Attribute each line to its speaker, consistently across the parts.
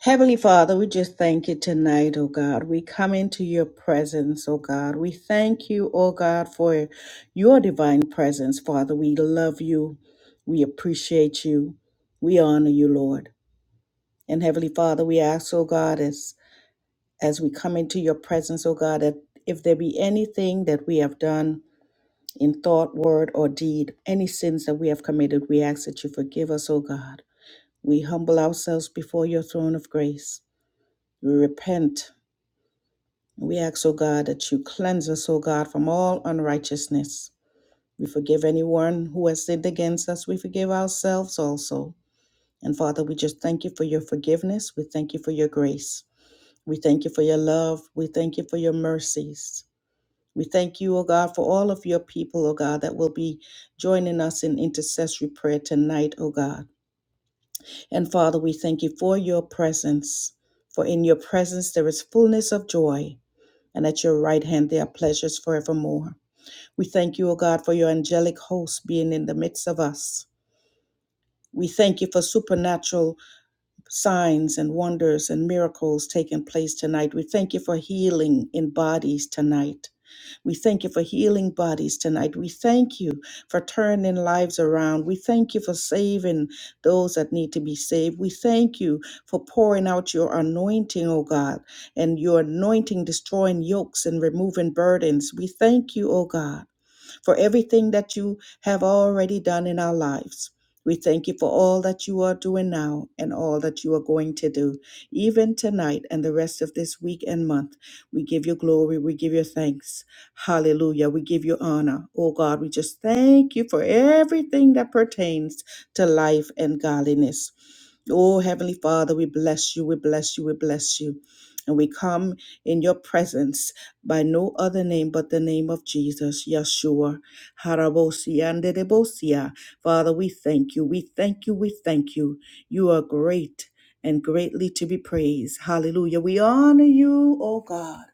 Speaker 1: Heavenly Father, we just thank you tonight, oh God. We come into your presence, oh God. We thank you, oh God, for your divine presence, Father. We love you. We appreciate you. We honor you, Lord. And Heavenly Father, we ask, oh God, as as we come into your presence, oh God, that if there be anything that we have done in thought, word, or deed, any sins that we have committed, we ask that you forgive us, oh God. We humble ourselves before your throne of grace. We repent We ask, O God, that you cleanse us, O God, from all unrighteousness. We forgive anyone who has sinned against us. We forgive ourselves also. And Father, we just thank you for your forgiveness. We thank you for your grace. We thank you for your love. We thank you for your mercies. We thank you, O God, for all of your people, O God, that will be joining us in intercessory prayer tonight, O God. And Father, we thank you for your presence. For in your presence there is fullness of joy and at your right hand there are pleasures forevermore. We thank you, O God, for your angelic host being in the midst of us. We thank you for supernatural signs and wonders and miracles taking place tonight. We thank you for healing in bodies tonight. We thank you for healing bodies tonight. We thank you for turning lives around. We thank you for saving those that need to be saved. We thank you for pouring out your anointing, O God, and your anointing destroying yokes and removing burdens. We thank you, O God for everything that you have already done in our lives. We thank you for all that you are doing now and all that you are going to do, even tonight and the rest of this week and month. We give you glory. We give you thanks. Hallelujah. We give you honor. Oh God, we just thank you for everything that pertains to life and godliness. Oh, Heavenly Father, we bless you, we bless you, we bless you. And we come in your presence by no other name but the name of Jesus, Yeshua, Harabosia, and Dedebosia. Father, we thank you, we thank you, we thank you. You are great and greatly to be praised. Hallelujah. We honor you, oh God.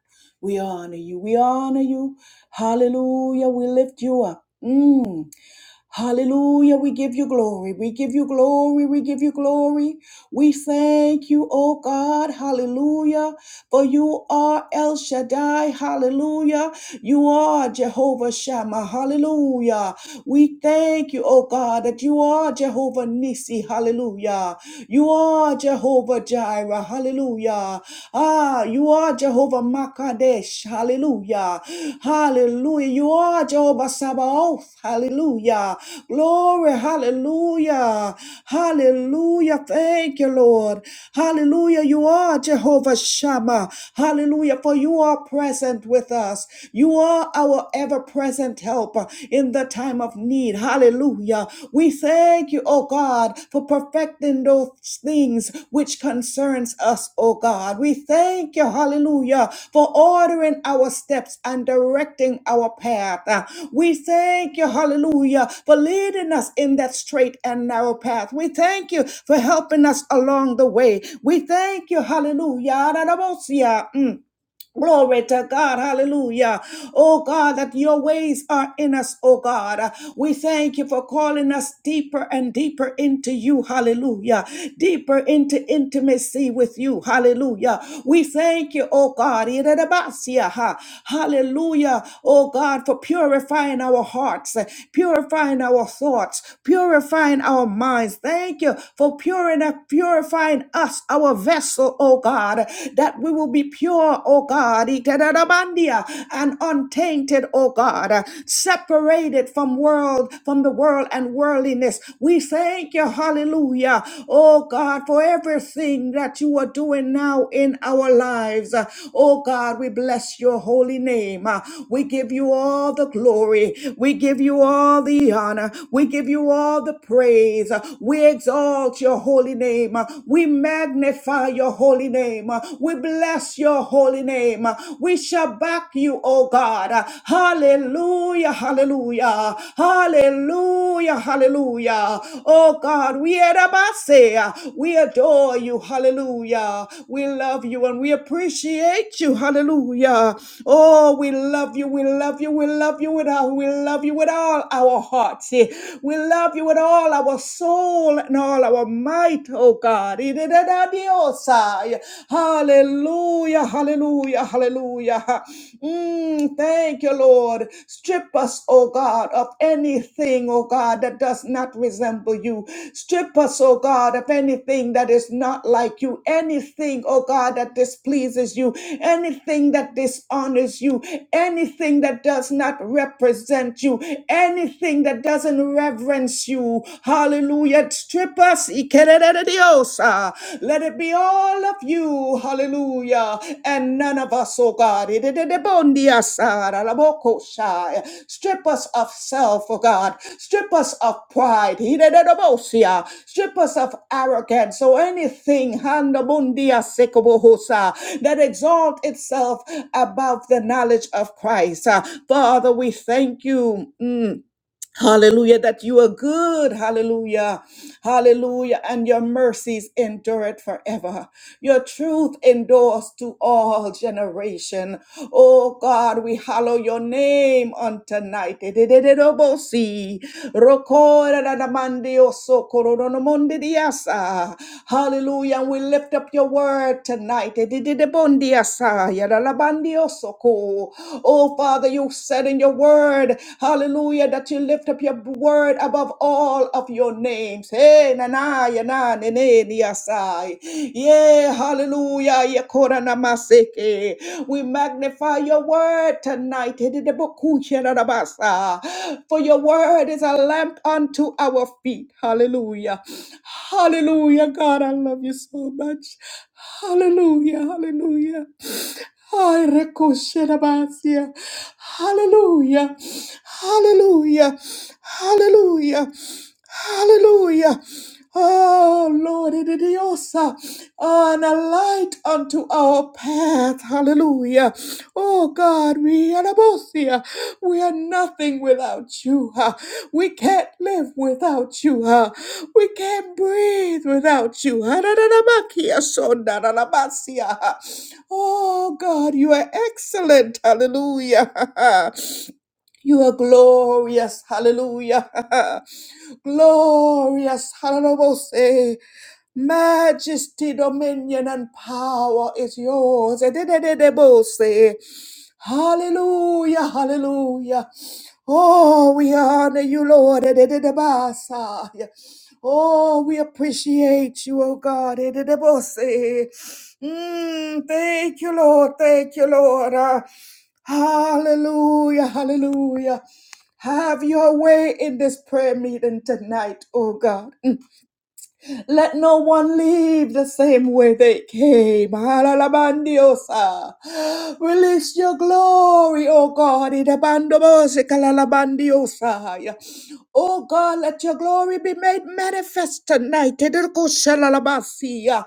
Speaker 1: We honor you, we honor you. Hallelujah. We lift you up. Mm. Hallelujah. We give you glory. We give you glory. We give you glory. We thank you, oh God. Hallelujah. For you are El Shaddai. Hallelujah. You are Jehovah Shammah. Hallelujah. We thank you, oh God, that you are Jehovah Nissi, Hallelujah. You are Jehovah Jireh. Hallelujah. Ah, you are Jehovah Makadesh. Hallelujah. Hallelujah. You are Jehovah Sabaoth. Hallelujah. Glory. Hallelujah. Hallelujah. Thank you, Lord. Hallelujah. You are Jehovah Shammah. Hallelujah. For you are present present with us. You are our ever present helper in the time of need. Hallelujah. We thank you, oh God, for perfecting those things which concerns us, oh God. We thank you, hallelujah, for ordering our steps and directing our path. Uh, We thank you, hallelujah, for leading us in that straight and narrow path. We thank you for helping us along the way. We thank you, hallelujah. Glory to God. Hallelujah. Oh God, that your ways are in us, oh God. We thank you for calling us deeper and deeper into you. Hallelujah. Deeper into intimacy with you. Hallelujah. We thank you, oh God. Iradabasia, ha. Hallelujah. Oh God, for purifying our hearts, purifying our thoughts, purifying our minds. Thank you for purifying purifying us, our vessel, oh God. God, that we will be pure, O God, and untainted, O God, separated from world, from the world and worldliness. We thank you, hallelujah, O God, for everything that you are doing now in our lives. O God, we bless your holy name. We give you all the glory. We give you all the honor. We give you all the praise. We exalt your holy name. We magnify your holy name. We bless your holy name. We shall back you, O God. Hallelujah, hallelujah, hallelujah, hallelujah. Oh God, we erabase. we adore you, hallelujah. We love you and we appreciate you, hallelujah. Oh, we love you, we love you, we love you with our, we love you with all our hearts. We love you with all our soul and all all our might, oh God. Iridadiosai. Hallelujah, hallelujah, hallelujah. Mm, thank you, Lord. Strip us, oh God, of anything, oh God, that does not resemble you. Strip us, oh God, of anything that is not like you. Anything, oh God, that displeases you. Anything that dishonors you. Anything that does not represent you. Anything that doesn't reverence you. Hallelujah. Strip us. Ikerededediosa. Let it be all of you. Hallelujah. And none of us, oh God. Idededebondiasa. Ralabokosha. Strip us of self, oh God. Strip us of pride. Idededebosia. Strip us of arrogance or anything. Handabundia sekobohosa. That exalt itself above the knowledge of Christ. Uh, Father, we thank you. Mm. Hallelujah, that you are good. Hallelujah. Hallelujah. And your mercies endureth forever. Your truth endures to all generation. Oh God, we hallow your name on tonight. Edededebosi. Rokoradadamandio sokorodonomondidiasa. Hallelujah. And we lift up your word tonight. Edededebondiasa. Yadalabandio soko soul. Oh, Father, you said in your word, hallelujah, that you lift up your word above all of your names. Hey, nana, yana, nene, niasai. Yeah, hallelujah. yakora namaseke. We magnify your word tonight. Hede de boku she na na Basa, For your word is a lamp unto our feet. Hallelujah. Hallelujah. God, I love you so much. Hallelujah. Hallelujah. Ay, recosherabasia. Hallelujah. Hallelujah. Hallelujah. Hallelujah. Oh Lord, it is yosa, and a light unto our path. Hallelujah. Oh God, we are abosia. We are nothing without you. huh? We can't live without you. huh? We can't breathe without you. Hararamakia sondararamasia. Oh God, you are excellent. Hallelujah. You are glorious. Hallelujah. glorious. Hallelujah. Majesty, dominion, and power is yours. Edededebose. Hallelujah. Hallelujah. Oh, we honor you, Lord. Edededebasa. Oh, we appreciate you, oh God. Edededebose. Mm, thank you, Lord. Thank you, Lord. Ah, Hallelujah, hallelujah. Have your way in this prayer meeting tonight, oh God. Let no one leave the same way they came. Alalabandiosa. Release your glory, O God. Idabandobose kalalabandiosa. O God, let your glory be made manifest tonight. Idurkushalalabasiya.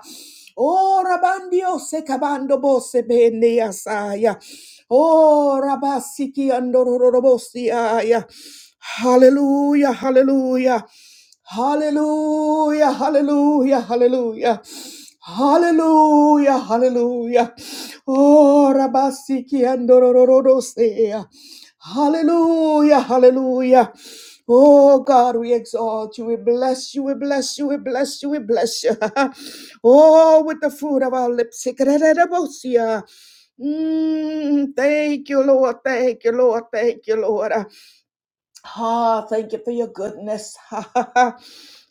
Speaker 1: O rabandiose kabandobose bendiasaya. O rabasiki andororobosiaya. Hallelujah, hallelujah. Hallelujah, hallelujah, hallelujah. Hallelujah, hallelujah. Oh, Rabasiki and Dorororosea. Hallelujah, hallelujah. Oh God, we exalt you, we bless you, we bless you, we bless you, we bless you. oh, with the fruit of our lips. Ikererebosia. Mm, thank you, Lord. Thank you, Lord. Thank you, Lord. Ah, thank you for your goodness.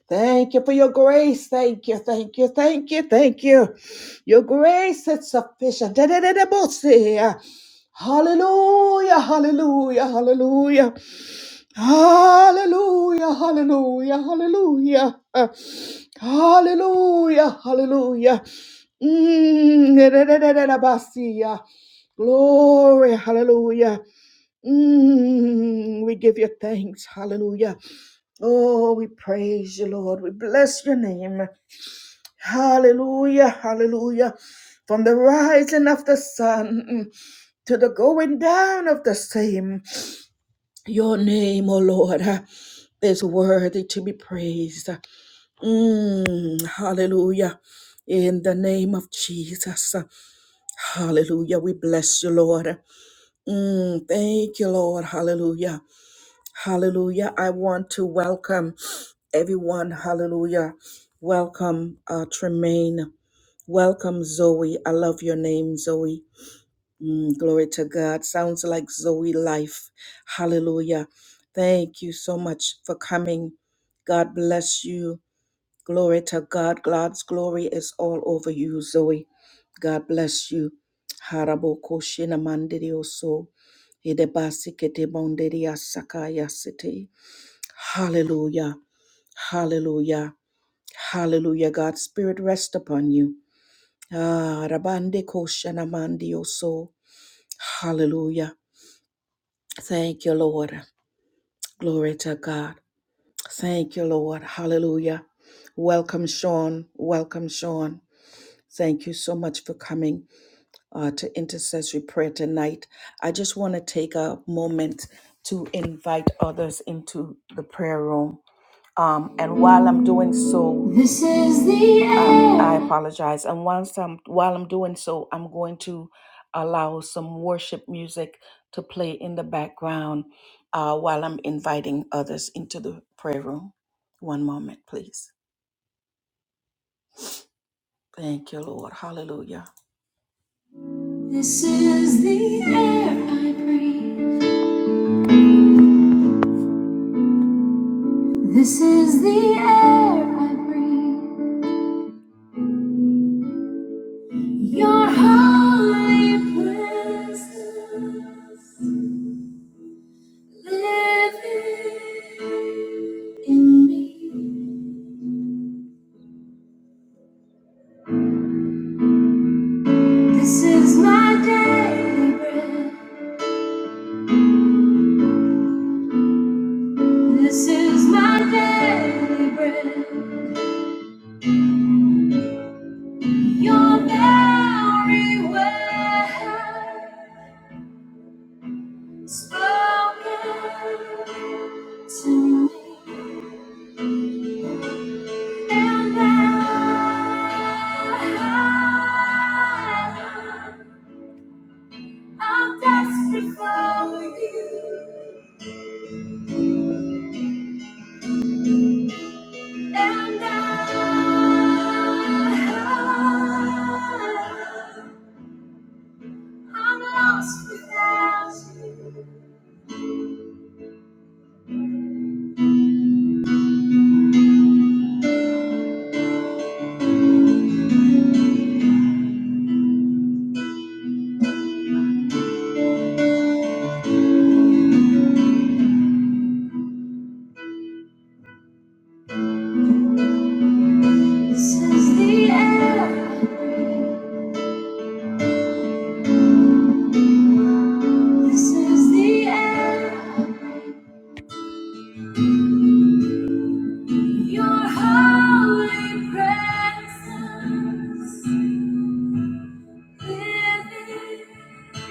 Speaker 1: Thank you for your grace. Thank you, thank you, thank you, thank you. Your grace is sufficient. Da-da-da-da-bo-sia. Hallelujah, hallelujah, hallelujah. Hallelujah, hallelujah, hallelujah. Uh, Hallelujah, hallelujah. Mm, da, da, da, da, da, da, basia. Glory, hallelujah. Mm, we give you thanks, hallelujah. Oh, we praise you, Lord. We bless your name. Hallelujah, hallelujah. From the rising of the sun mm, to the going down of the same. Your name, O Lord, uh, is worthy to be praised. Mm, hallelujah. In the name of Jesus. uh, Hallelujah. We bless you, Lord. Mm, thank you, Lord. Hallelujah. Hallelujah. I want to welcome everyone. Hallelujah. Welcome, uh, Tremaine. Welcome, Zoe. I love your name, Zoe. Mm, glory to God. Sounds like Zoe life. Hallelujah. Thank you so much for coming. God bless you. Glory to God. God's glory is all over you, Zoe. God bless you. Harabo koshina mandirio so. Idebasi kete bondiria sakaya siti. Hallelujah. Hallelujah. Hallelujah. God's spirit rest upon you. Ah, rabande koshana mandio so. Hallelujah. Thank you, Lord. Glory to God. Thank you, Lord. Hallelujah. Welcome, Sean. Welcome, Sean. Thank you so much for coming uh, to intercessory prayer tonight. I just want to take a moment to invite others into the prayer room. Um, and while I'm doing so, this is the um, end. I apologize. And once I'm while I'm doing so, I'm going to allow some worship music to play in the background uh, while I'm inviting others into the prayer room. One moment, please. Thank you, Lord. Hallelujah. This is the air I breathe. This is the air I breathe. Your holy presence. living in me. This is my daily bread. This is my daily bread. Your very word spoken to me. And now I'm desperate for you. And I, I'm lost without you. This is the air. This is the air. Your holy presence living.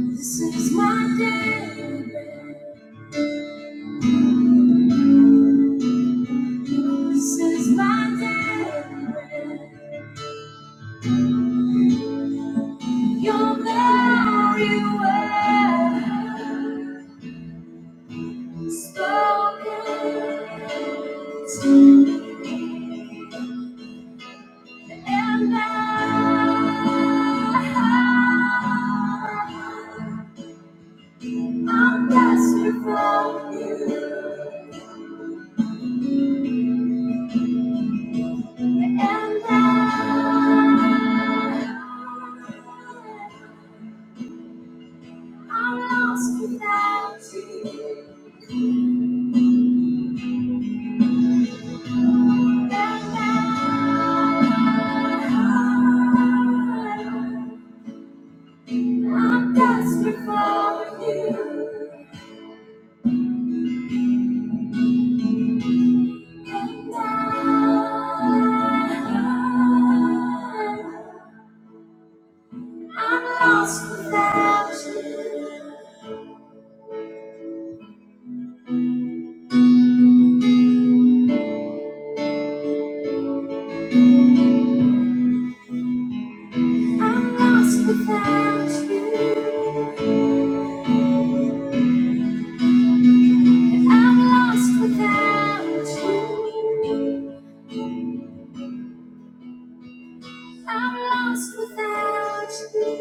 Speaker 1: This is my daily bread. This is my daily bread. Your very word. Spoken to and I, I'm desperate for you, and I, I'm lost without you. I'm desperate for you. I'm lost without you. I'm lost without you. And I'm lost without you. I'm lost without you.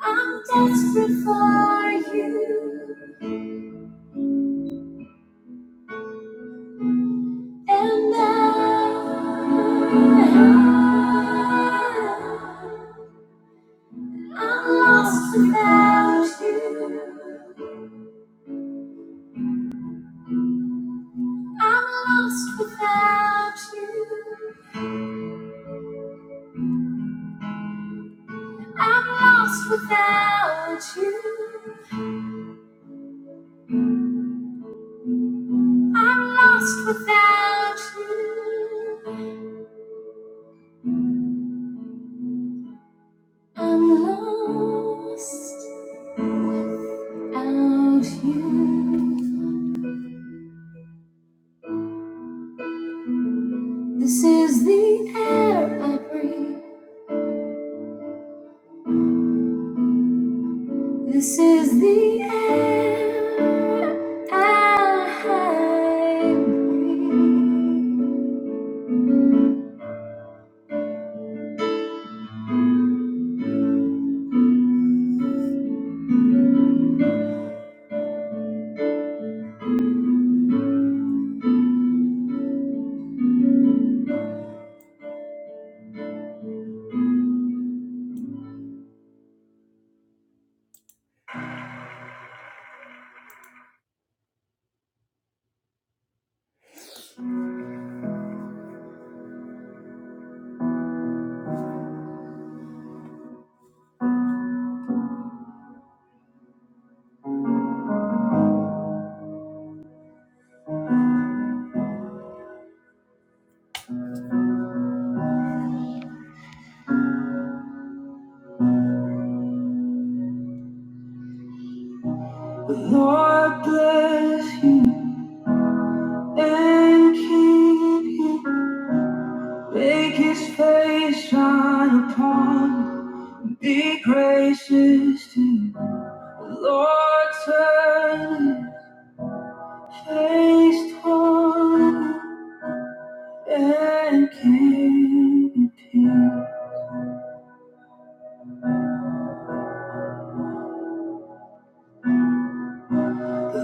Speaker 1: I, I'm desperate for you. And I, I'm lost without you. I'm lost without you. I'm lost without you. I'm lost without you. I'm lost without you. This is the air I breathe. This is the air I breathe. Lord bless you and keep you. Make his face shine upon you. Be gracious to you. Lord turn his face toward you and keep you.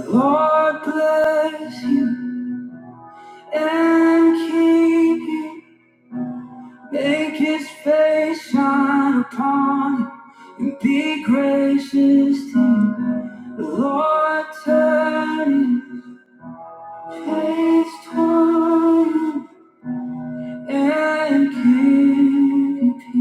Speaker 1: Lord bless you and keep you. Make his face shine upon you and be gracious to you. Lord, turn his face toward you and give you peace.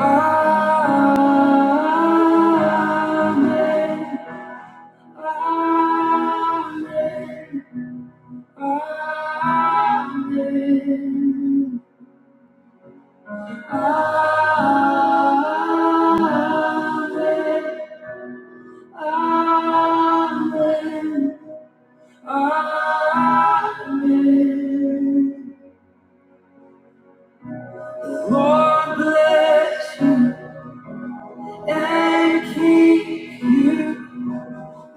Speaker 1: Amen. Amen. Amen. Lord bless you and keep you.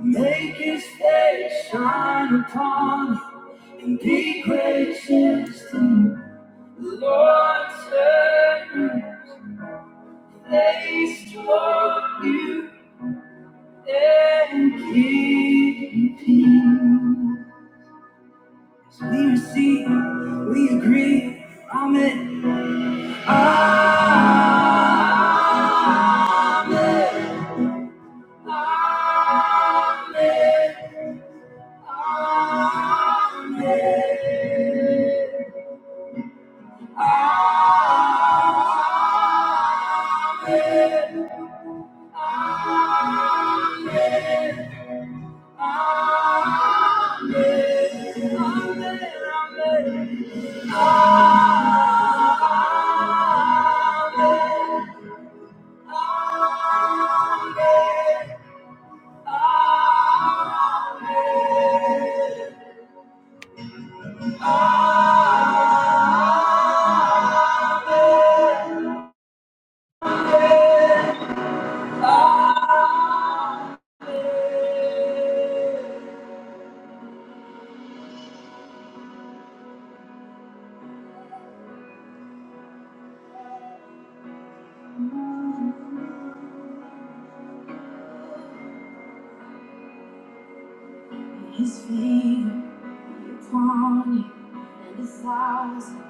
Speaker 1: Make his face shine upon you and be gracious to you. The Lord turn his face toward you and give you peace. We receive, we agree. Amen. Amen. Amen. Amen. His favor. upon you and a thousand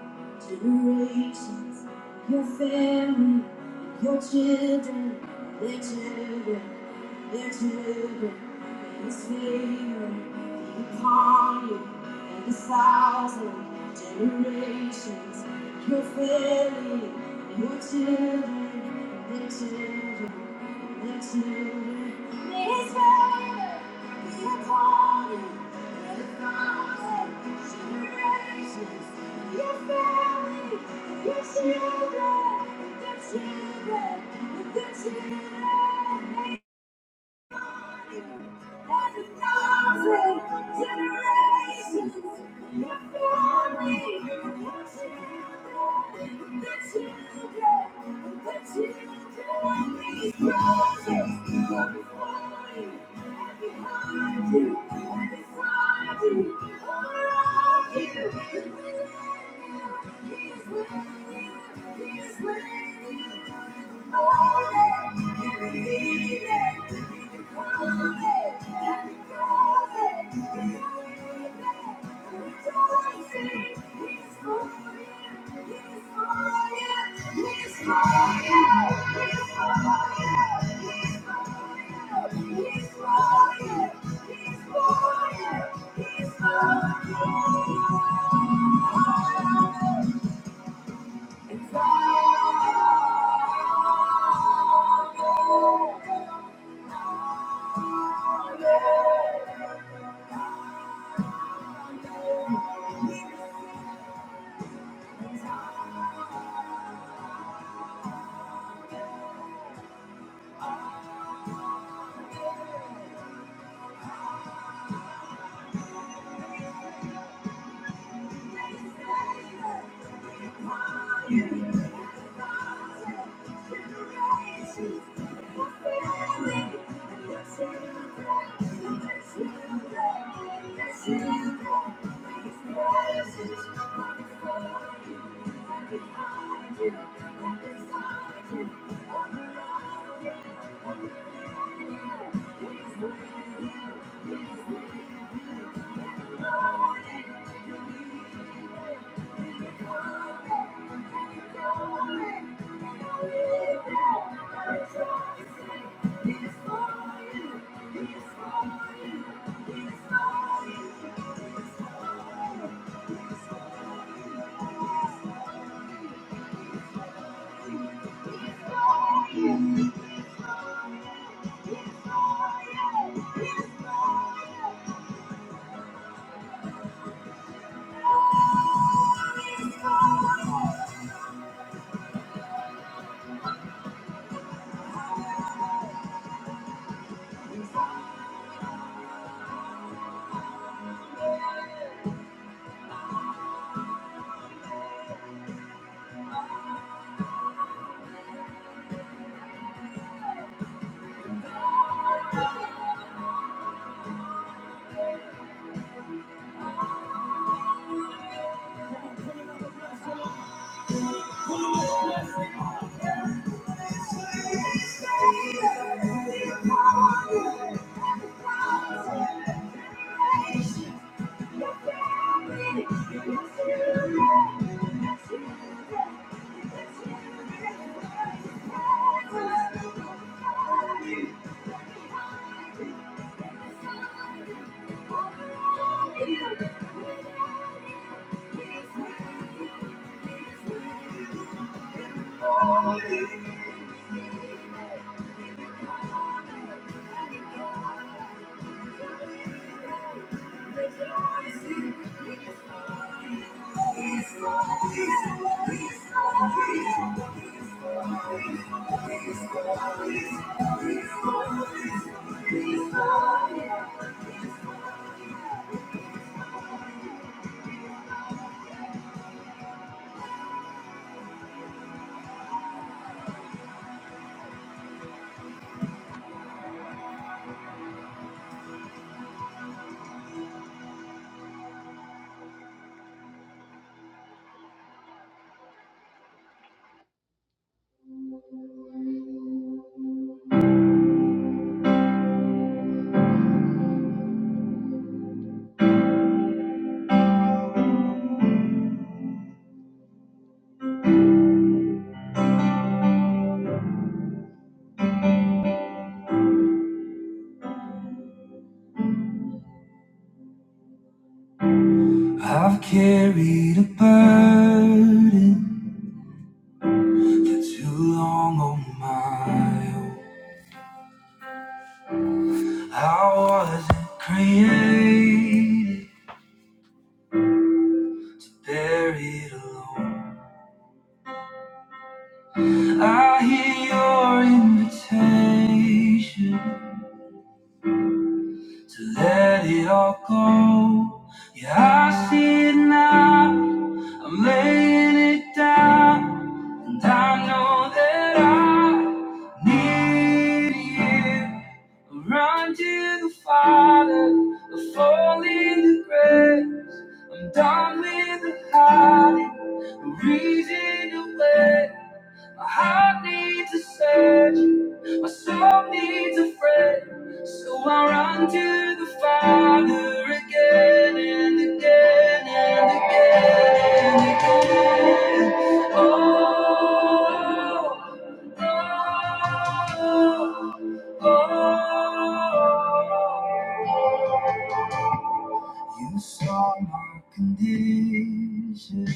Speaker 1: generations, your family, and your children, their children, their children, and his favor upon you and a thousand generations, your family, and your children. He's for you. He's for you. He's for you. He's for you. I've carried a burden too long on my own. I wasn't created, buried alone. I hear your invitation. to let it all go. Yeah, I see it now. I'm laying it down, and I know that I need you. I Run to the Father, I fall into grace. I'm done with the hiding, the reason to wait. My heart needs a surgeon, my soul needs a friend, so I run to the Father again and again and again and again. Oh, oh, oh, oh. You saw my condition,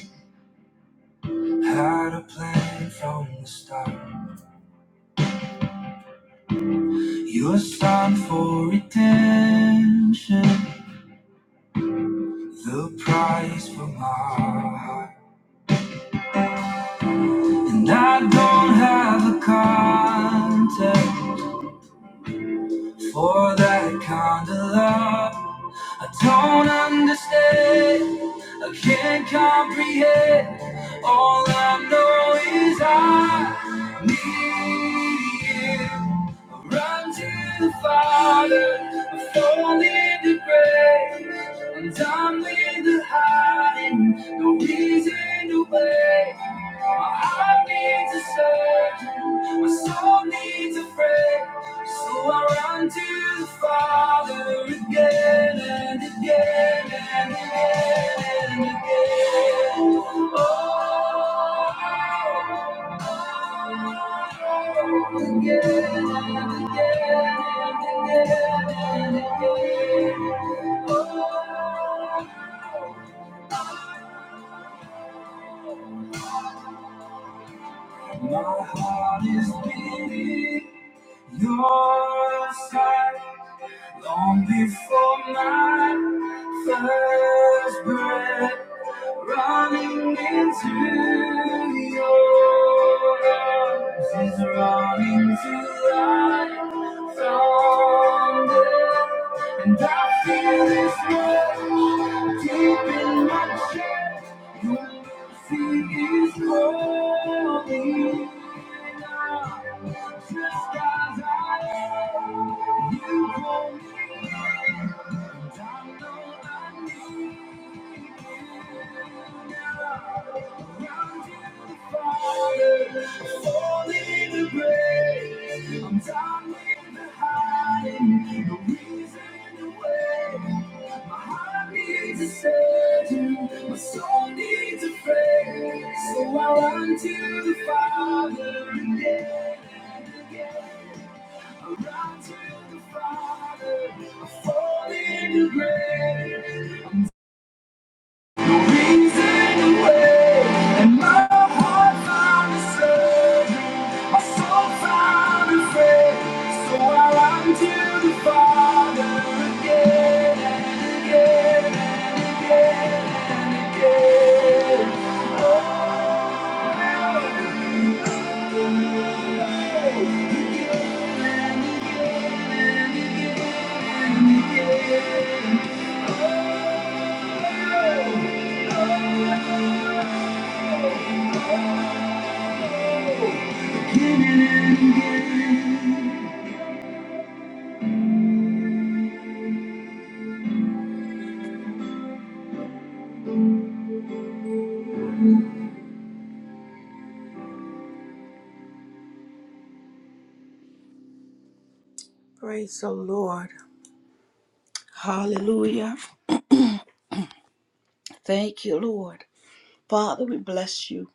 Speaker 1: had a plan from the start. You're signed for redemption, the price for my heart. And I don't have a context for that kind of love. I don't understand, I can't comprehend. All I know is I need you. Run to the Father, I fall into grace, and I'm in the hiding, no reason to wait. My heart needs a surgeon, my soul needs a friend, so I run to the Father again and again and again and again. Oh, again. My heart is beating your side. Long before my first breath, running into your arms is running to life from death. And I feel this rush deep in my chest. Your mercy is holy. You call me, and I know I need. My soul needs a friend, so I run to the Father again, again. I run to the Father, I fall into grace. Praise the Lord. Hallelujah. Thank you, Lord. Father, we bless you.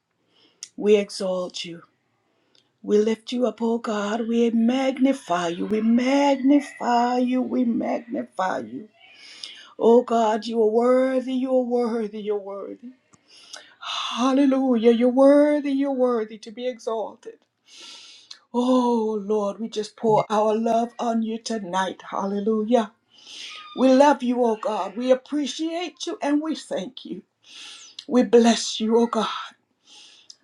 Speaker 1: We exalt you. We lift you up, oh God. We magnify you. We magnify you. We magnify you. Oh God, you are worthy, you are worthy, you're worthy. Hallelujah, you're worthy, you're worthy to be exalted. Oh Lord, we just pour our love on you tonight. Hallelujah. We love you, oh God. We appreciate you and we thank you. We bless you, oh God.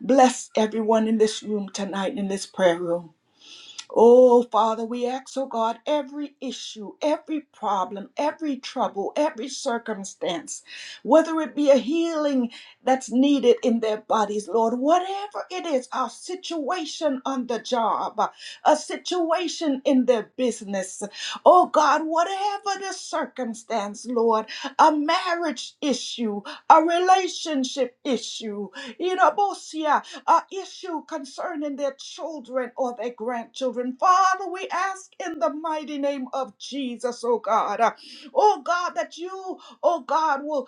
Speaker 1: Bless everyone in this room tonight, in this prayer room. Oh, Father, we ask, oh God, every issue, every problem, every trouble, every circumstance, whether it be a healing that's needed in their bodies, Lord, whatever it is, a situation on the job, a situation in their business, oh God, whatever the circumstance, Lord, a marriage issue, a relationship issue, uh, issue concerning their children or their grandchildren. Father, we ask in the mighty name of Jesus, oh God, uh, oh God, that you, oh God, will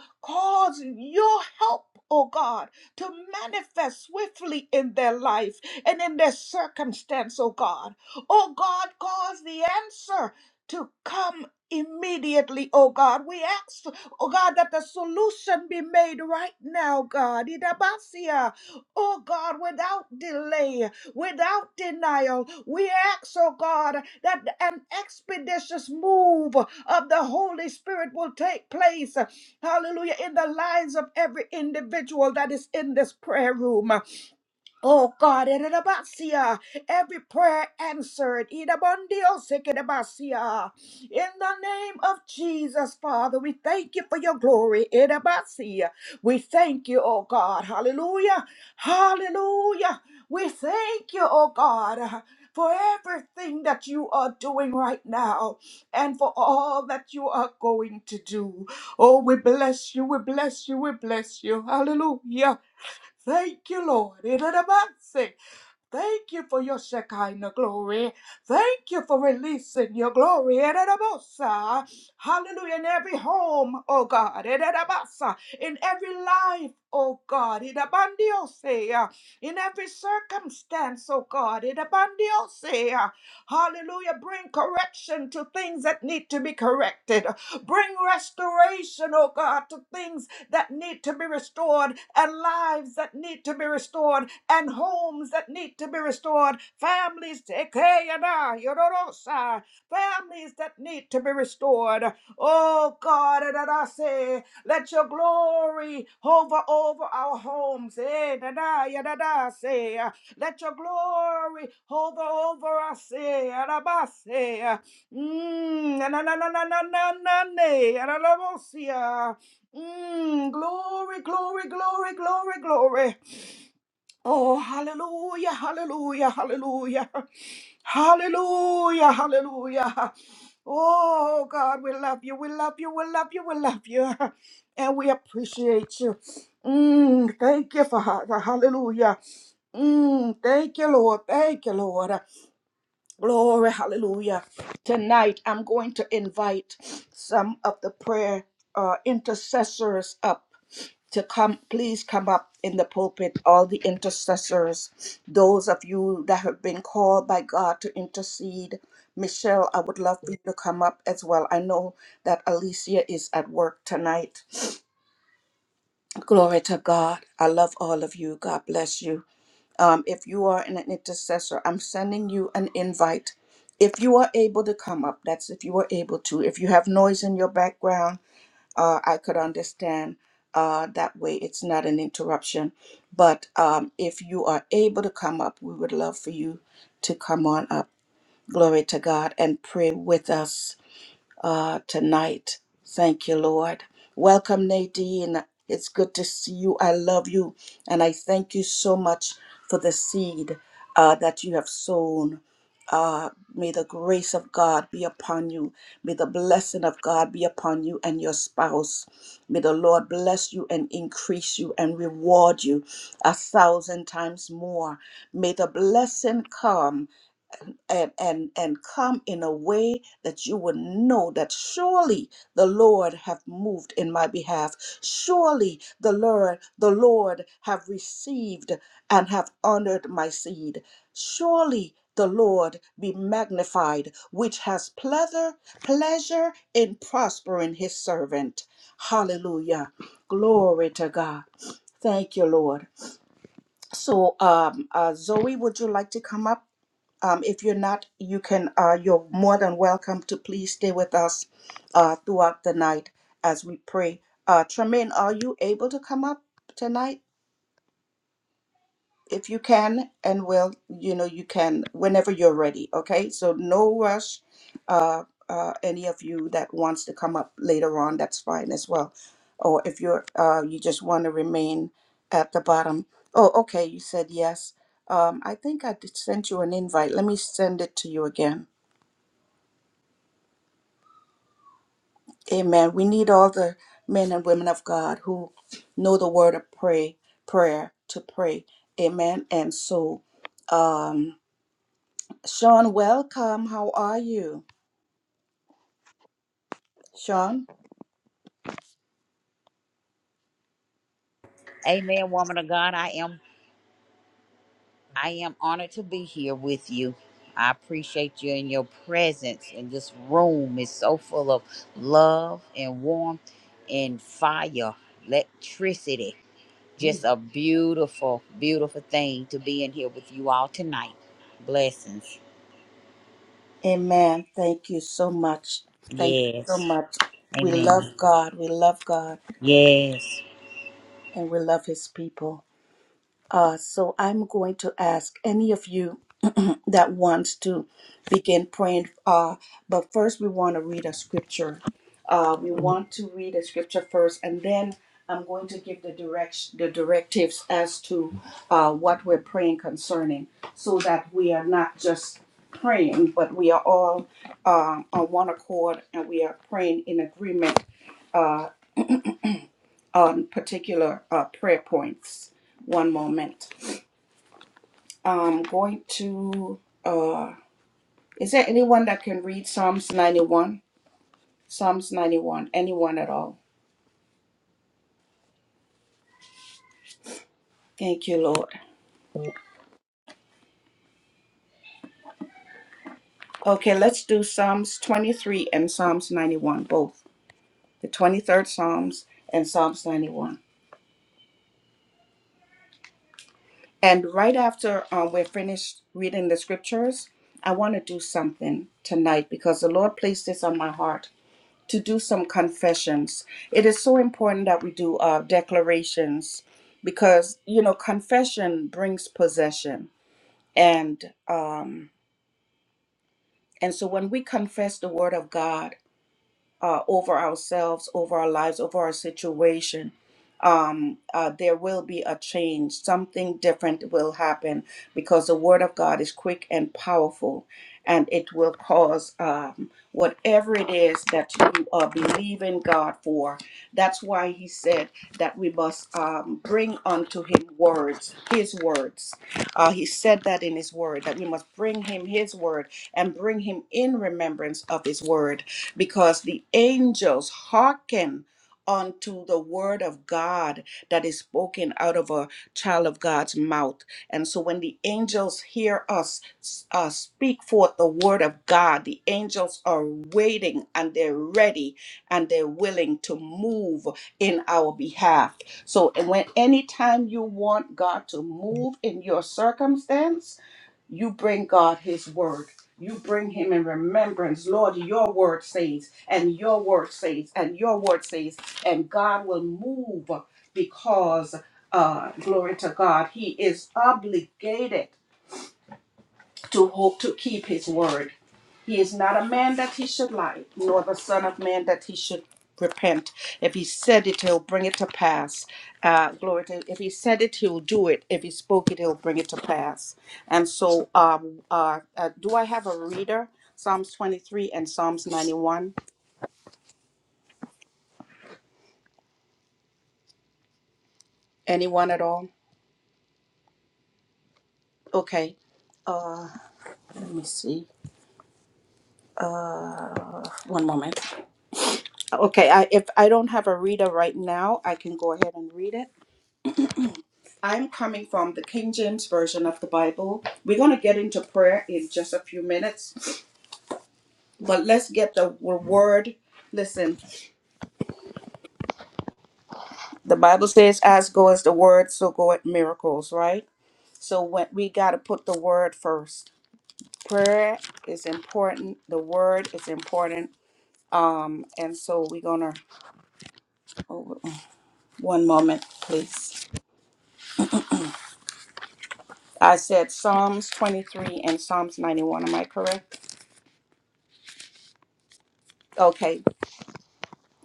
Speaker 1: needing your help, oh God, to manifest swiftly in their life and in their circumstance, oh God. Oh God, cause the answer to come immediately, oh God. We ask, oh God, that the solution be made right now, God. Idabasia, oh God, without delay, without denial. We ask, oh God, that an expeditious move of the Holy Spirit will take place Hallelujah. In the lives of every individual that is in this prayer room. Oh God, Erebasia, every prayer answered. Idabondiosekedebasia. In the name of Jesus, Father, we thank you for your glory. Erebasia. We thank you, oh God. Hallelujah. Hallelujah. We thank you, oh God. For everything that you are doing right now and for all that you are going to do. Oh, we bless you, we bless you, we bless you. Hallelujah. Thank you, Lord. In the mercy. Thank you for your Shekinah glory. Thank you for releasing your glory. In the mercy. Hallelujah. In every home, oh God. In the mercy. In every life, oh God. In the bandiose. In every circumstance, oh God. In the bandiose. Hallelujah. Bring correction to things that need to be corrected. Bring restoration, oh God, to things that need to be restored, and lives that need to be restored, and homes that need to be restored, families, tekeyana, yororosa, families that need to be restored. Oh God, and I say, let your glory hover over our homes. Eh, da, da, ya, da, da, say, uh, Let your glory hover over us. Eh, ah, da, ba, say, uh, mm, na, na, na, na, na, na, na, na, nay, ah, da, da, bo, see, ah. Mm, glory, glory, glory, glory, glory. Oh, hallelujah, hallelujah, hallelujah, hallelujah, hallelujah. Oh, God, we love you, we love you, we love you, we love you, and we appreciate you. Mm, thank you, Father. Hallelujah. Mm, thank you, Lord. Thank you, Lord. Glory, hallelujah. Tonight, I'm going to invite some of the prayer uh, intercessors up to come please come up in the pulpit all the intercessors those of you that have been called by god to intercede michelle i would love for you to come up as well i know that alicia is at work tonight glory to god i love all of you god bless you um, if you are an intercessor i'm sending you an invite if you are able to come up that's if you are able to if you have noise in your background uh, I could understand uh, that way. It's not an interruption. But um, if you are able to come up, we would love for you to come on up. Glory to God and pray with us uh, tonight. Thank you, Lord. Welcome, Nadine. It's good to see you. I love you. And I thank you so much for the seed uh, that you have sown uh, may the grace of God be upon you. May the blessing of God be upon you and your spouse. May the Lord bless you and increase you and reward you a thousand times more. May the blessing come and and and come in a way that you would know that surely the lord have moved in my behalf surely the lord the lord have received and have honored my seed surely the lord be magnified which has pleasure pleasure in prospering his servant hallelujah glory to god thank you lord so, um, uh, Zoe, would you like to come up? Um, if you're not, you can. Uh, you're more than welcome to please stay with us uh, throughout the night as we pray. Uh, Tremaine, are you able to come up tonight? if you can and will you know you can whenever you're ready okay so no rush uh, uh any of you that wants to come up later on that's fine as well or if you're uh you just want to remain at the bottom oh okay you said yes um i think i did send you an invite let me send it to you again amen we need all the men and women of god who know the word of pray prayer to pray amen and so um Sean, welcome. How are you? Sean?
Speaker 2: Amen, woman of God. I am I am honored to be here with you. I appreciate you and your presence and this room is so full of love and warmth and fire, electricity. Just a beautiful, beautiful thing to be in here with you all tonight. Blessings.
Speaker 1: Amen. Thank you so much. Thank you so
Speaker 2: Yes.
Speaker 1: much. We love
Speaker 2: Amen.
Speaker 1: God. We love God
Speaker 2: Yes.
Speaker 1: and we love His people. Uh, so I'm going to ask any of you that wants to begin praying. Uh, but first, we want to read a scripture. Uh, we want to read a scripture first, and then I'm going to give the direction, the directives as to uh, what we're praying concerning, so that we are not just praying, but we are all uh, on one accord, and we are praying in agreement uh, on particular uh, prayer points. One moment. I'm going to. Uh, is there anyone that can read Psalms 91? Psalms 91. Anyone at all? Thank you, Lord. Okay, let's do Psalms 23 and Psalms 91, both the 23rd Psalms and Psalms 91. And right after uh, we're finished reading the scriptures, I want to do something tonight because the Lord placed this on my heart. to do some confessions. It is so important that we do uh, declarations because you know confession brings possession, and um, and so when we confess the word of God uh, over ourselves, over our lives, over our situation, um, uh, there will be a change. Something different will happen because the Word of God is quick and powerful, and it will cause um, whatever it is that you are believing God for. That's why He said that we must um, bring unto Him words, His words. Uh, he said that in His Word, that we must bring Him His Word and bring Him in remembrance of His Word because the angels hearken unto the word of God that is spoken out of a child of God's mouth. And so when the angels hear us uh, speak forth the word of God, the angels are waiting and they're ready and they're willing to move in our behalf. So and when anytime you want God to move in your circumstance, you bring God his word. You bring him in remembrance. Lord, your word says, and your word says, and your word says, and God will move because, uh, glory to God, he is obligated to hope to keep his word. He is not a man that he should lie, nor the son of man that he should repent. If he said it, he'll bring it to pass. Uh, glory to If he said it, he'll do it. If he spoke it, he'll bring it to pass. And so, um, uh, uh, do I have a reader? Psalms 23 and Psalms 91. Anyone at all? Okay. Uh, let me see. Uh, one moment. Okay, I, if I don't have a reader right now, I can go ahead and read it. I'm coming from the King James Version of the Bible. We're going to get into prayer in just a few minutes, but let's get the w- word. Listen, the Bible says, as go as the word, so go at miracles, right? So when, we got to put the word first. Prayer is important, the word is important. Um, and so we're going to, oh, one moment, please. I said Psalms 23 and Psalms 91. Am I correct? Okay.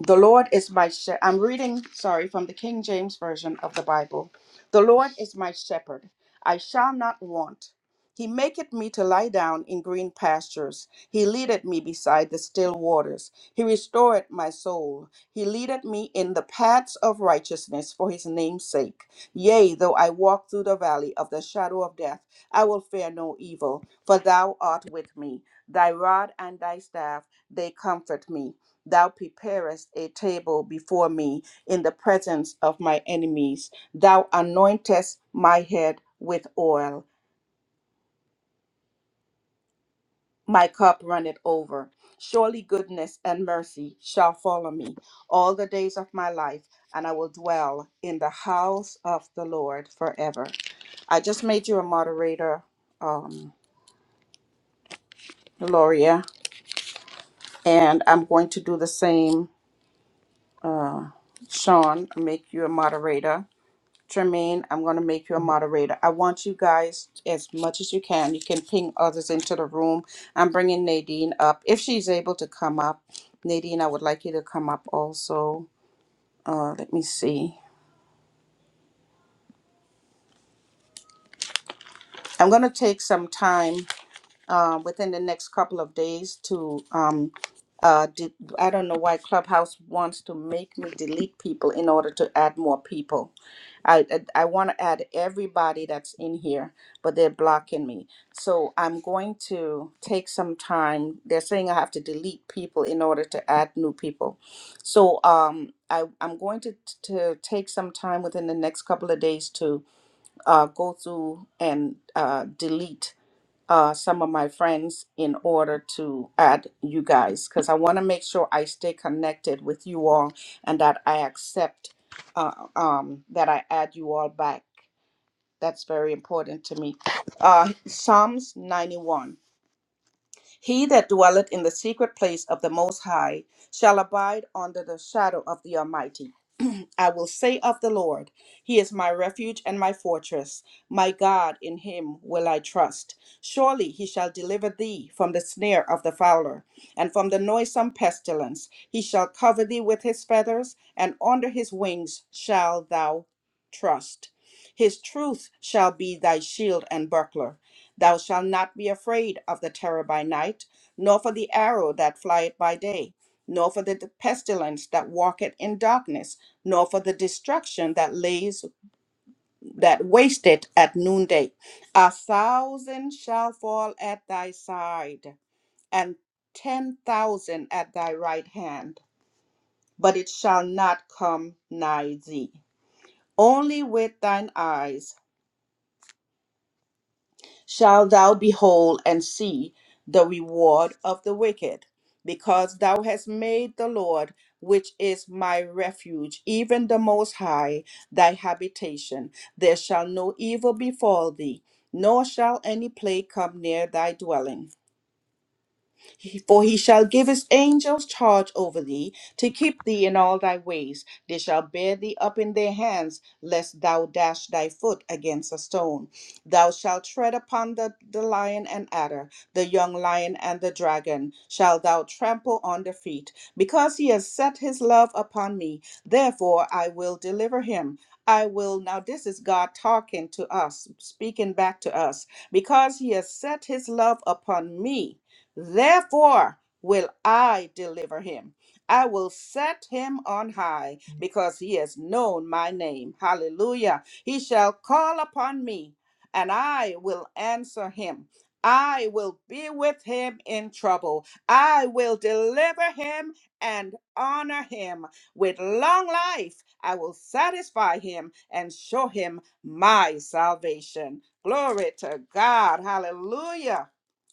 Speaker 1: The Lord is my shepherd. I'm reading, sorry, from the King James Version of the Bible. The Lord is my shepherd. I shall not want. He maketh me to lie down in green pastures. He leadeth me beside the still waters. He restoreth my soul. He leadeth me in the paths of righteousness for his name's sake. Yea, though I walk through the valley of the shadow of death, I will fear no evil, for thou art with me. Thy rod and thy staff, they comfort me. Thou preparest a table before me in the presence of my enemies. Thou anointest my head with oil. My cup runneth over. Surely goodness and mercy shall follow me all the days of my life, and I will dwell in the house of the Lord forever. I just made you a moderator, um, Gloria, and I'm going to do the same, Sean, make you a moderator. Jermaine, I'm going to make you a moderator. I want you guys, as much as you can, you can ping others into the room. I'm bringing Nadine up. If she's able to come up, Nadine, I would like you to come up also. Uh, let me see. I'm going to take some time. uh, within the next couple of days to um, uh, de- I don't know why Clubhouse wants to make me delete people in order to add more people. I I, I want to add everybody that's in here, but they're blocking me. So I'm going to take some time. They're saying I have to delete people in order to add new people. So um, I I'm going to to take some time within the next couple of days to uh, go through and uh, delete uh, some of my friends in order to add you guys because I want to make sure I stay connected with you all and that I accept uh, um, that I add you all back. That's very important to me. Uh, Psalms 91. He that dwelleth in the secret place of the Most High shall abide under the shadow of the Almighty. I will say of the Lord, He is my refuge and my fortress. My God, in Him will I trust. Surely He shall deliver thee from the snare of the fowler and from the noisome pestilence. He shall cover thee with His feathers, and under His wings shall thou trust. His truth shall be thy shield and buckler. Thou shalt not be afraid of the terror by night, nor for the arrow that flieth by day, nor for the pestilence that walketh in darkness, nor for the destruction that lays that wasteth at noonday. A thousand shall fall at thy side, and ten thousand at thy right hand, but it shall not come nigh thee. Only with thine eyes shalt thou behold and see the reward of the wicked, because thou hast made the Lord, which is my refuge, even the Most High, thy habitation. There shall no evil befall thee, nor shall any plague come near thy dwelling. He- For he shall give his angels charge over thee, to keep thee in all thy ways. They shall bear thee up in their hands, lest thou dash thy foot against a stone. Thou shalt tread upon the, the lion and adder, the young lion and the dragon, shalt thou trample on the feet. Because he has set his love upon me, therefore I will deliver him. I will, now this is God talking to us, speaking back to us. Because he has set his love upon me, Therefore will I deliver him. I will set him on high because he has known my name. Hallelujah. He shall call upon me and I will answer him. I will be with him in trouble. I will deliver him and honor him. With long life, I will satisfy him and show him my salvation. Glory to God. Hallelujah.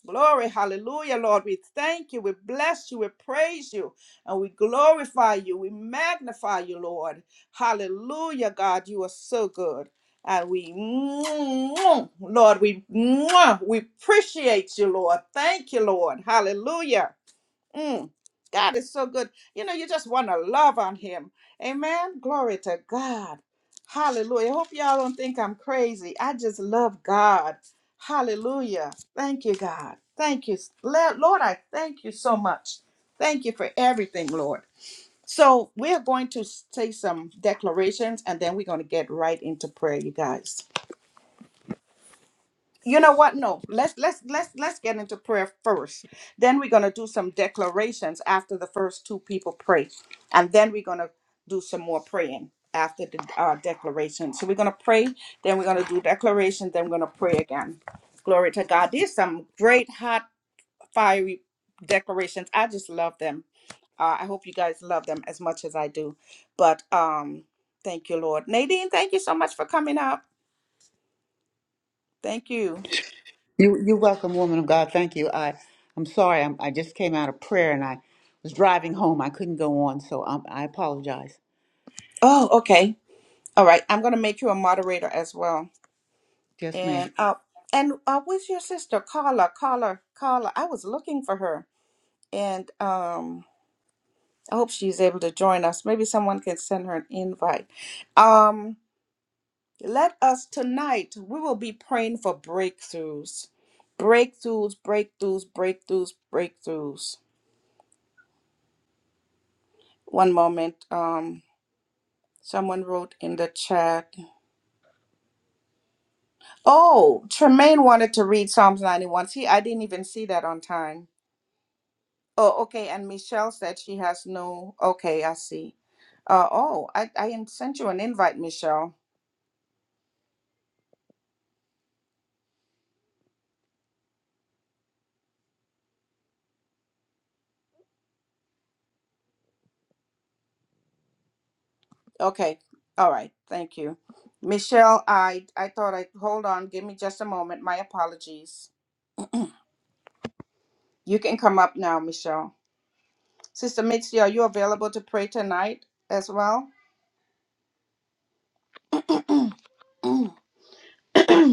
Speaker 1: Glory, hallelujah, Lord. We thank you, we bless you, we praise you, and we glorify you, we magnify you, Lord. Hallelujah, God, you are so good. And we, Lord, we, we appreciate you, Lord. Thank you, Lord. Hallelujah. Mm, God is so good. You know, you just want to love on him. Amen. Glory to God. Hallelujah. Hope y'all don't think I'm crazy. I just love God. Hallelujah. Thank you, God. Thank you. Le- Lord, I thank you so much. Thank you for everything, Lord. So, we're going to say some declarations and then we're going to get right into prayer, you guys you know what no let's let's let's let's get into prayer first then we're going to do some declarations after the first two people pray and then we're going to do some more praying after the uh, declaration so we're going to pray then we're going to do declaration then we're going to pray again glory to god there's some great hot fiery declarations i just love them uh, i hope you guys love them as much as i do but um thank you lord nadine thank you so much for coming up thank you
Speaker 3: You, you're welcome, woman of God. Thank you. I, I'm sorry. I'm, I just came out of prayer and I was driving home. I couldn't go on, so um, I apologize.
Speaker 1: oh okay All right, I'm going to make you a moderator as well.
Speaker 3: Yes, ma'am.
Speaker 1: And uh, and uh, where's your sister, Carla? Carla, Carla. I was looking for her, and um, I hope she's able to join us. Maybe someone can send her an invite. Um, let us tonight. We will be praying for breakthroughs, breakthroughs, breakthroughs, breakthroughs, breakthroughs. One moment. Um, someone wrote in the chat. Oh, Tremaine wanted to read Psalms 91. See, I didn't even see that on time. Oh, okay. And Michelle said she has no. Okay, I see. Uh, oh, I, I in- sent you an invite, Michelle. Okay. All right. Thank you. Michelle, I, I thought I, hold on, give me just a moment. My apologies. You can come up now, Michelle. Sister Mitzi, are you available to pray tonight as well?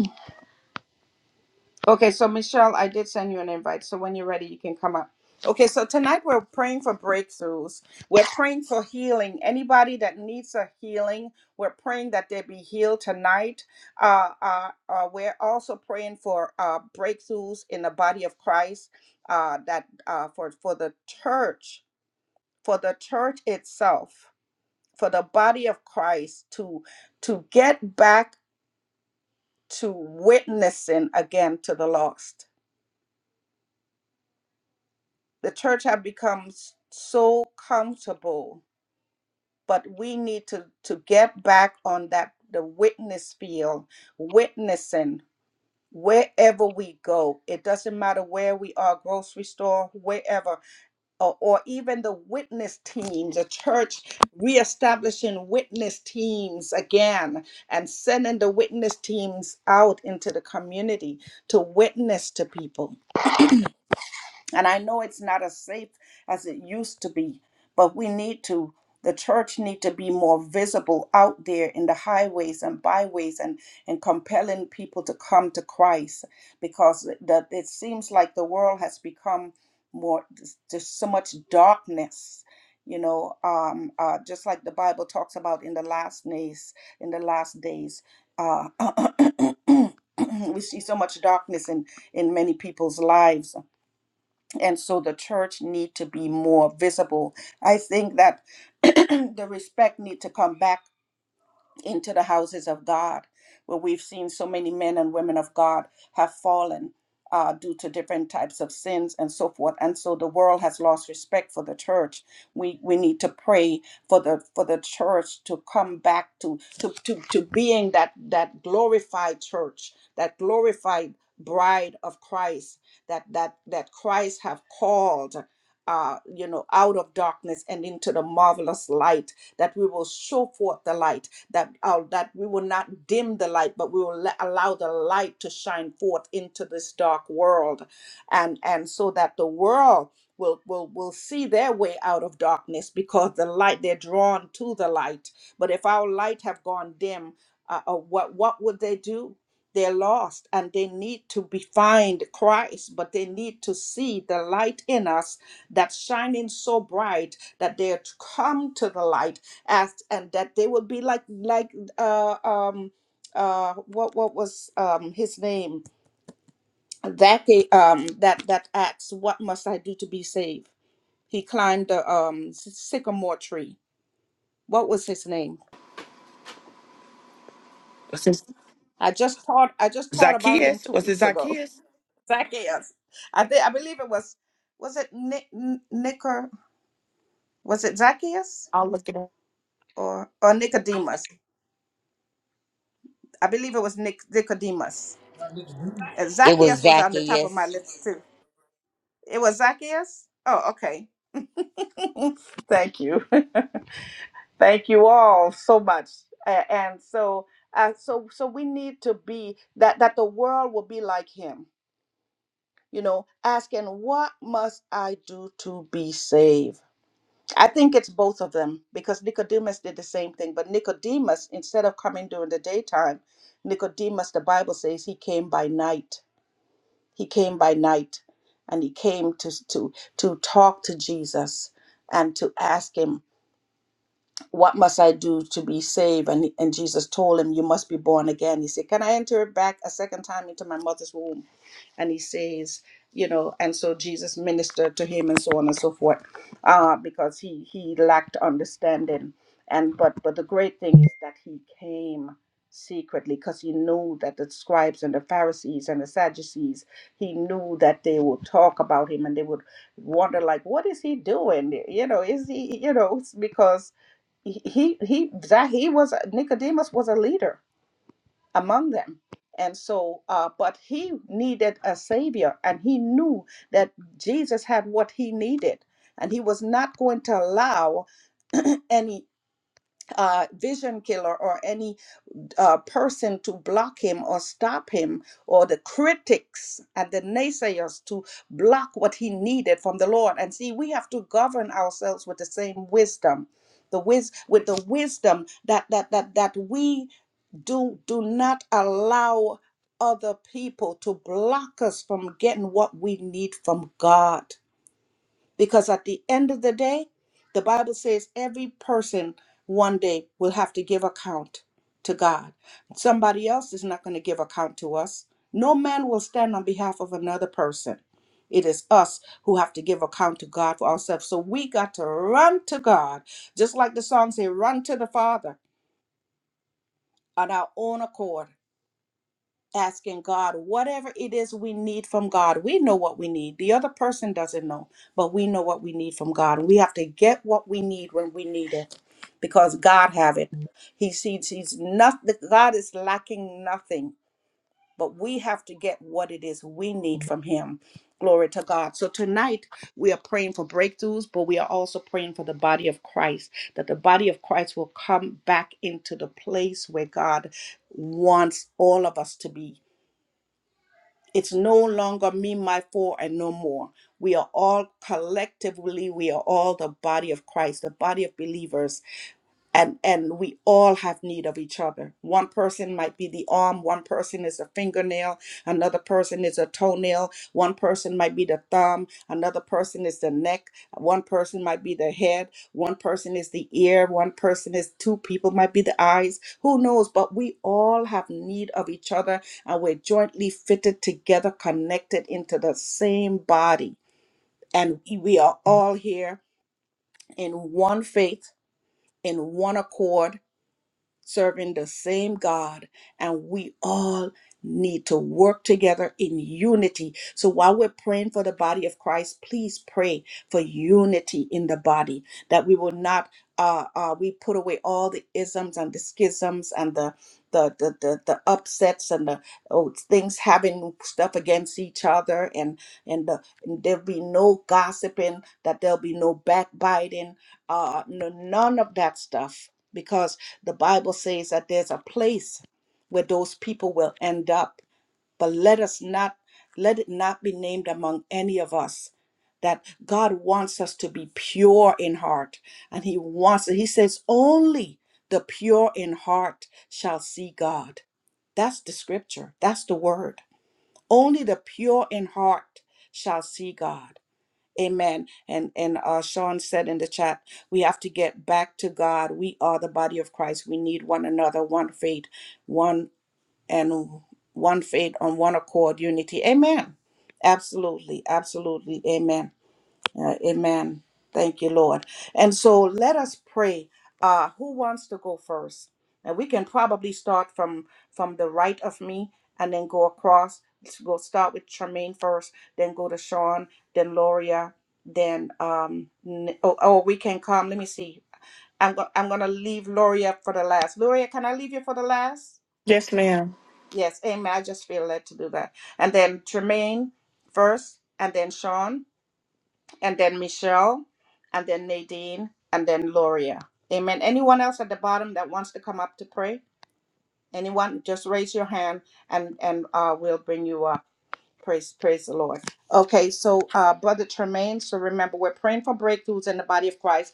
Speaker 1: Okay, so Michelle, I did send you an invite. So when you're ready, you can come up. Okay, so tonight we're praying for breakthroughs. We're praying for healing. Anybody that needs a healing, we're praying that they be healed tonight. Uh, uh, uh, we're also praying for uh, breakthroughs in the body of Christ. Uh, that uh, for for the church, for the church itself, for the body of Christ to to get back to witnessing again to the lost the church have become s- so comfortable but we need to to get back on that the witness field witnessing wherever we go it doesn't matter where we are grocery store wherever or, or even the witness teams the church reestablishing witness teams again and sending the witness teams out into the community to witness to people And I know it's not as safe as it used to be, but we need to the church need to be more visible out there in the highways and byways and and compelling people to come to Christ because the, it seems like the world has become more there's so much darkness you know um uh just like the bible talks about in the last days in the last days uh we see so much darkness in in many people's lives and so the church need to be more visible i think that the respect need to come back into the houses of God, where we've seen so many men and women of God have fallen uh, due to different types of sins and so forth. And so the world has lost respect for the church. We we need to pray for the for the church to come back to to to, to being that that glorified church, that glorified bride of Christ, that that that Christ have called. Uh, you know, out of darkness and into the marvelous light, that we will show forth the light that uh, that we will not dim the light, but we will let, allow the light to shine forth into this dark world, and and so that the world will will will see their way out of darkness because the light they're drawn to the light. But if our light have gone dim, uh, uh, what what would they do? They're lost and they need to be find Christ, but they need to see the light in us that's shining so bright that they come to the light as and that they will be like like uh um uh what what was um his name that ga- um that that acts what must i do to be saved he climbed the um sy- sycamore tree what was his name
Speaker 4: What's his
Speaker 1: i just taught i just taught about him
Speaker 4: Zacchaeus?
Speaker 1: two
Speaker 4: Was it
Speaker 1: weeks ago
Speaker 4: Zacchaeus?
Speaker 1: zacchaeus i think i believe it was was it nick nicker was it zacchaeus
Speaker 4: I'll look it up.
Speaker 1: or or nicodemus I believe it was Nic- Nicodemus. Uh,
Speaker 2: It was
Speaker 1: Zacchaeus was on the top of my
Speaker 2: Zacchaeus.
Speaker 1: list too. It was Zacchaeus. Oh, okay. Thank you. Thank you all so much. A- And so uh, so so we need to be that that the world will be like him. You know, asking what must I do to be saved? I think it's both of them because Nicodemus did the same thing, but Nicodemus instead of coming during the daytime, Nicodemus the Bible says he came by night He came by night and he came to, to, to talk to Jesus and to ask him, What must I do to be saved? And, and Jesus told him, You must be born again. He said, Can I enter back a second time into my mother's womb? and he says you know and so jesus ministered to him and so on and so forth uh, because he he lacked understanding and but but the great thing is that he came secretly because he knew that the scribes and the pharisees and the sadducees he knew that they would talk about him and they would wonder like what is he doing you know is he you know it's because he he he- that he was nicodemus was a leader among them. And so, uh, but he needed a savior, and he knew that Jesus had what he needed, and he was not going to allow any uh, vision killer or any uh, person to block him or stop him, or the critics and the naysayers to block what he needed from the Lord. And see, we have to govern ourselves with the same wisdom. The wis- with the wisdom that that that that we do do not allow other people to block us from getting what we need from God because at the end of the day the bible says every person one day will have to give account to God somebody else is not going to give account to us no man will stand on behalf of another person it is us who have to give account to God for ourselves so we got to run to God just like the song say run to the father on our own accord asking God whatever it is we need from God. We know what we need. The other person doesn't know, but we know what we need from God. And we have to get what we need when we need it because God have it. He sees he's not God is lacking nothing, but we have to get what it is we need from him. Glory to God. So tonight we are praying for breakthroughs, but we are also praying for the body of Christ that the body of Christ will come back into the place where God wants all of us to be it's no longer me, my, for, and no more. We are all collectively, we are all the body of Christ, the body of believers and and we all have need of each other one person might be the arm one person is a fingernail another person is a toenail one person might be the thumb another person is the neck one person might be the head one person is the ear one person is two people might be the eyes who knows but we all have need of each other and we're jointly fitted together connected into the same body and we we are all here in one faith in one accord serving the same God, and we all need to work together in unity. So while we're praying for the body of Christ, please pray for unity in the body that we will not. Uh, uh, we put away all the isms and the schisms and the the the the, the upsets and the oh, things having stuff against each other and and, the, and there'll be no gossiping that there'll be no backbiting uh, n- none of that stuff because the Bible says that there's a place where those people will end up. But let us not let it not be named among any of us that God wants us to be pure in heart, and He wants He says only the pure in heart shall see God. That's the scripture. That's the word. Only the pure in heart shall see God. Amen. And and uh, Sean said in the chat, we have to get back to God. We are the body of Christ. We need one another, one faith, one and one faith on one accord, unity. Amen. Absolutely, absolutely. Amen. Uh, amen. Thank you, Lord. And so let us pray. Uh, who wants to go first? And we can probably start from from the right of me and then go across. Let's go start with Charmaine first, then go to Sean, then Loria, then um. N- Oh, oh we can come. Let me see. I'm go- I'm gonna leave Loria for the last. Loria, can I leave you for the last?
Speaker 4: Yes, ma'am.
Speaker 1: Yes, Amen. I just feel led to do that. And then Tremaine first, and then Sean, and then Michelle, and then Nadine, and then Loria. Amen. Anyone else at the bottom that wants to come up to pray? Anyone? Just raise your hand, and and uh, we'll bring you up. Praise, praise the Lord. Okay, so uh, Brother Tremaine. So remember, we're praying for breakthroughs in the body of Christ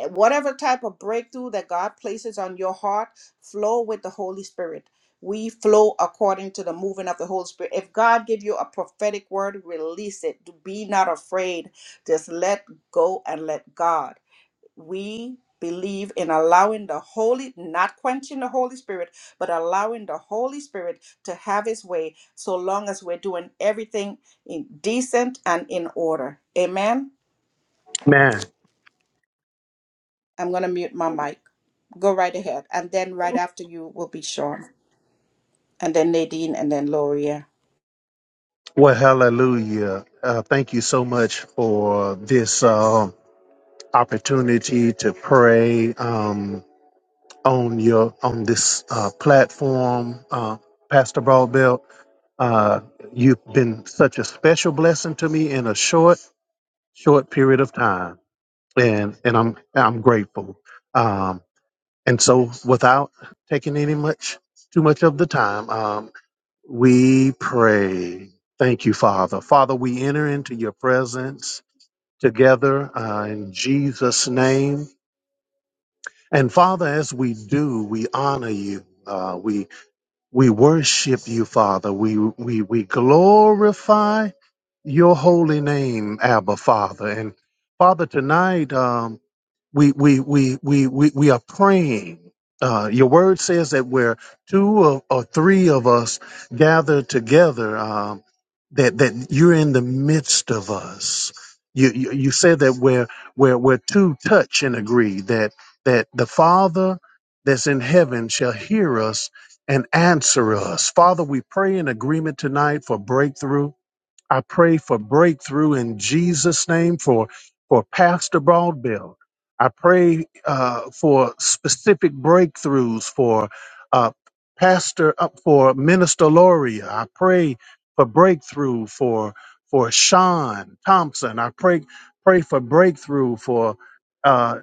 Speaker 1: Eh, whatever type of breakthrough that God places on your heart, flow with the Holy Spirit. We flow according to the moving of the Holy Spirit. If God give you a prophetic word, release it. Be not afraid. Just let go and let God. We believe in allowing the Holy, not quenching the Holy Spirit, but allowing the Holy Spirit to have his way so long as we're doing everything in decent and in order. Amen.
Speaker 5: Man,
Speaker 1: I'm going to mute my mic. Go right ahead. And then right after you will be Sean, and then Nadine, and then Loria.
Speaker 5: well, hallelujah. Uh, thank you so much for this uh, opportunity to pray um, on your on this uh, platform, uh, Pastor Broadbelt. Uh, you've been such a special blessing to me in a short, short period of time, and and I'm I'm grateful. Um, and so, without taking any much too much of the time, um, We pray. Thank you, Father. Father, we enter into your presence together uh, in Jesus' name. And Father, as we do, we honor you. Uh, we we worship you, Father. We we we glorify your holy name, Abba, Father. And Father, tonight. um, we we we we we, we are praying. Uh, your word says that where two of, or three of us gather together, um, that that you're in the midst of us. You, you you said that where where where two touch and agree that that the Father that's in heaven shall hear us and answer us. Father, we pray in agreement tonight for breakthrough. I pray for breakthrough in Jesus' name for for Pastor Broadbelt. I pray uh, for specific breakthroughs for uh, Pastor up for Minister Loria. I pray for breakthrough for for Sean Thompson. I pray pray for breakthrough for. uh,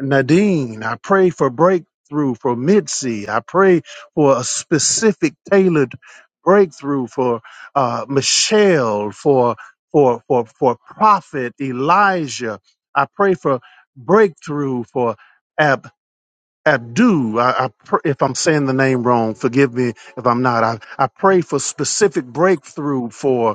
Speaker 5: Nadine. I pray for breakthrough for Mitzi. I pray for a specific tailored breakthrough for uh, Michelle, for for for for Prophet Elijah. I pray for breakthrough for Ab. Abdu, I, I pr- if I'm saying the name wrong, forgive me if I'm not. I, I pray for specific breakthrough for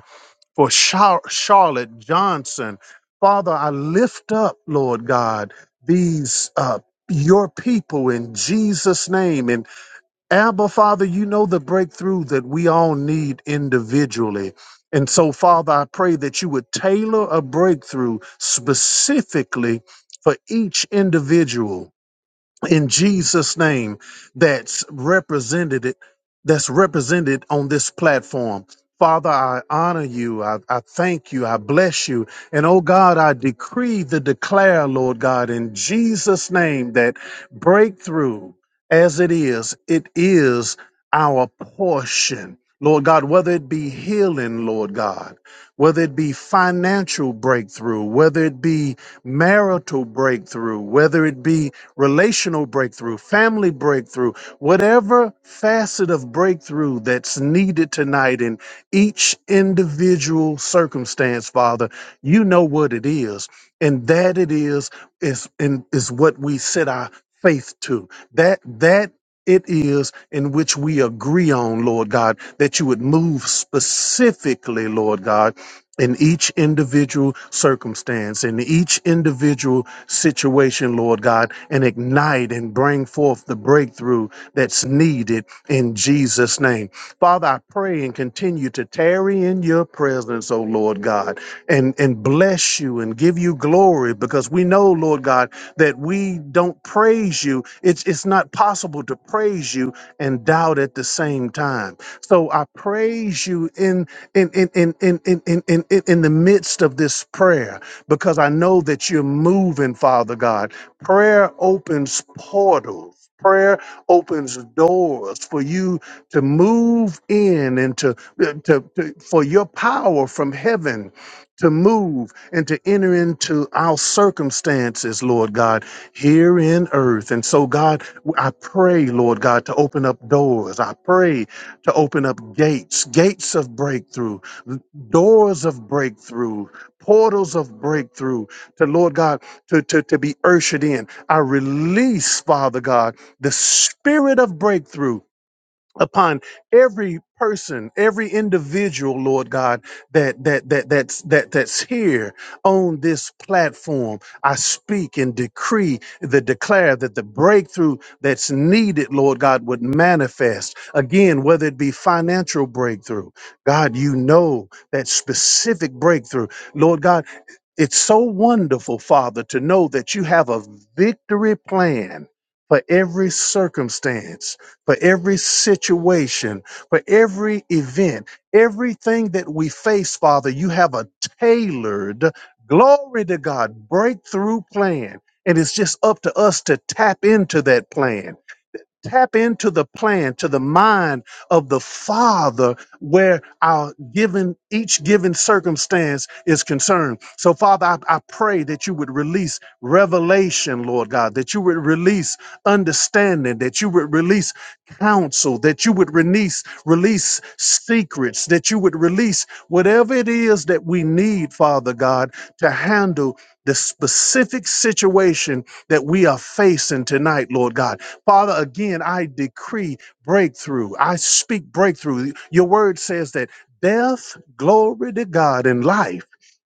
Speaker 5: for Char- Charlotte Johnson. Father, I lift up, Lord God, these uh, your people in Jesus' name. And Abba, Father, you know the breakthrough that we all need individually. And so, Father, I pray that you would tailor a breakthrough specifically for each individual in Jesus' name that's represented that's represented on this platform. Father, I honor you. I, I thank you. I bless you. And oh God, I decree the declare, Lord God, in Jesus' name that breakthrough as it is, it is our portion. Lord God, whether it be healing, Lord God, whether it be financial breakthrough, whether it be marital breakthrough, whether it be relational breakthrough, family breakthrough, whatever facet of breakthrough that's needed tonight in each individual circumstance, Father, you know what it is. And that it is is in is what we set our faith to. That that it is in which we agree on, Lord God, that you would move specifically, Lord God in each individual circumstance, in each individual situation, Lord God, and ignite and bring forth the breakthrough that's needed in Jesus' name. Father, I pray and continue to tarry in your presence, O Lord God, and, and bless you and give you glory because we know, Lord God, that we don't praise you. It's, it's not possible to praise you and doubt at the same time. So I praise you in, in, in, in, in, in, in, in, in in the midst of this prayer because I know that you're moving, Father God. Prayer opens portals. Prayer opens doors for you to move in and to, to, to for your power from heaven to move and to enter into our circumstances, Lord God, here in earth. And so, God, I pray, Lord God, to open up doors. I pray to open up gates, gates of breakthrough, doors of breakthrough, portals of breakthrough to Lord God, to, to, to be ushered in. I release, Father God, the spirit of breakthrough upon every person, every individual, Lord God, that that that that's that that's here on this platform. I speak and decree the declare that the breakthrough that's needed, Lord God, would manifest again, whether it be financial breakthrough. God, you know that specific breakthrough. Lord God, it's so wonderful, Father, to know that you have a victory plan for every circumstance for every situation, for every event, everything that we face, Father, you have a tailored, glory to God, breakthrough plan. And it's just up to us to tap into that plan tap into the plan to the mind of the father where our given each given circumstance is concerned so father I, I pray that you would release revelation lord god that you would release understanding that you would release counsel that you would release release secrets that you would release whatever it is that we need father god to handle the specific situation that we are facing tonight, Lord God. Father, again, I decree breakthrough. I speak breakthrough. Your word says that death, glory to God, and life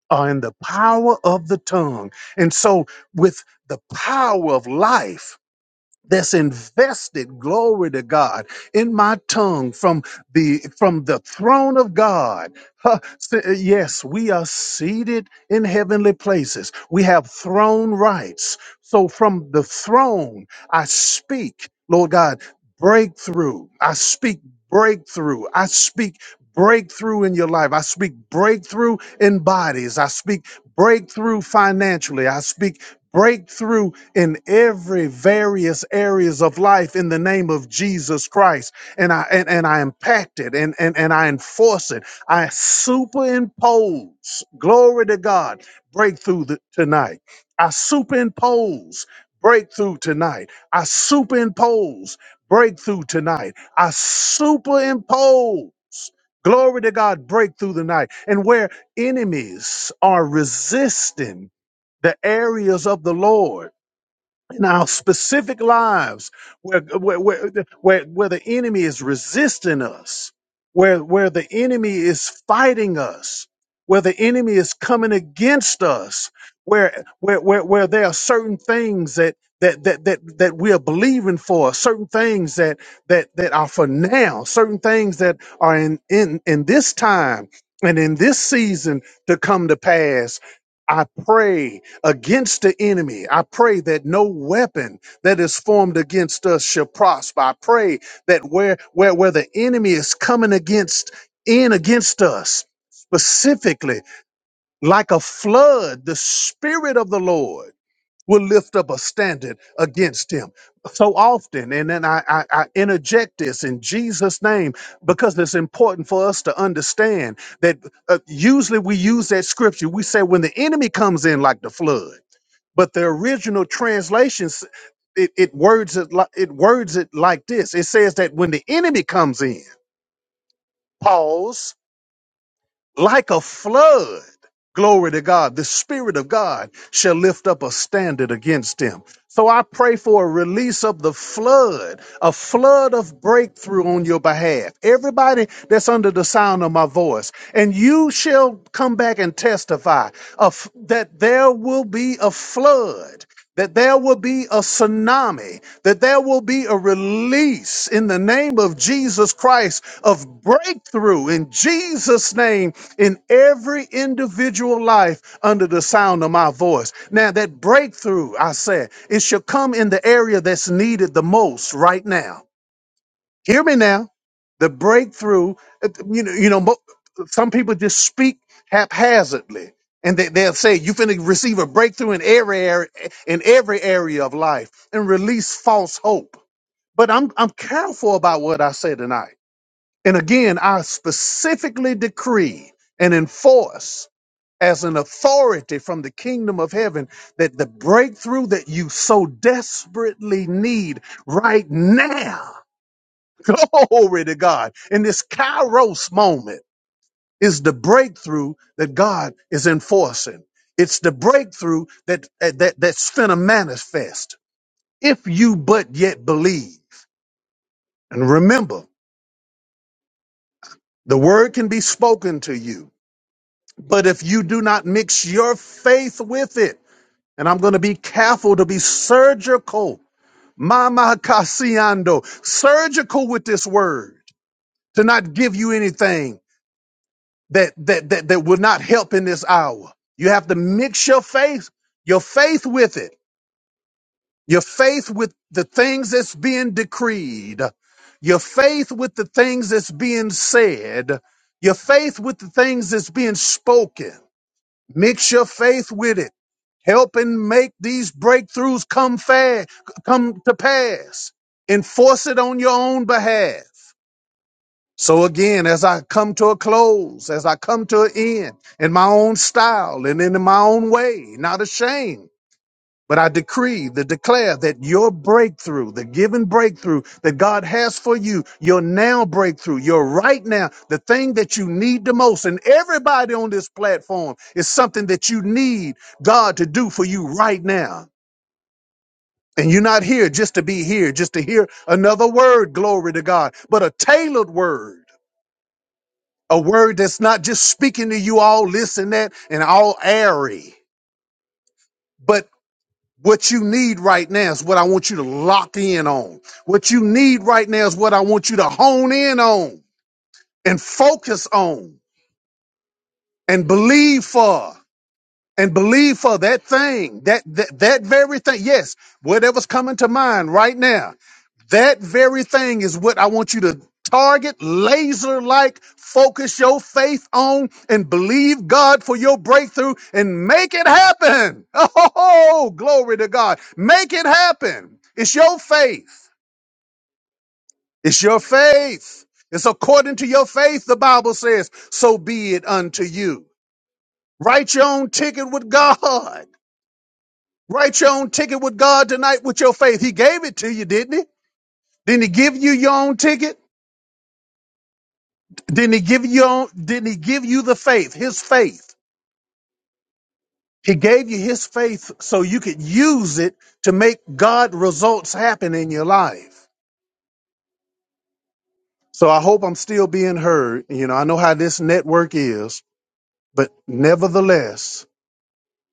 Speaker 5: are in the power of the tongue. And so, with the power of life, that's invested glory to god in my tongue from the from the throne of god Huh, s- uh, yes we are seated in heavenly places we have throne rights so from the throne i speak lord god breakthrough i speak breakthrough i speak breakthrough in your life i speak breakthrough in bodies i speak breakthrough financially i speak breakthrough in every various areas of life in the name of Jesus Christ. And I and, and I impact it and, and, and I enforce it. I superimpose, glory to God, breakthrough th- tonight. I superimpose breakthrough tonight. I superimpose breakthrough tonight. I superimpose. Glory to God, breakthrough tonight. And where enemies are resisting the areas of the Lord in our specific lives where, where, where, where, where the enemy is resisting us, where, where the enemy is fighting us, where the enemy is coming against us, where, where, where, where there are certain things that, that, that, that, that we are believing for, certain things that, that, that are for now, certain things that are in, in, in this time and in this season to come to pass. I pray against the enemy. I pray that no weapon that is formed against us shall prosper. I pray that where where where the enemy is coming against in against us specifically like a flood, the spirit of the Lord will lift up a standard against him so often and then I, I i interject this in jesus name because it's important for us to understand that uh, usually we use that scripture we say when the enemy comes in like the flood but the original translations it, it words it li- it words it like this it says that when the enemy comes in pause like a flood. Glory to God. The Spirit of God shall lift up a standard against him. So I pray for a release of the flood, a flood of breakthrough on your behalf. Everybody that's under the sound of my voice, and you shall come back and testify of that there will be a flood. That there will be a tsunami, that there will be a release in the name of Jesus Christ of breakthrough in Jesus' name in every individual life under the sound of my voice. Now, that breakthrough, I said, it should come in the area that's needed the most right now. Hear me now. The breakthrough, uh, you know, you know, mo- some people just speak haphazardly. And they, they'll say, you're going to receive a breakthrough in every area, in every area of life and release false hope. But I'm, I'm careful about what I say tonight. And again, I specifically decree and enforce as an authority from the kingdom of heaven that the breakthrough that you so desperately need right now, glory to God, in this Kairos moment is the breakthrough that God is enforcing. It's the breakthrough that, eh, that, that's finna manifest if you but yet believe. And remember, the word can be spoken to you, but if you do not mix your faith with it, And I'm going to be careful to be surgical. Mama Casiando, surgical with this word to not give you anything that, that, that, that will not help in this hour. You have to mix your faith, your faith with it, your faith with the things that's being decreed, your faith with the things that's being said, your faith with the things that's being spoken. Mix your faith with it helping make these breakthroughs come fast, come to pass. Enforce it on your own behalf. So again, as I come to a close, as I come to an end in my own style and in my own way, not ashamed but I decree, the declare that your breakthrough, the given breakthrough that God has for you, your now breakthrough, your right now, the thing that you need the most, and everybody on this platform is something that you need God to do for you right now. And you're not here just to be here, just to hear another word, glory to God, but a tailored word, a word that's not just speaking to you all this and that and all airy but. What you need right now is what I want you to lock in on. What you need right now is what I want you to hone in on and focus on and believe for and believe for that thing, that, that that very thing. Yes, whatever's coming to mind right now, that very thing is what I want you to target, laser like, focus your faith on, and believe God for your breakthrough and make it happen. Oh, glory to God! Make it happen. It's your faith. It's your faith. It's according to your faith. The Bible says, "So be it unto you." Write your own ticket with God. Write your own ticket with God tonight with your faith. He gave it to you, didn't he? Didn't he give you your own ticket? Didn't he give you your own, didn't he give you the faith, his faith? He gave you his faith so you could use it to make God results happen in your life. So I hope I'm still being heard. You know, I know how this network is, but nevertheless,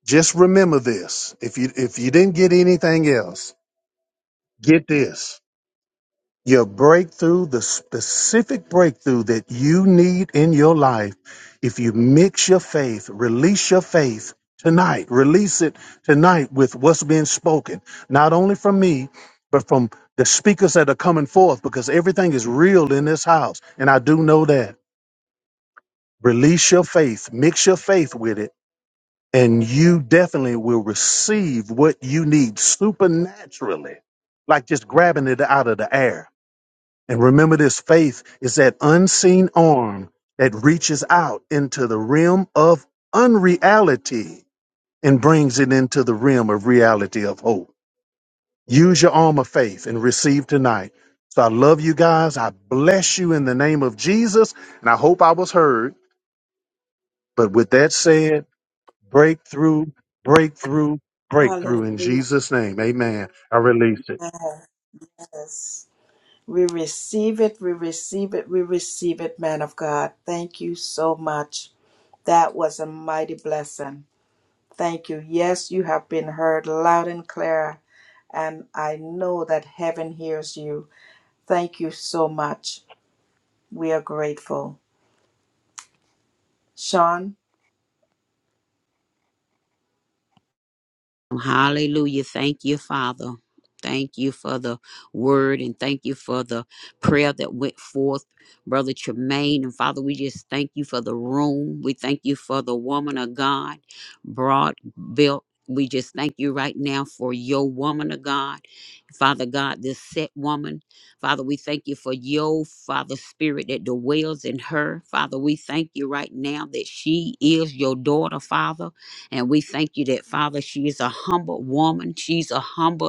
Speaker 5: just remember this. If you if you didn't get anything else, get this. Your breakthrough, the specific breakthrough that you need in your life, if you mix your faith, release your faith tonight, release it tonight with what's being spoken, not only from me, but from the speakers that are coming forth, because everything is real in this house. And I do know that. Release your faith, mix your faith with it, and you definitely will receive what you need supernaturally, like just grabbing it out of the air. And remember this faith is that unseen arm that reaches out into the realm of unreality and brings it into the realm of reality of hope. Use your arm of faith and receive tonight. So I love you guys. I bless you in the name of Jesus. And I hope I was heard. But with that said, breakthrough, breakthrough, breakthrough in
Speaker 1: Hallelujah.
Speaker 5: Jesus' name. Amen. I release it.
Speaker 1: Yes. We receive it. We receive it. We receive it, man of God. Thank you so much. That was a mighty blessing. Thank you. Yes, you have been heard loud and clear. And I know that heaven hears you. Thank you so much. We are grateful. Sean?
Speaker 2: Hallelujah. Thank you, Father. Thank you for the word and thank you for the prayer that went forth, Brother Tremaine. And Father, we just thank you for the room. We thank you for the woman of God, broad built. We just thank you right now for your woman of God, Father God, this set woman. Father, we thank you for your Father Spirit that dwells in her. Father, we thank you right now that she is your daughter, Father. And we thank you that, Father, she is a humble woman. She's a humble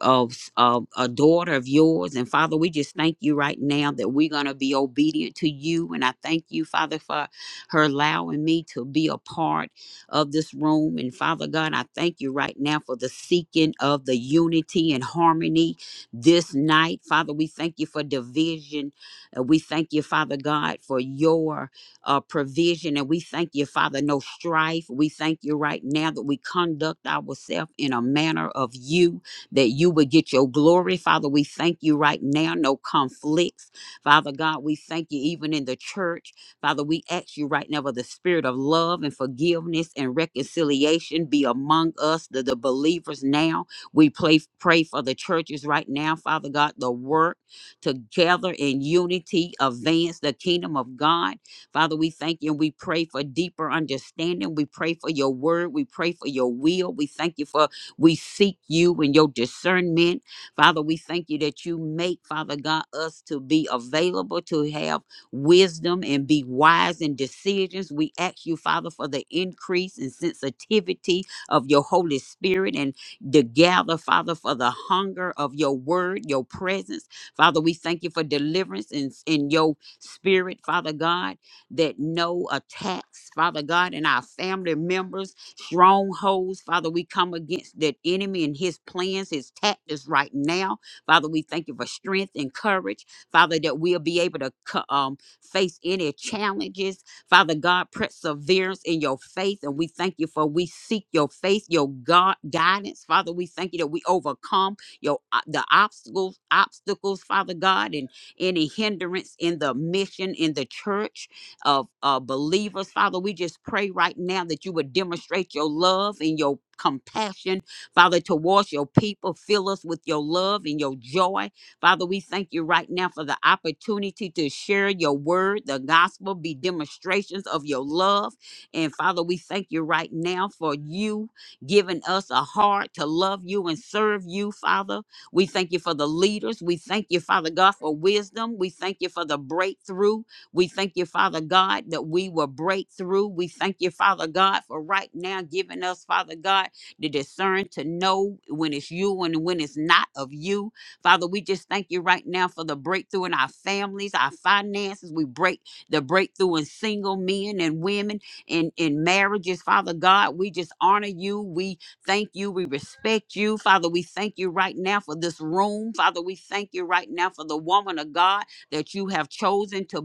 Speaker 2: of, of a daughter of yours. And Father, we just thank you right now that we're going to be obedient to you. And I thank you, Father, for her allowing me to be a part of this room. And Father God, I thank you right now for the seeking of the unity and harmony this night. Father, we thank you for division. Uh, We thank you, Father God, for your uh, provision. And we thank you, Father, no strife. We thank you right now that we conduct ourselves in a manner of you that you would get your glory. Father, we thank you right now. No conflicts. Father God, we thank you even in the church. Father, we ask you right now for the spirit of love and forgiveness and reconciliation be among us, the, the believers now. We pray, pray for the churches right now, Father God, the work together in unity, advance the kingdom of God. Father, we thank you and we pray for deeper understanding. We pray for your word. We pray for your will. We thank you for we seek you and your discernment. Father, we thank you that you make, Father God, us to be available, to have wisdom and be wise in decisions. We ask you, Father, for the increase and sensitivity of your Holy Spirit and to gather, Father, for the hunger of your word, your presence. Father, we thank you for deliverance in, in your spirit, Father God, that no attacks, Father God, and our family members strongholds. Father, we come against that enemy and his plans, his tactics right now. Father, we thank you for strength and courage. Father, that we'll be able to co- um, face any challenges. Father God, perseverance in your faith. And we thank you for we seek your faith, your God guidance. Father, we thank you that we overcome your o- the obstacles, obstacles, Father God, and any hindrance in the mission in the church of uh, believers. Father, we just pray right now that you would demonstrate your love and your compassion, Father, towards your people. Fill us with your love and your joy. Father, we thank you right now for the opportunity to share your word, the gospel, be demonstrations of your love. And Father, we thank you right now for you giving us a heart to love you and serve you, Father. We thank you for the leaders. We thank you, Father God, for wisdom. We thank you for the breakthrough. We thank you, Father God, that we will break through. We thank you, Father God, for right now giving us, Father God, the discern to know when it's you and when it's not of you. Father, we just thank you right now for the breakthrough in our families, our finances. We break the breakthrough in single men and women in, in marriages, Father God. We just honor you. We thank you. We respect you. Father, we thank you right now for this room. Father, we thank you right now for the woman of God that you have chosen to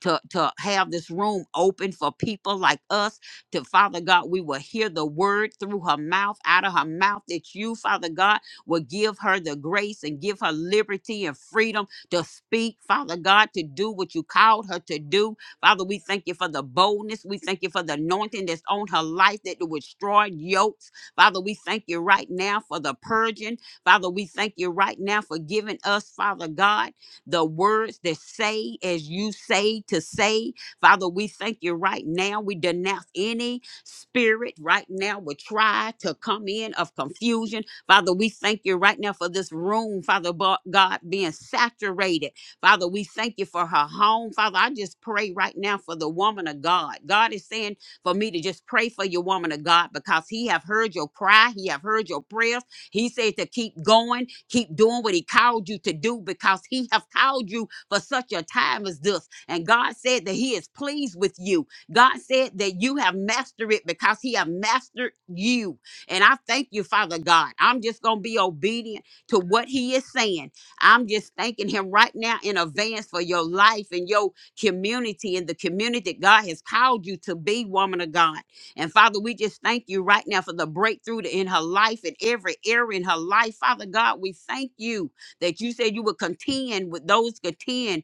Speaker 2: to to have this room open for people like us to father god we will hear the word through her mouth out of her mouth that you father god will give her the grace and give her liberty and freedom to speak father god to do what you called her to do father we thank you for the boldness we thank you for the anointing that's on her life that will destroy yokes father we thank you right now for the purging father we thank you right now for giving us father god the words that say as you say to say. Father, we thank you right now. We denounce any spirit right now would try to come in of confusion. Father, we thank you right now for this room, Father Bo- God, being saturated. Father, we thank you for her home. Father, I just pray right now for the woman of God. God is saying for me to just pray for your woman of God because he have heard your cry. He have heard your prayers. He said to keep going, keep doing what he called you to do because he have called you for such a time as this. And God said that he is pleased with you. God said that you have mastered it because he have mastered you. And I thank you, Father God. I'm just going to be obedient to what he is saying. I'm just thanking him right now in advance for your life and your community and the community that God has called you to be, woman of God. And Father, we just thank you right now for the breakthrough to- in her life, in every area in her life. Father God, we thank you that you said you would contend with those contend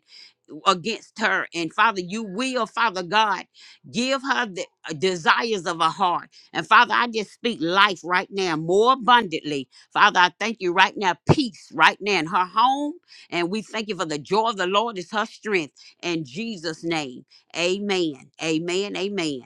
Speaker 2: against her. And Father, you will, Father God, give her the uh, desires of her heart. And Father, I just speak life right now more abundantly. Father, I thank you right now, peace right now in her home. And we thank you for the joy of the Lord is her strength. In Jesus' name, amen. Amen. Amen.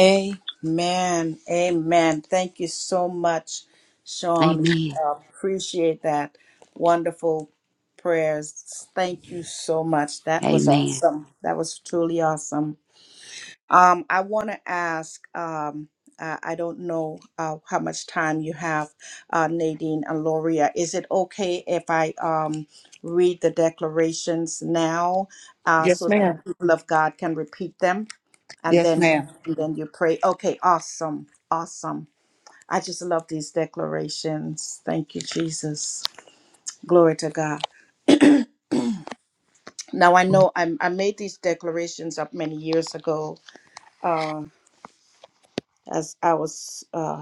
Speaker 1: Amen. Amen. Thank you so much, Sean. We
Speaker 2: Amen.
Speaker 1: appreciate that. Wonderful prayers. Thank you so much. That was
Speaker 2: Amen.
Speaker 1: awesome. That was truly awesome. Um, I want to ask, um, I I don't know uh, how much time you have, uh, Nadine and Loria. Is it okay if I um, read the declarations now uh,
Speaker 4: Yes,
Speaker 1: so that the
Speaker 4: ma'am.
Speaker 1: people of God can repeat them? and
Speaker 3: Yes,
Speaker 1: then
Speaker 3: ma'am.
Speaker 1: and then you pray okay awesome awesome i just love these declarations thank you jesus glory to god now i know i, I made these declarations up many years ago um as i was uh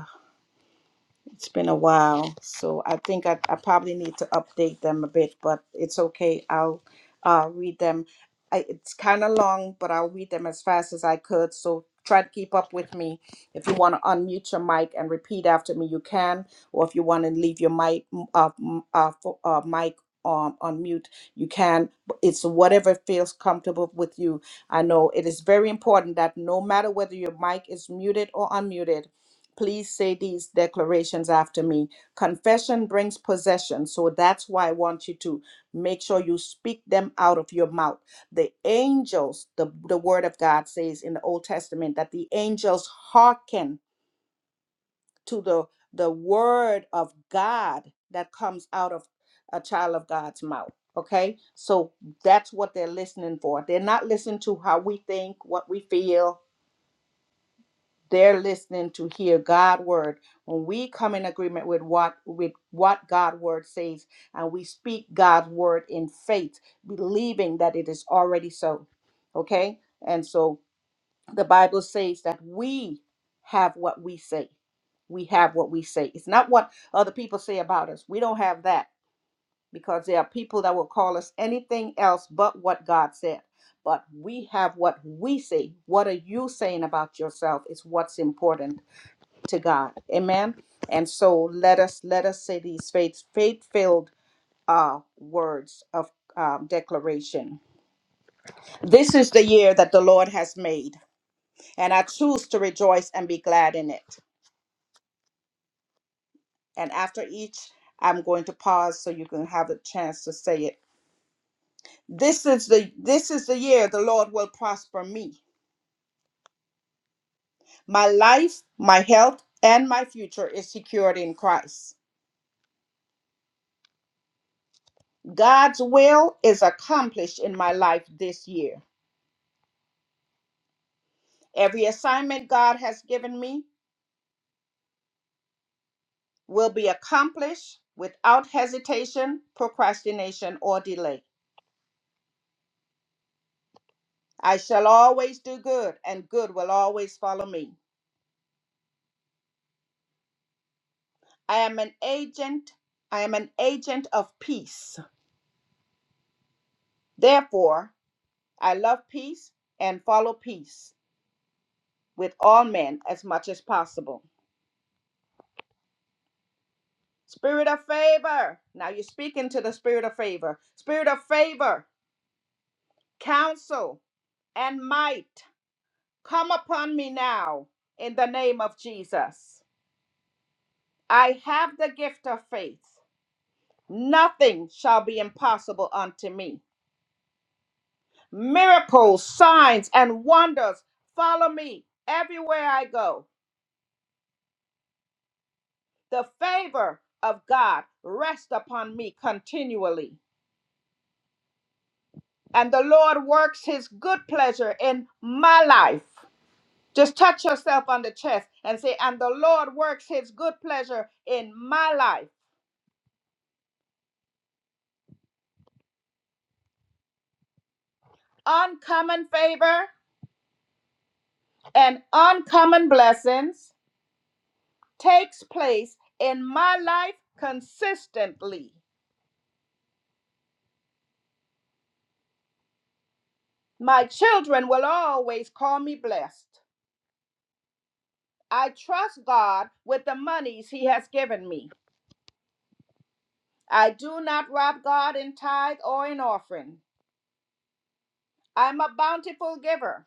Speaker 1: It's been a while, so I think I, I probably need to update them a bit, but it's okay. I'll uh, read them. I, it's kind of long, but I'll read them as fast as I could. So try to keep up with me. If you want to unmute your mic and repeat after me, you can. Or if you want to leave your mic m- uh, m- uh, fo- uh, mic um, on mute, you can. But It's whatever feels comfortable with you. I know it is very important that no matter whether your mic is muted or unmuted Please say these declarations after me. Confession brings possession. So that's why I want you to make sure you speak them out of your mouth. The angels, the, the word of God says in the Old Testament that the angels hearken to the, the word of God that comes out of a child of God's mouth. Okay? So that's what they're listening for. They're not listening to how we think, what we feel, they're listening to hear God word. When we come in agreement with what with what God word says and we speak God's word in faith, believing that it is already so. Okay? And so the Bible says that we have what we say. We have what we say. It's not what other people say about us. We don't have that because there are people that will call us anything else but what God said. But we have what we say. What are you saying about yourself is what's important to God. Amen. And so let us let us say these faith faith filled uh, words of um, declaration. This is the year that the Lord has made, and I choose to rejoice and be glad in it. And after each, I'm going to pause so you can have a chance to say it. This is the this is the year the Lord will prosper me. My life, my health, and my future is secured in Christ. God's will is accomplished in my life this year. Every assignment God has given me will be accomplished without hesitation, procrastination, or delay. I shall always do good, and good will always follow me. I am an agent, I am an agent of peace. Therefore, I love peace and follow peace with all men as much as possible. Spirit of favor. Now you're speaking to the spirit of favor. Spirit of favor, counsel, and might. Come upon me now in the name of Jesus. I have the gift of faith. Nothing shall be impossible unto me. Miracles, signs, and wonders follow me everywhere I go. The favor of God rests upon me continually. And the Lord works his good pleasure in my life. Just touch yourself on the chest and say, And the Lord works his good pleasure in my life. Uncommon favor and uncommon blessings takes place in my life consistently. My children will always call me blessed. I trust God with the monies He has given me. I do not rob God in tithe or in offering. I'm a bountiful giver.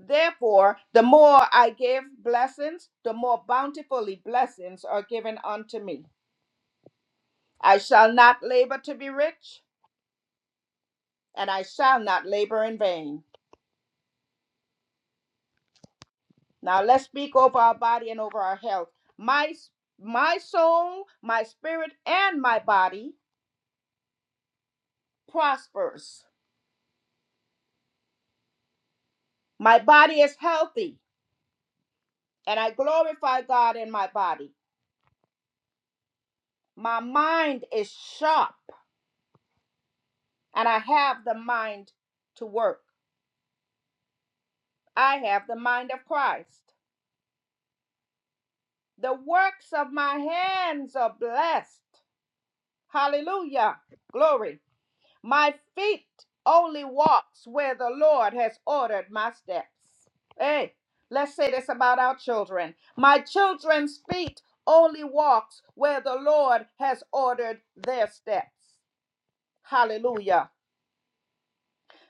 Speaker 1: Therefore, the more I give blessings, the more bountifully blessings are given unto me. I shall not labor to be rich, and I shall not labor in vain. Now let's speak over our body and over our health. My my soul, my spirit, and my body prospers. My body is healthy, and I glorify God in my body. My mind is sharp, and I have the mind to work. I have the mind of Christ. The works of my hands are blessed. Hallelujah. Glory. My feet only walks where the Lord has ordered my steps. Hey, let's say this about our children. My children's feet only walks where the Lord has ordered their steps. Hallelujah.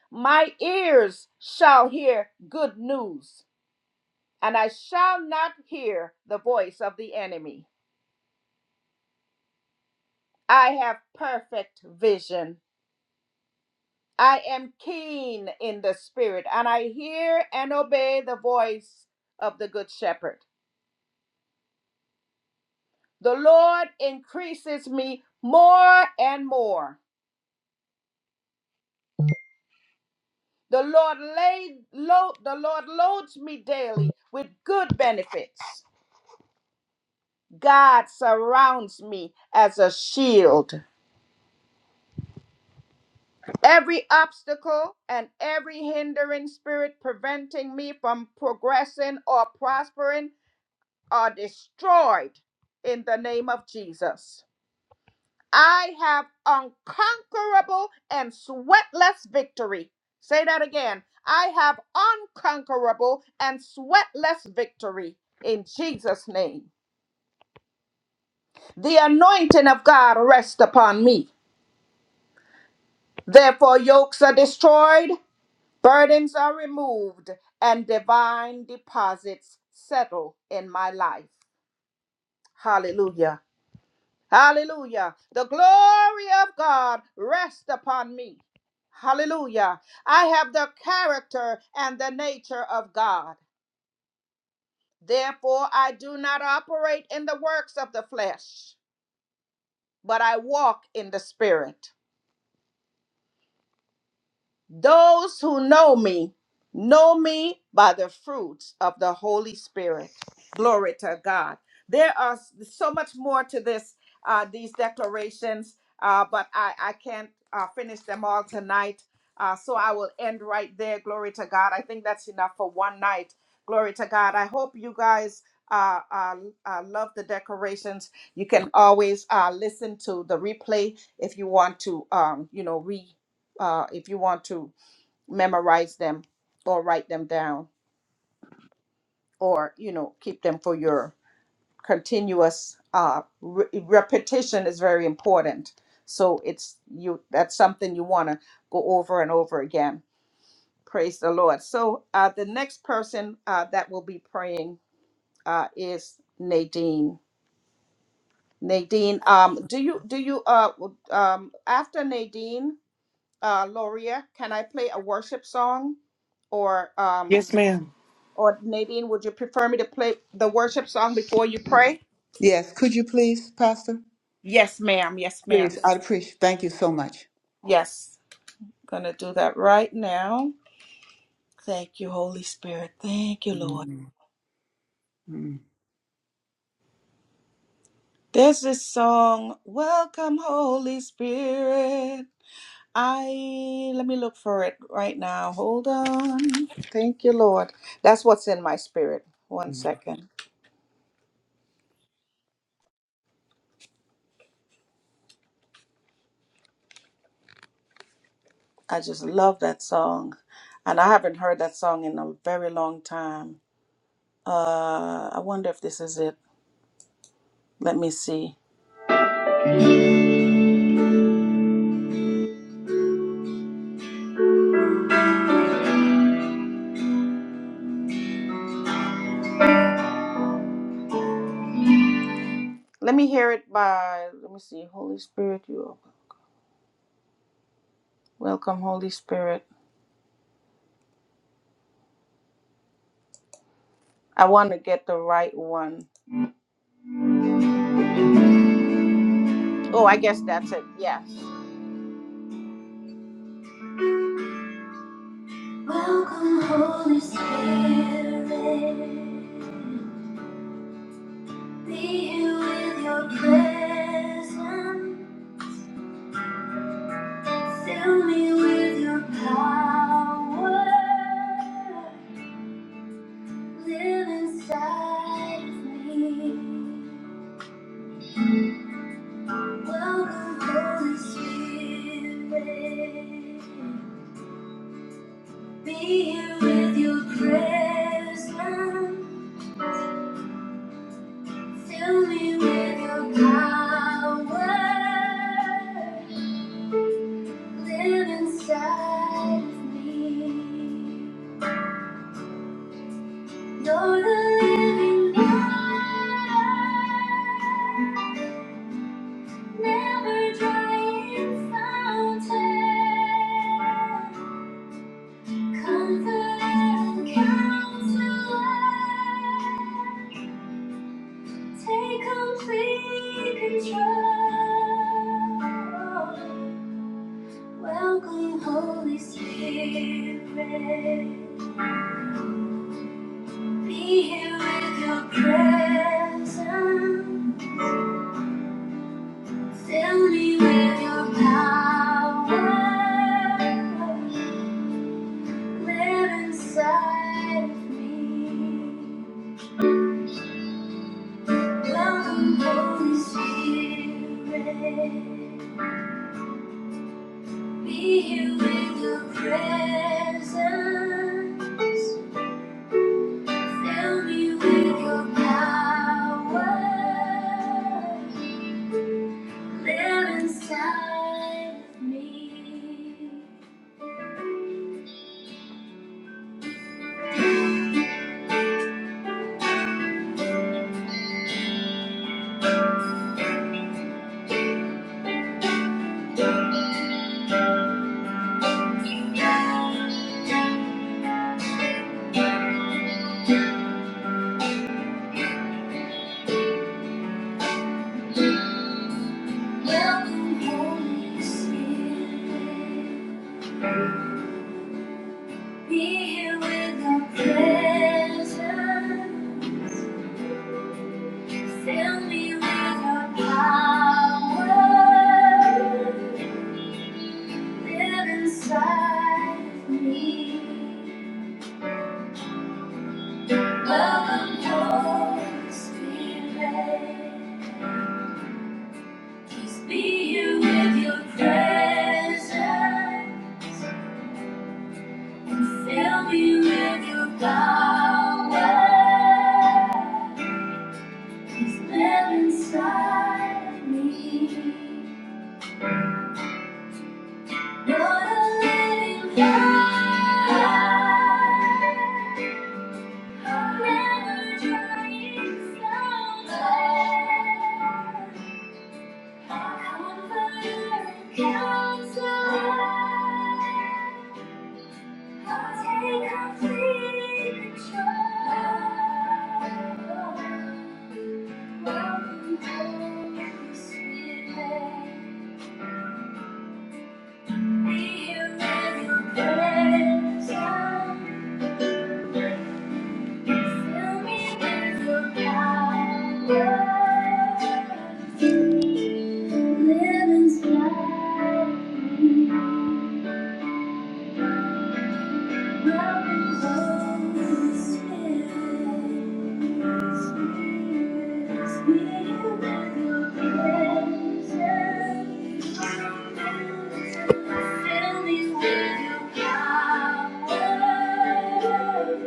Speaker 1: My ears shall hear good news, and I shall not hear the voice of the enemy. I have perfect vision I am keen in the spirit, and I hear and obey the voice of the good shepherd. The Lord increases me more and more. The Lord laid load, the Lord loads me daily with good benefits. God surrounds me as a shield. Every obstacle and every hindering spirit preventing me from progressing or prospering are destroyed in the name of Jesus. I have unconquerable and sweatless victory. Say that again. I have unconquerable and sweatless victory in Jesus' name. The anointing of God rests upon me. Therefore, yokes are destroyed, burdens are removed, and divine deposits settle in my life. Hallelujah. Hallelujah. The glory of God rests upon me. Hallelujah. I have the character and the nature of God. Therefore, I do not operate in the works of the flesh, but I walk in the spirit. Those who know me, know me by the fruits of the Holy Spirit. Glory to God. There are s- so much more to this, uh, these declarations, uh, but I, I can't uh, finish them all tonight. Uh, so I will end right there. Glory to God. I think that's enough for one night. Glory to God. I hope you guys uh, uh, uh, love the decorations. You can always uh, listen to the replay if you want to, um, you know, re uh, if you want to memorize them or write them down or you know keep them for your continuous uh, re- repetition is very important so it's you that's something you want to go over and over again praise the lord so uh, the next person uh, that will be praying uh, is nadine nadine um, do you do you uh, w- um, after nadine uh, loria can i play a worship song or um,
Speaker 4: Yes, ma'am.
Speaker 1: Or Nadine, would you prefer me to play the worship song before you pray?
Speaker 3: Yes. Could you please, Pastor?
Speaker 1: Yes, ma'am. Yes, ma'am.
Speaker 3: Please. I'd appreciate. Thank you so much.
Speaker 1: Yes. Gonna do that right now. Thank you, Holy Spirit. Thank you, Lord.
Speaker 3: Mm, mm,
Speaker 1: There's this song, Welcome, Holy Spirit. I let me look for it right now. Hold on. Thank you, Lord. That's what's in my spirit. One
Speaker 3: mm.
Speaker 1: second. I just love that song. And I haven't heard that song in a very long time. Uh I wonder if this is it. Let me see. Let me hear it by, let me see. Holy Spirit, you are welcome, Holy Spirit. I want to get the right one. Oh, I guess that's it. Yes. Welcome, Holy Spirit. Be here with your presence. Fill me with your power. Live inside of me. Welcome, Holy Spirit. Be here with your presence. Fill me with your power. Live inside of me. You're the living God, never drying fountain. Comfort and counselor, take complete control. Welcome, Holy Spirit. Be here with your presence. Fill me with your power. Live inside of me. Welcome, Holy Spirit. Be here with your presence. Fill me with your power. Live inside of me. Welcome, Holy Spirit. Be here with your presence. Fill me with your power and live inside me. Welcome your spirit. Please be you with your presence and fill me with your power. Please live inside me. You're the living God. Be here when you Thank you.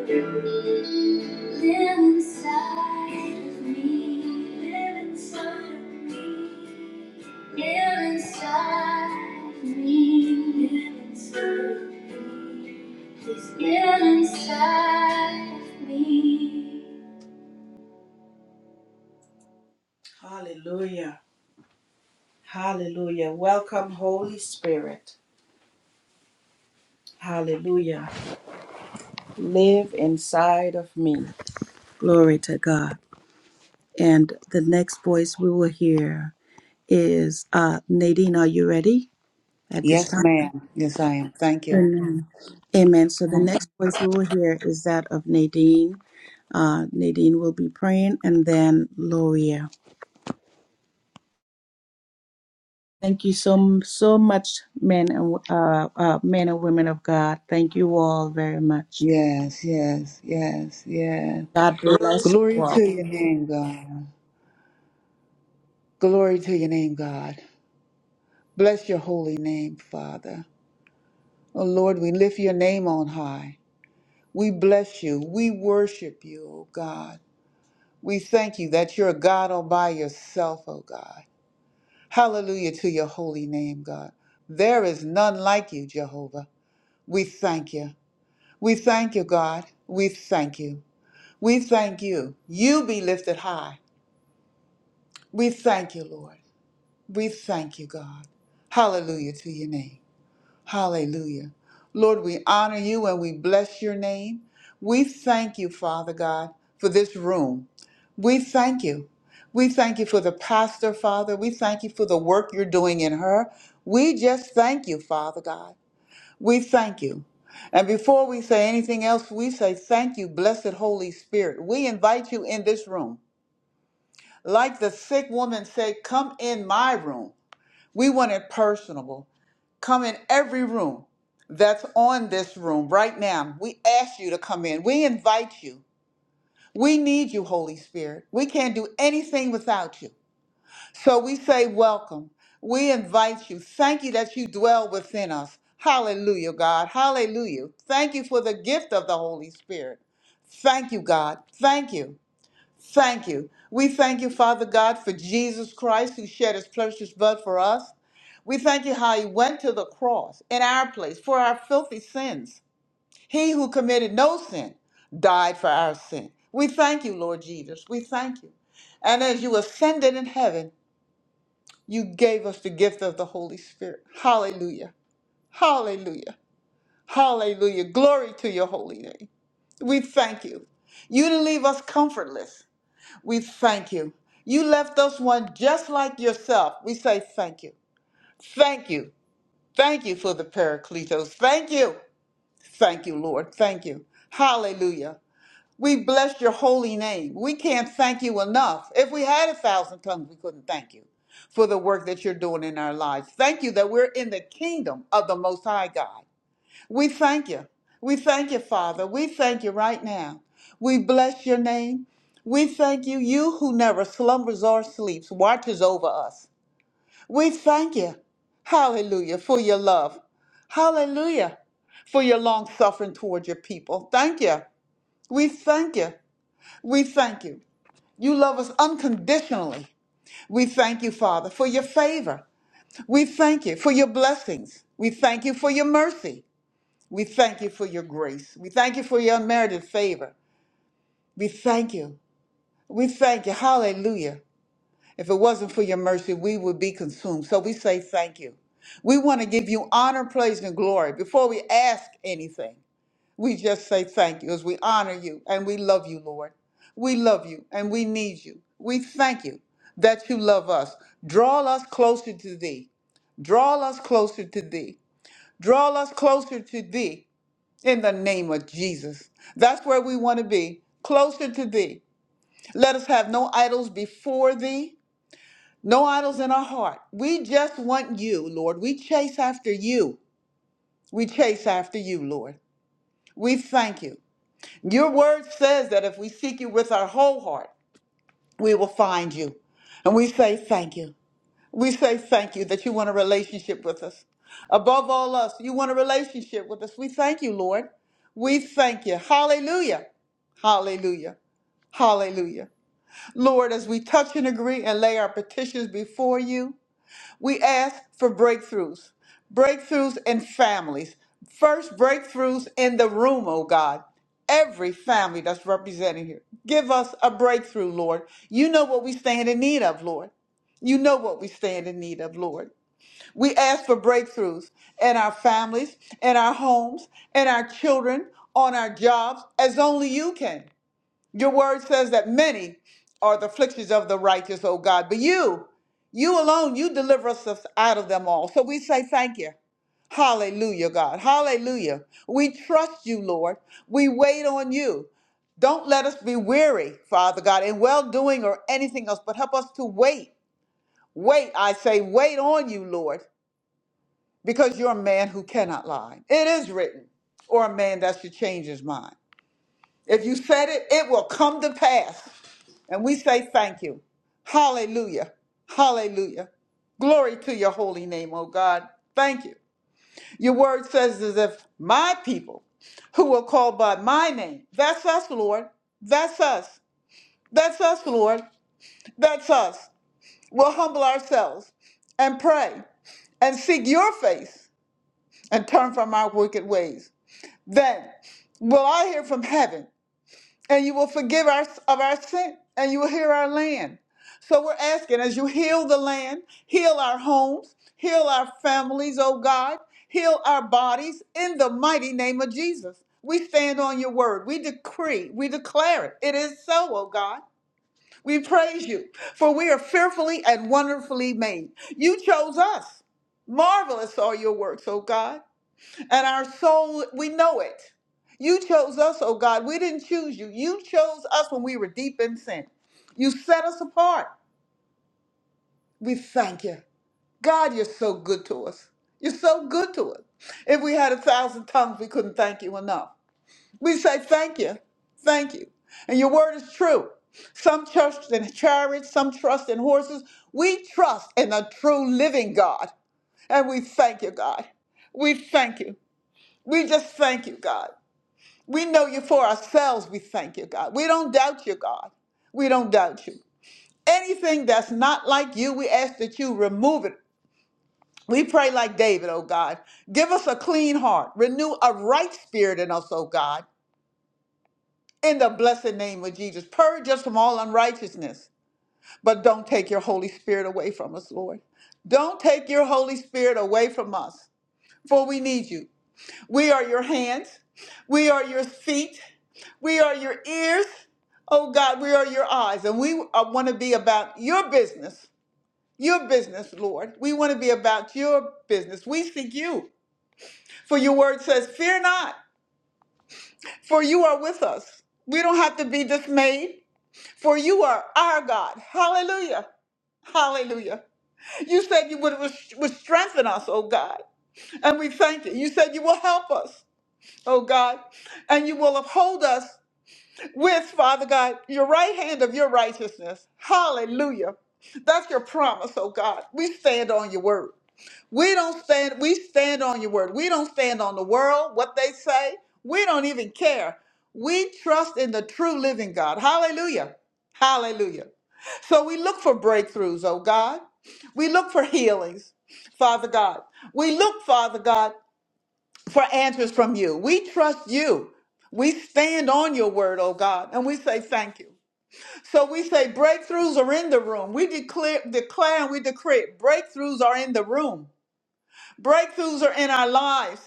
Speaker 1: Live inside of me. Live inside of me. Live inside of me. Live inside of me. Please get inside of me. Hallelujah. Hallelujah. Welcome, Holy Spirit. Hallelujah. Live inside of me. Glory to God. And the next voice we will hear is uh, Nadine. Are you ready at this
Speaker 3: Yes,
Speaker 1: time?
Speaker 3: ma'am. Yes, I am. Thank you.
Speaker 1: Amen. Amen. So the next voice we will hear is that of Nadine. Uh, Nadine will be praying, and then Loria. Thank you so so much, men and uh, uh, men and women of God. Thank you all very much.
Speaker 3: Yes, yes, yes, yes.
Speaker 1: God bless
Speaker 3: Glory
Speaker 1: you
Speaker 3: to
Speaker 1: all.
Speaker 3: your name, God. Glory to your name, God. Bless your holy name, Father. Oh Lord, we lift your name on high. We bless you. We worship you, O God. We thank you that you're a God all by yourself, O God. Hallelujah to your holy name, God. There is none like you, Jehovah. We thank you. We thank you, God. We thank you. We thank you. You be lifted high. We thank you, Lord. We thank you, God. Hallelujah to your name. Hallelujah. Lord, we honor you and we bless your name. We thank you, Father God, for this room. We thank you. We thank you for the pastor, Father. We thank you for the work you're doing in her. We just thank you, Father God. We thank you. And before we say anything else, we say thank you, blessed Holy Spirit. We invite you in this room. Like the sick woman said, Come in my room. We want it personable. Come in every room that's on this room right now. We ask you to come in. We invite you. We need you, Holy Spirit. We can't do anything without you. So we say, Welcome. We invite you. Thank you that you dwell within us. Hallelujah, God. Hallelujah. Thank you for the gift of the Holy Spirit. Thank you, God. Thank you. Thank you. We thank you, Father God, for Jesus Christ who shed his precious blood for us. We thank you how he went to the cross in our place for our filthy sins. He who committed no sin died for our sin. We thank you, Lord Jesus. We thank you. And as you ascended in heaven, you gave us the gift of the Holy Spirit. Hallelujah. Hallelujah. Hallelujah. Glory to your holy name. We thank you. You didn't leave us comfortless. We thank you. You left us one just like yourself. We say thank you. Thank you. Thank you for the Paracletos. Thank you. Thank you, Lord. Thank you. Hallelujah. We bless your holy name. We can't thank you enough. If we had a thousand tongues, we couldn't thank you for the work that you're doing in our lives. Thank you that we're in the kingdom of the Most High God. We thank you. We thank you, Father. We thank you right now. We bless your name. We thank you, you who never slumbers or sleeps, watches over us. We thank you, hallelujah, for your love. Hallelujah, for your long suffering toward your people. Thank you. We thank you. We thank you. You love us unconditionally. We thank you, Father, for your favor. We thank you for your blessings. We thank you for your mercy. We thank you for your grace. We thank you for your unmerited favor. We thank you. We thank you. Hallelujah. If it wasn't for your mercy, we would be consumed. So we say thank you. We want to give you honor, praise, and glory before we ask anything. We just say thank you as we honor you and we love you, Lord. We love you and we need you. We thank you that you love us. Draw us closer to thee. Draw us closer to thee. Draw us closer to thee in the name of Jesus. That's where we want to be, closer to thee. Let us have no idols before thee, no idols in our heart. We just want you, Lord. We chase after you. We chase after you, Lord. We thank you. Your word says that if we seek you with our whole heart, we will find you. And we say thank you. We say thank you that you want a relationship with us. Above all else, you want a relationship with us. We thank you, Lord. We thank you. Hallelujah. Hallelujah. Hallelujah. Lord, as we touch and agree and lay our petitions before you, we ask for breakthroughs, breakthroughs in families. First, breakthroughs in the room, oh God. Every family that's represented here. Give us a breakthrough, Lord. You know what we stand in need of, Lord. You know what we stand in need of, Lord. We ask for breakthroughs in our families, in our homes, in our children, on our jobs, as only you can. Your word says that many are the afflictions of the righteous, O God, but you, you alone, you deliver us out of them all. So we say thank you. Hallelujah, God. Hallelujah. We trust you, Lord. We wait on you. Don't let us be weary, Father God, in well doing or anything else, but help us to wait. Wait, I say, wait on you, Lord, because you're a man who cannot lie. It is written, or a man that should change his mind. If you said it, it will come to pass. And we say thank you. Hallelujah. Hallelujah. Glory to your holy name, oh God. Thank you. Your word says as if my people who will call by my name, that's us, Lord. That's us. That's us, Lord. That's us. We'll humble ourselves and pray and seek your face and turn from our wicked ways. Then will I hear from heaven and you will forgive us of our sin and you will heal our land. So we're asking as you heal the land, heal our homes, heal our families, oh God, heal our bodies in the mighty name of Jesus. We stand on your word. We decree, we declare it. It is so, oh God. We praise you, for we are fearfully and wonderfully made. You chose us. Marvelous are your works, O God and our soul, we know it. You chose us, oh God. We didn't choose you. You chose us when we were deep in sin. You set us apart. We thank you. God, you're so good to us. You're so good to us. If we had a thousand tongues, we couldn't thank you enough. We say thank you. Thank you. And your word is true. Some trust in chariots, some trust in horses. We trust in the true living God. And we thank you, God. We thank you. We just thank you, God. We know you for ourselves. We thank you, God. We don't doubt you, God. We don't doubt you. Anything that's not like you, we ask that you remove it. We pray like David, oh God. Give us a clean heart. Renew a right spirit in us, oh God. In the blessed name of Jesus, purge us from all unrighteousness. But don't take your Holy Spirit away from us, Lord. Don't take your Holy Spirit away from us, for we need you. We are your hands. We are your feet. We are your ears. Oh God, we are your eyes. And we want to be about your business, your business, Lord. We want to be about your business. We seek you. For your word says, Fear not, for you are with us. We don't have to be dismayed, for you are our God. Hallelujah. Hallelujah. You said you would, would strengthen us, oh God. And we thank you. You said you will help us. oh God, and you will uphold us with, Father God, your right hand of your righteousness. Hallelujah. That's your promise, oh God. We stand on your word. We don't stand, we stand on your word. We don't stand on the world, what they say. We don't even care. We trust in the true living God. Hallelujah. Hallelujah. So we look for breakthroughs, oh God. We look for healings, Father God. We look, Father God for answers from you. We trust you. We stand on your word, oh God, and we say thank you. So we say breakthroughs are in the room. We declare, declare and we decree breakthroughs are in the room. Breakthroughs are in our lives.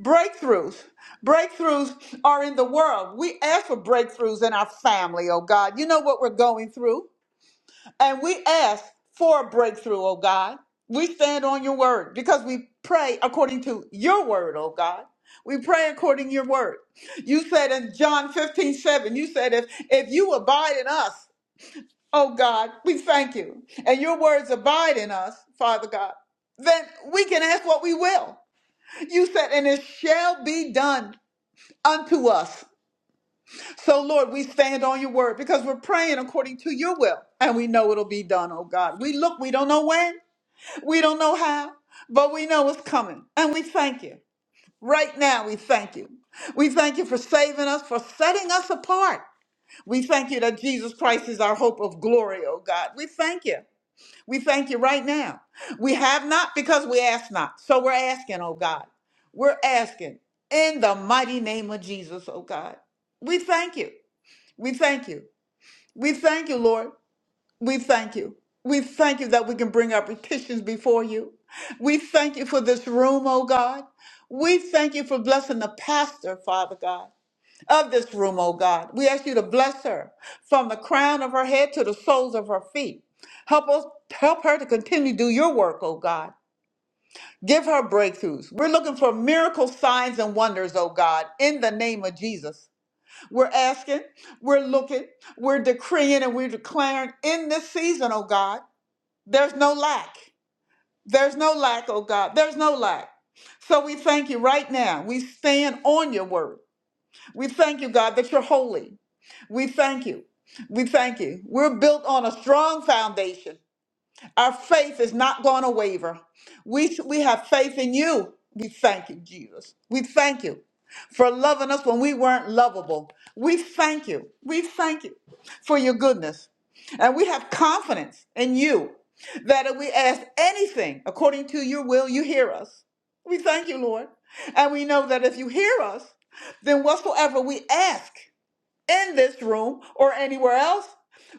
Speaker 3: Breakthroughs. Breakthroughs are in the world. We ask for breakthroughs in our family, oh God. You know what we're going through. And we ask for a breakthrough, oh God. We stand on your word because we pray according to your word, oh God. We pray according to your word. You said in John 15 7, you said, if, if you abide in us, oh God, we thank you. And your words abide in us, Father God. Then we can ask what we will. You said, and it shall be done unto us so, Lord, we stand on your word because we're praying according to your will and we know it'll be done, oh God. We look, we don't know when, we don't know how, but we know it's coming. And we thank you. Right now, we thank you. We thank you for saving us, for setting us apart. We thank you that Jesus Christ is our hope of glory, oh God. We thank you. We thank you right now. We have not because we ask not. So we're asking, oh God. We're asking in the mighty name of Jesus, oh God. We thank you. We thank you. We thank you, Lord. We thank you. We thank you that we can bring our petitions before you. We thank you for this room, oh God. We thank you for blessing the pastor, Father God, of this room, oh God. We ask you to bless her from the crown of her head to the soles of her feet. Help us help her to continue to do your work, oh God. Give her breakthroughs. We're looking for miracle signs and wonders, oh God, in the name of Jesus. We're asking, we're looking, we're decreeing, and we're declaring in this season, oh God, there's no lack. There's no lack, oh God. There's no lack. So we thank you right now. We stand on your word. We thank you, God, that you're holy. We thank you. We thank you. We're built on a strong foundation. Our faith is not going to waver. We, we have faith in you. We thank you, Jesus. We thank you for loving us when we weren't lovable. We thank you. We thank you for your goodness. And we have confidence in you that if we ask anything according to your will, you hear us. We thank you, Lord. And we know that if you hear us, then whatsoever we ask, in this room or anywhere else.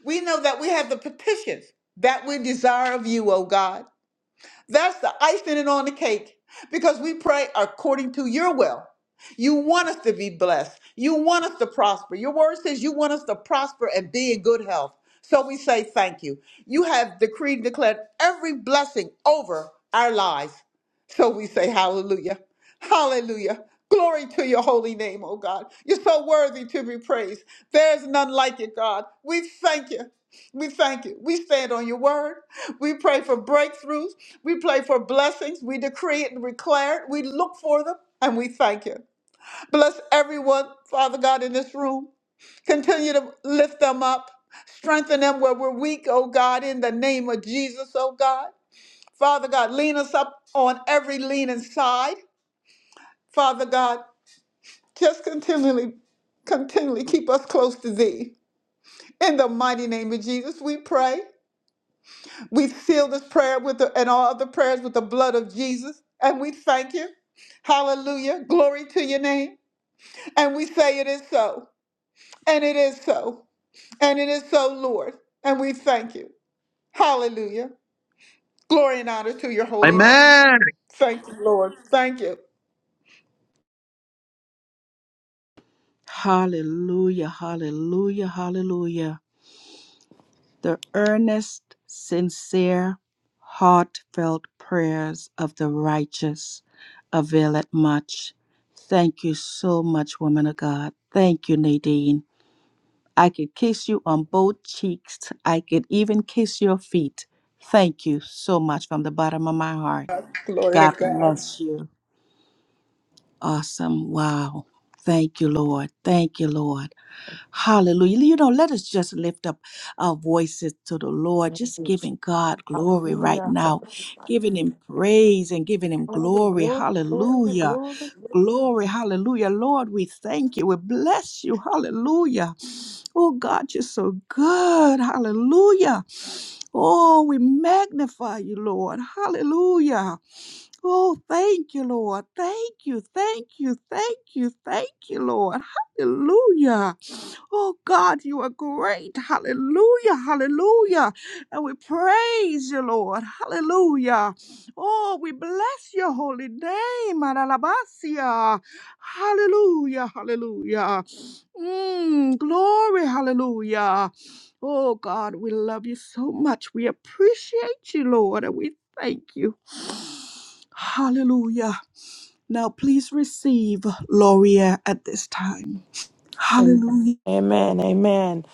Speaker 3: We know that we have the petitions that we desire of you, O God. That's the icing on the cake because we pray according to your will. You want us to be blessed. You want us to prosper. Your word says you want us to prosper and be in good health. So we say thank you. You have decreed and declared every blessing over our lives. So we say hallelujah. Hallelujah. Glory to your holy name, oh God. You're so worthy to be praised. There's none like you, God. We thank you. We thank you. We stand on your word. We pray for breakthroughs. We pray for blessings. We decree it and declare it. We look for them and we thank you. Bless everyone, Father God, in this room. Continue to lift them up. Strengthen them where we're weak, oh God, in the name of Jesus, oh God. Father God, lean us up on every leaning side. Father God, just continually, continually keep us close to thee. In the mighty name of Jesus, we pray. We seal this prayer with the, and all other prayers with the blood of Jesus. And we thank you. Hallelujah. Glory to your name. And we say it is so. And it is so. And it is so, Lord. And we thank you. Hallelujah. Glory and honor to your holy
Speaker 5: Amen.
Speaker 3: name. Thank you, Lord. Thank you.
Speaker 1: Hallelujah. Hallelujah. Hallelujah. The earnest, sincere, heartfelt prayers of the righteous availeth much. Thank you so much, woman of God. Thank you, Nadine. I could kiss you on both cheeks. I could even kiss your feet. Thank you so much from the bottom of my heart.
Speaker 3: Glory to
Speaker 1: God
Speaker 3: God.
Speaker 1: bless you. Awesome. Wow. Thank you, Lord. Thank you, Lord. Hallelujah. You know, let us just lift up our voices to the Lord, just giving God glory right
Speaker 4: Hallelujah.
Speaker 1: now, giving Him praise and giving Him glory.
Speaker 4: Glory, glory,
Speaker 1: Hallelujah.
Speaker 4: glory. glory.
Speaker 1: Glory, hallelujah. Lord, we thank you. We bless you. Hallelujah. Oh God, you're so good. Hallelujah. Oh, we magnify you, Lord. Hallelujah. Oh, thank you, Lord. Thank you, thank you, thank you, thank you, Lord. Hallelujah. Oh, God, you are great. Hallelujah, hallelujah. And we praise you, Lord. Hallelujah. Oh, we bless your holy name. Adalabasia. Hallelujah, hallelujah. Mm, glory, hallelujah. Oh God, we love you so much. We appreciate you, Lord, and we thank you. Hallelujah. Now please receive Gloria at this time. Hallelujah.
Speaker 4: Amen.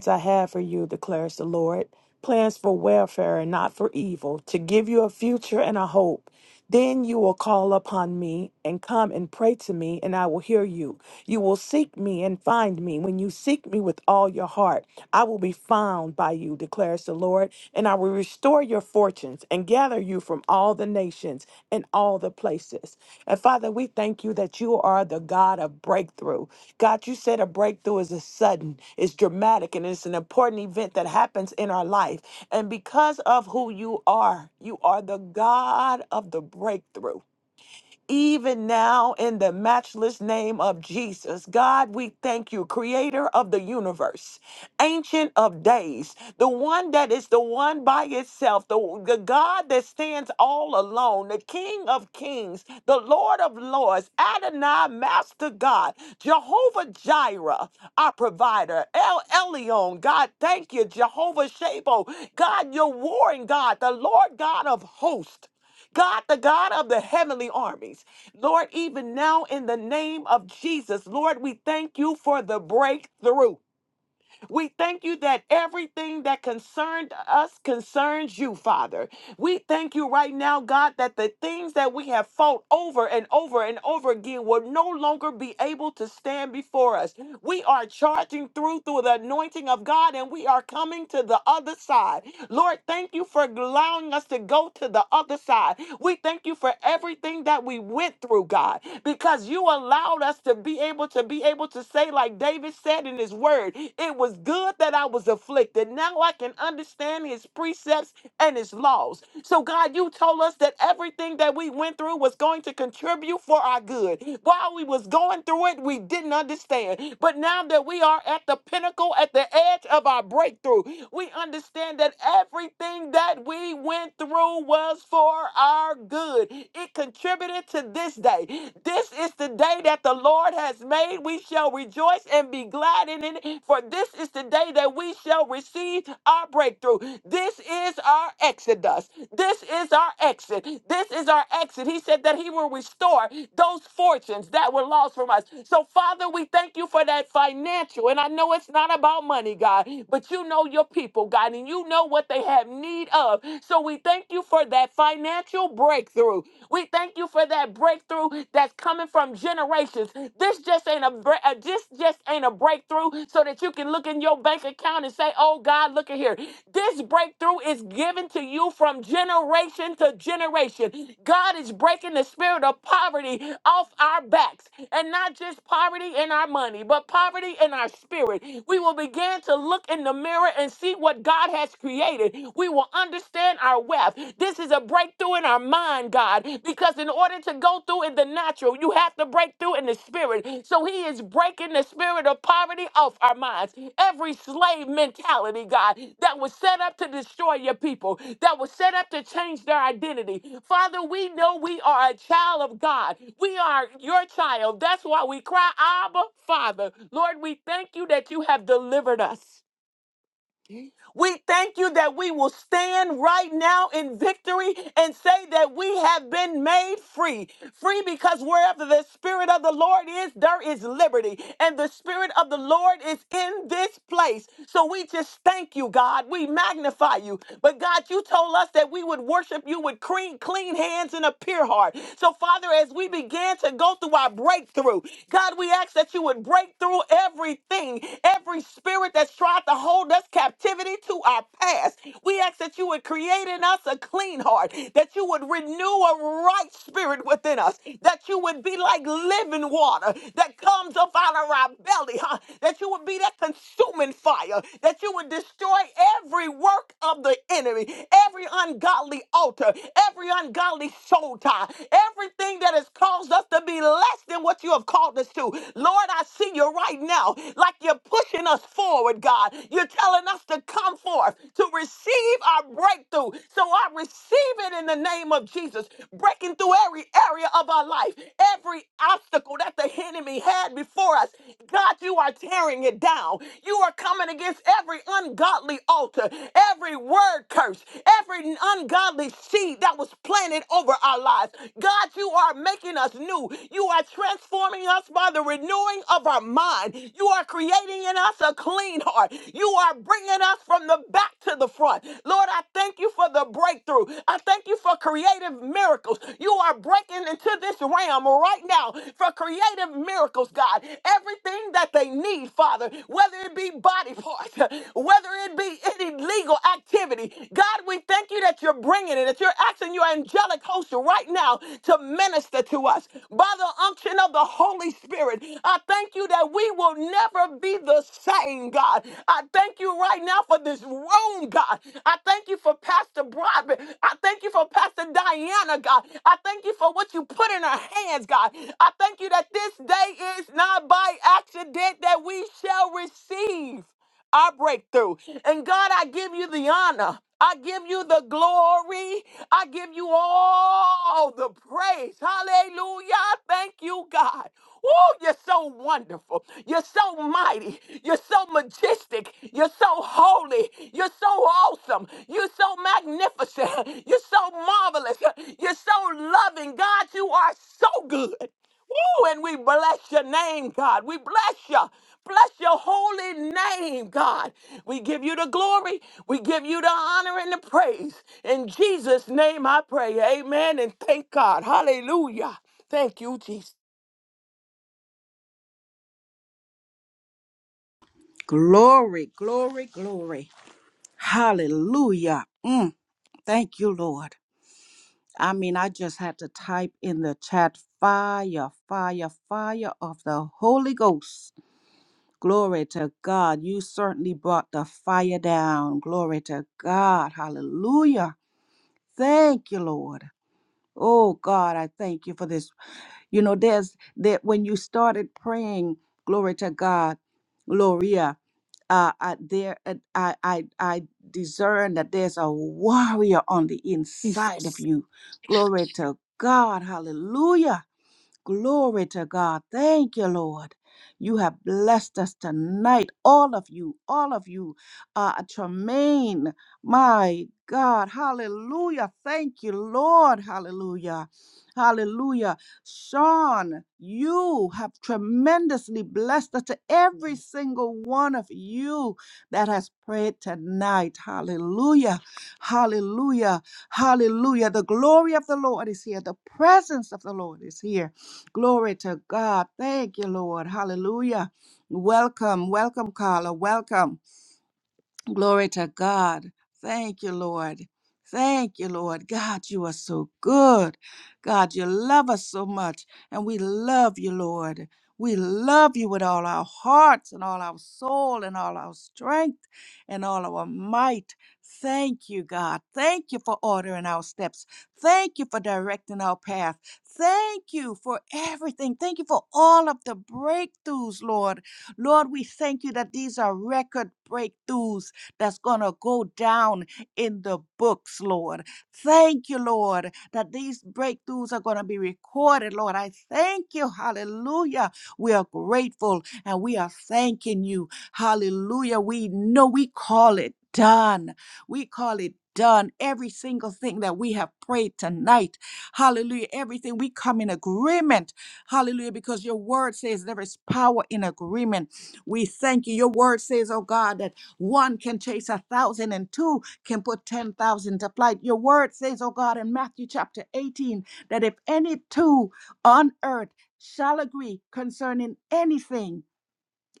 Speaker 4: plans I have for you, declares the Lord plans for welfare and not for evil, to give you a future and a hope. Then you will call upon me and come and pray to me, and I will hear you. You will seek me and find me. When you seek me with all your heart, I will be found by you, declares the Lord, and I will restore your fortunes and gather you from all the nations and all the places. And Father, we thank you that you are the God of breakthrough. God, you said a breakthrough is a sudden, it's dramatic, and it's an important event that happens in our life. And because of who you are, you are the God of the breakthrough even now in the matchless name of Jesus. God, we thank you, creator of the universe, ancient of days, the one that is the one by itself, the, the God that stands all alone, the King of kings, the Lord of lords, Adonai, Master God, Jehovah Jireh, our provider, El Elyon, God, thank you, Jehovah Shabo, God, your warring God, the Lord God of hosts. God, the God of the heavenly armies. Lord, even now in the name of Jesus, Lord, we thank you for the breakthrough. We thank you that everything that concerned us concerns you, Father. We thank you right now, God, that the things that we have fought over and over and over again will no longer be able to stand before us. We are charging through through the anointing of God and we are coming to the other side. Lord, thank you for allowing us to go to the other side. We thank you for everything that we went through, God, because you allowed us to be able to be able to say, like David said in his word, it was good that I was afflicted. Now I can understand his precepts and its laws. So, God, you told us that everything that we went through was going to contribute for our good. While we was going through it, we didn't understand. But now that we are at the pinnacle, at the edge of our breakthrough, we understand that everything that we went through was for our good. It contributed to this day. This is the day that the Lord has made. We shall rejoice and be glad in it for this is the day that we shall receive our breakthrough. This is our exodus. This is our exit. This is our exit. He said that He will restore those fortunes that were lost from us. So, Father, we thank you for that financial. And I know it's not about money, God, but you know your people, God, and you know what they have need of. So, we thank you for that financial breakthrough. We thank you for that breakthrough that's coming coming from generations. This just ain't a bre- uh, this just ain't a breakthrough so that you can look in your bank account and say, "Oh God, look at here." This breakthrough is given to you from generation to generation. God is breaking the spirit of poverty off our backs, and not just poverty in our money, but poverty in our spirit. We will begin to look in the mirror and see what God has created. We will understand our wealth. This is a breakthrough in our mind, God, because in order to go through in the natural, you have to break through in the spirit. So He is breaking the spirit of poverty off our minds. Every slave mentality, God, that was set up to destroy your people, that was set up to change their identity. Father, we know we are a child of God. We are your child. That's why we cry, Abba, Father. Lord, we thank you that you have delivered us. We thank you that we will stand right now in victory and say that we have been made free. Free because wherever the Spirit of the Lord is, there is liberty. And the Spirit of the Lord is in this place. So we just thank you, God. We magnify you. But God, you told us that we would worship you with clean, clean hands and a pure heart. So, Father, as we begin to go through our breakthrough, God, we ask that you would break through everything thing, every spirit that's tried to hold us captivity to our past. We ask that you would create in us a clean heart, that you would renew a right spirit within us, that you would be like living water that comes up out of our belly, huh? that you would be that consuming fire, that you would destroy every work of the enemy, every ungodly altar, every ungodly soul tie, everything that has caused us to be less less than what you have called us to. Lord, I see you right now, like you're pushing us forward, God. You're telling us to come forth, to receive our breakthrough. So I receive it in the name of Jesus, breaking through every area of our life, every obstacle that the enemy had before us. God, you are tearing it down. You are coming against every ungodly altar, every word curse, every ungodly seed that was planted over over our lives. God, you are making us new. You are transforming us by the renewing of our mind. You are creating in us a clean heart. You are bringing us from the back to the front. Lord, I thank you for the breakthrough. I thank you for creative miracles. You are breaking into this realm right now for creative miracles, God. Everything that they need, Father, whether it be body parts, whether it be any legal activity, God, we thank you that you're bringing it, that you're asking your angelic host right now to minister to us by the unction of the Holy Spirit. I thank you that we will never be the same, God. I thank you right now for this room, God. I thank you for Pastor Broadbent. I thank you for Pastor Diana, God. I thank you for what you put in our hands, God. I thank you that this day is not by accident that we shall receive our breakthrough. And God, I give you the honor. I give you the glory. I give you all the praise. Hallelujah. Thank you, God. Oh, you're so wonderful. You're so mighty. You're so majestic. You're so holy. You're so awesome. You're so magnificent. You're so marvelous. You're so loving. God, you are so good. Woo, and we bless your name, God. We bless you. Bless your holy name, God. We give you the glory. We give you the honor and the praise. In Jesus' name I pray. Amen. And thank God. Hallelujah. Thank you, Jesus.
Speaker 1: Glory, glory, glory. Hallelujah. Mm, thank you, Lord. I mean, I just had to type in the chat fire, fire, fire of the Holy Ghost. Glory to God. You certainly brought the fire down. Glory to God. Hallelujah. Thank you, Lord. Oh God, I thank you for this. You know, there's that when you started praying, glory to God, Gloria. Uh, I, there, uh, I, I, I discern that there's a warrior on the inside of
Speaker 4: Jesus.
Speaker 1: you. Glory to God. Hallelujah. Glory to God. Thank you, Lord. You have blessed us tonight, all of you, all of you. Uh, Tremaine, my God, hallelujah. Thank you, Lord, hallelujah. Hallelujah. Sean, you have tremendously blessed us to every single one of you that has prayed tonight. Hallelujah. Hallelujah. Hallelujah. The glory of the Lord is here. The presence of the Lord is here. Glory to God. Thank you, Lord. Hallelujah. Welcome, welcome, Carla. Welcome. Glory to God. Thank you, Lord. Thank you, Lord. God, you are so good. God, you love us so much, and we love you, Lord. We love you with all our hearts and all our soul and all our strength and all our might. Thank you, God. Thank you for ordering our steps. Thank you for directing our path. Thank you for everything. Thank you for all of the breakthroughs, Lord. Lord, we thank you that these are record breakthroughs that's going to go down in the books, Lord. Thank you, Lord, that these breakthroughs are going to be recorded, Lord. I thank you. Hallelujah. We are grateful and we are thanking you. Hallelujah. We know we call it done. We call it done. Every single thing that we have prayed tonight. Hallelujah. Everything we come in agreement. Hallelujah. Because your word says there is power in agreement. We thank you. Your word says, oh God, that one can chase a thousand, and two can put 10,000 to flight. Your word says, oh God, in Matthew chapter 18, that if any two on earth shall agree concerning anything,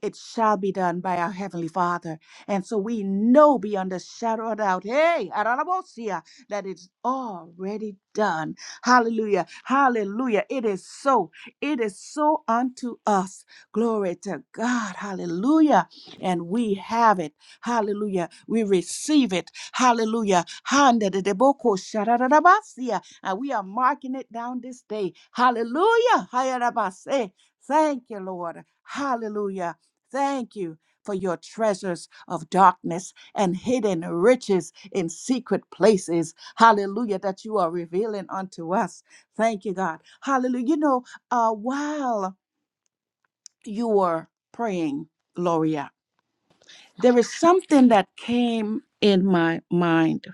Speaker 1: it shall be done by our Heavenly Father. And so we know beyond a shadow of doubt, hey, Ararabosia, that it's already done. Hallelujah. Hallelujah. It is so. It is so unto us. Glory to God. Hallelujah. And we have it. Hallelujah. We receive it. Hallelujah. Handa de deboko shararabasia. And we are marking it down this day. Hallelujah. Hayarabase. Thank you, Lord. Hallelujah. Thank you for your treasures of darkness and hidden riches in secret places. Hallelujah, that you are revealing unto us. Thank you, God. Hallelujah. You know, uh, while you were praying, Gloria, there is something that came in my mind,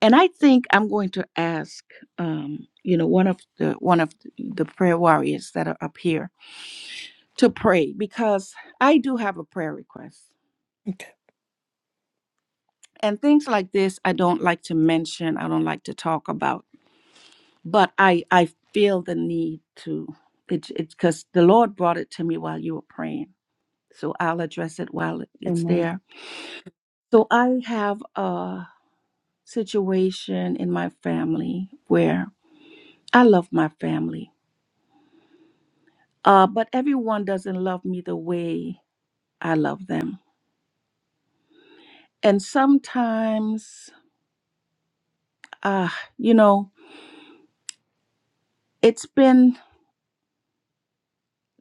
Speaker 1: and I think I'm going to ask, um, you know, one of the one of the prayer warriors that are up here to pray because I do have a prayer request. and things like this i don't like to mention i don't like to talk about but i i feel the need to it's it's because the lord brought it to me while you were praying so i'll address it while it- it's
Speaker 4: Amen.
Speaker 1: there so i have a situation in my family where i love my family uh, but everyone doesn't love me the way i love them and sometimes uh, you know it's been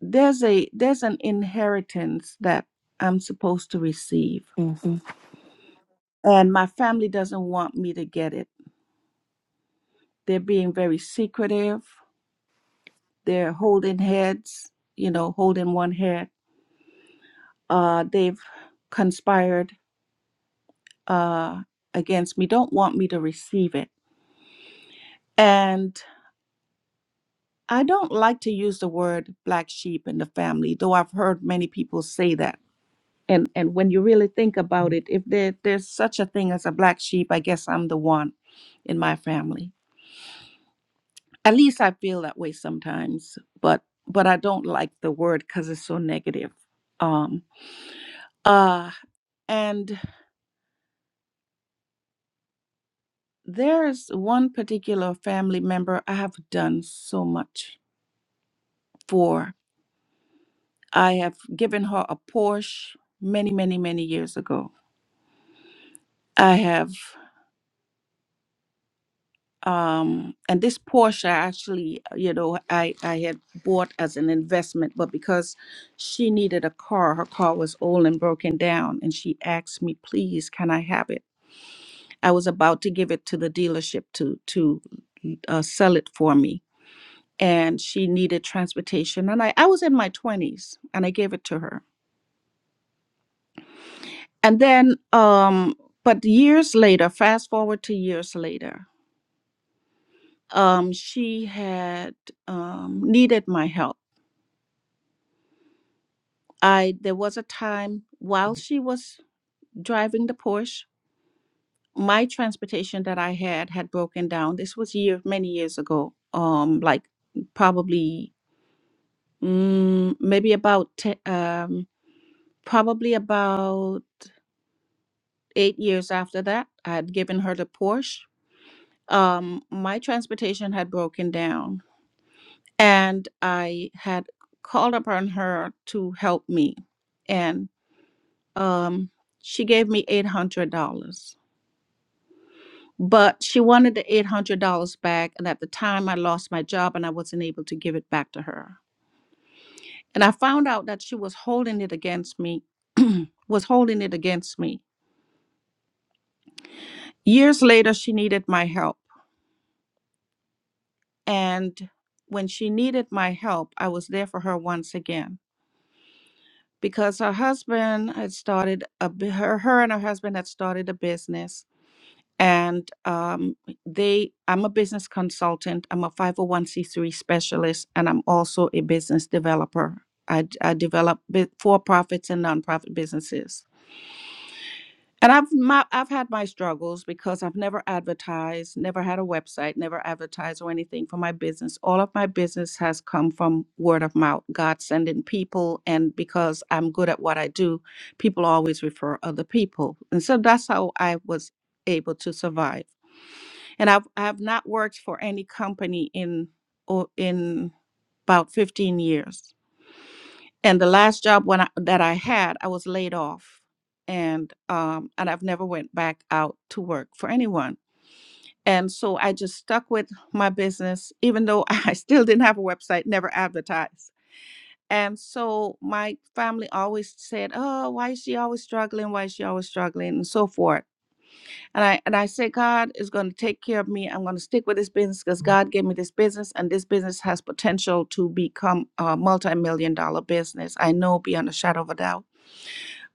Speaker 1: there's a there's an inheritance that I'm supposed to receive
Speaker 4: Mm-hmm.
Speaker 1: and my family doesn't want me to get it. They're being very secretive. They're holding heads, you know, holding one head. Uh they've conspired uh against me, don't want me to receive it. And I don't like to use the word black sheep in the family, though I've heard many people say that and and when you really think about it if there there's such a thing as a black sheep i guess i'm the one in my family at least i feel that way sometimes but but i don't like the word because it's so negative um uh and there's one particular family member i have done so much for i have given her a porsche many many many years ago i have um and this porsche I actually uh, you know i i had bought as an investment but because she needed a car her car was old and broken down and she asked me please can i have it i was about to give it to the dealership to to uh, sell it for me and she needed transportation and i i was in my 20s and i gave it to her and then um but years later fast forward to years later um she had um needed my help I there was a time while she was driving the Porsche, my transportation that I had had broken down. This was year many years ago. Um, like probably mm, maybe about te- um probably about eight years after that, I had given her the Porsche. Um, my transportation had broken down, and I had called upon her to help me, and um, she gave me eight hundred dollars but she wanted the $800 back. And at the time, I lost my job and I wasn't able to give it back to her. And I found out that she was holding it against me, was holding it against me. Years later, she needed my help. And when she needed my help, I was there for her once again because her husband had started a bu- her her and her husband had started a business and um, they i'm a business consultant i'm a 501c3 specialist and i'm also a business developer i, d- I develop bi- for-profits and nonprofit businesses and i've my, i've had my struggles because i've never advertised never had a website never advertised or anything for my business all of my business has come from word of mouth god sending people and because i'm good at what i do people always refer other people and so that's how i was able to survive and I've I've not worked for any company in or in about 15 years. And the last job when I, that I had, I was laid off, and um, and I've never went back out to work for anyone. And so I just stuck with my business, even though I still didn't have a website, never advertised. And so my family always said, "Oh, why is she always struggling? Why is she always struggling?" and so forth and I and I say God is going to take care of me. I'm going to stick with this business because God gave me this business, and this business has potential to become a multi-million dollar business. I know beyond a shadow of a doubt.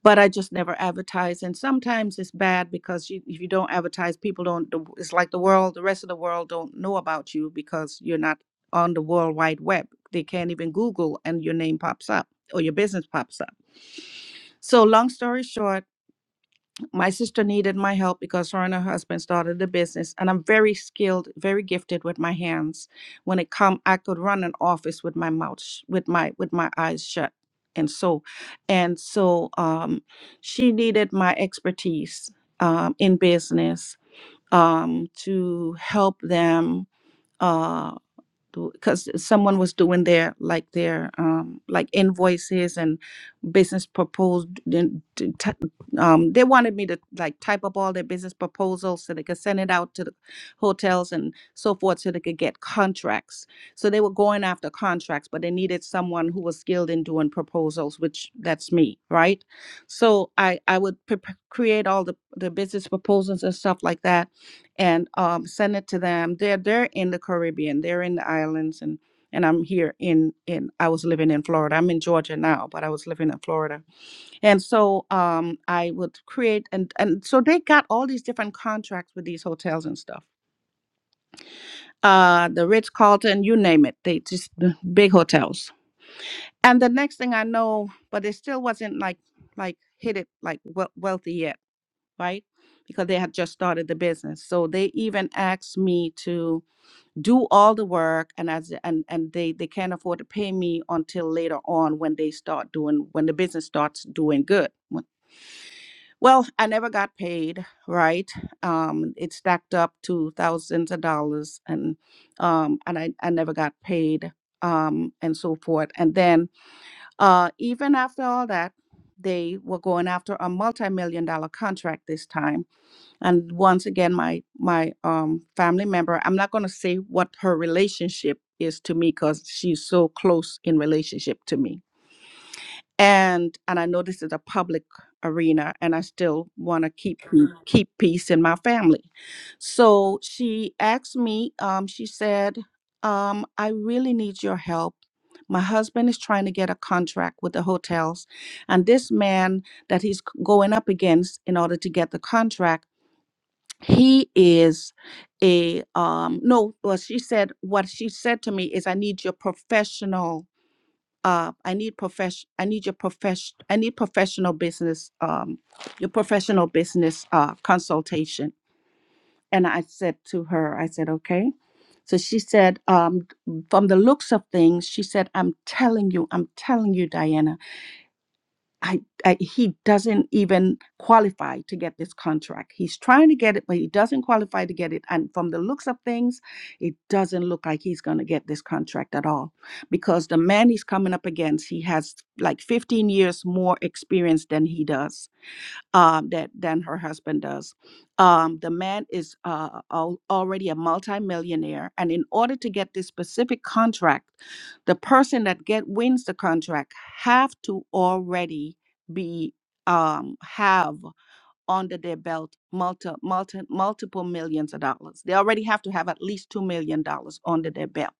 Speaker 1: But I just never advertise, and sometimes it's bad because you, if you don't advertise, people don't. the- It's like the world, the rest of the world don't know about you because you're not on the world wide web. They can't even Google, and your name pops up or your business pops up. So, long story short my sister needed my help because her and her husband started a business and i'm very skilled very gifted with my hands when it come i could run an office with my mouth sh- with my with my eyes shut and so and so um, she needed my expertise um, in business um, to help them uh, do, because someone was doing their like their um like invoices and business proposed then t- t- um they wanted me to like type up all their business proposals so they could send it out to the hotels and so forth so they could get contracts so they were going after contracts but they needed someone who was skilled in doing proposals which that's me right so i i would pre- pre- create all the the business proposals and stuff like that and um, send it to them. They're they're in the Caribbean, they're in the islands, and and I'm here in in I was living in Florida. I'm in Georgia now, but I was living in Florida, and so um, I would create and and so they got all these different contracts with these hotels and stuff. Uh, the Ritz Carlton, you name it, they just the big hotels. And the next thing I know, but it still wasn't like like hit it like wea- wealthy yet, right? Because they had just started the business, so they even asked me to do all the work and as and and they they can't afford to pay me until later on when they start doing when the business starts doing good well i never got paid right um it stacked up to thousands of dollars and um and i, I never got paid um and so forth and then uh even after all that they were going after a multi-million dollar contract this time and once again my my um family member i'm not going to say what her relationship is to me because she's so close in relationship to me and and i know this is a public arena and i still want to keep pe- Mhm. keep peace in my family so she asked me um she said um i really need your help my husband is trying to get a contract with the hotels and this man that he's c- going up against in order to get the contract he is a um no well she said what she said to me is i need your professional uh i need profession i need your profession i need professional business um your professional business uh consultation and i said to her i said okay so she said um from the looks of things she said i'm telling you i'm telling you diana I, I he doesn't even qualify to get this contract. He's trying to get it, but he doesn't qualify to get it. And from the looks of things, it doesn't look like he's going to get this contract at all, because the man he's coming up against, he has like 15 years more experience than he does um, that than her husband does. Um, the man is uh, al- already a multimillionaire, and in order to get this specific contract, the person that get wins the contract have to already be um, have under their belt multi, multi, multiple millions of dollars. They already have to have at least two million dollars under their belt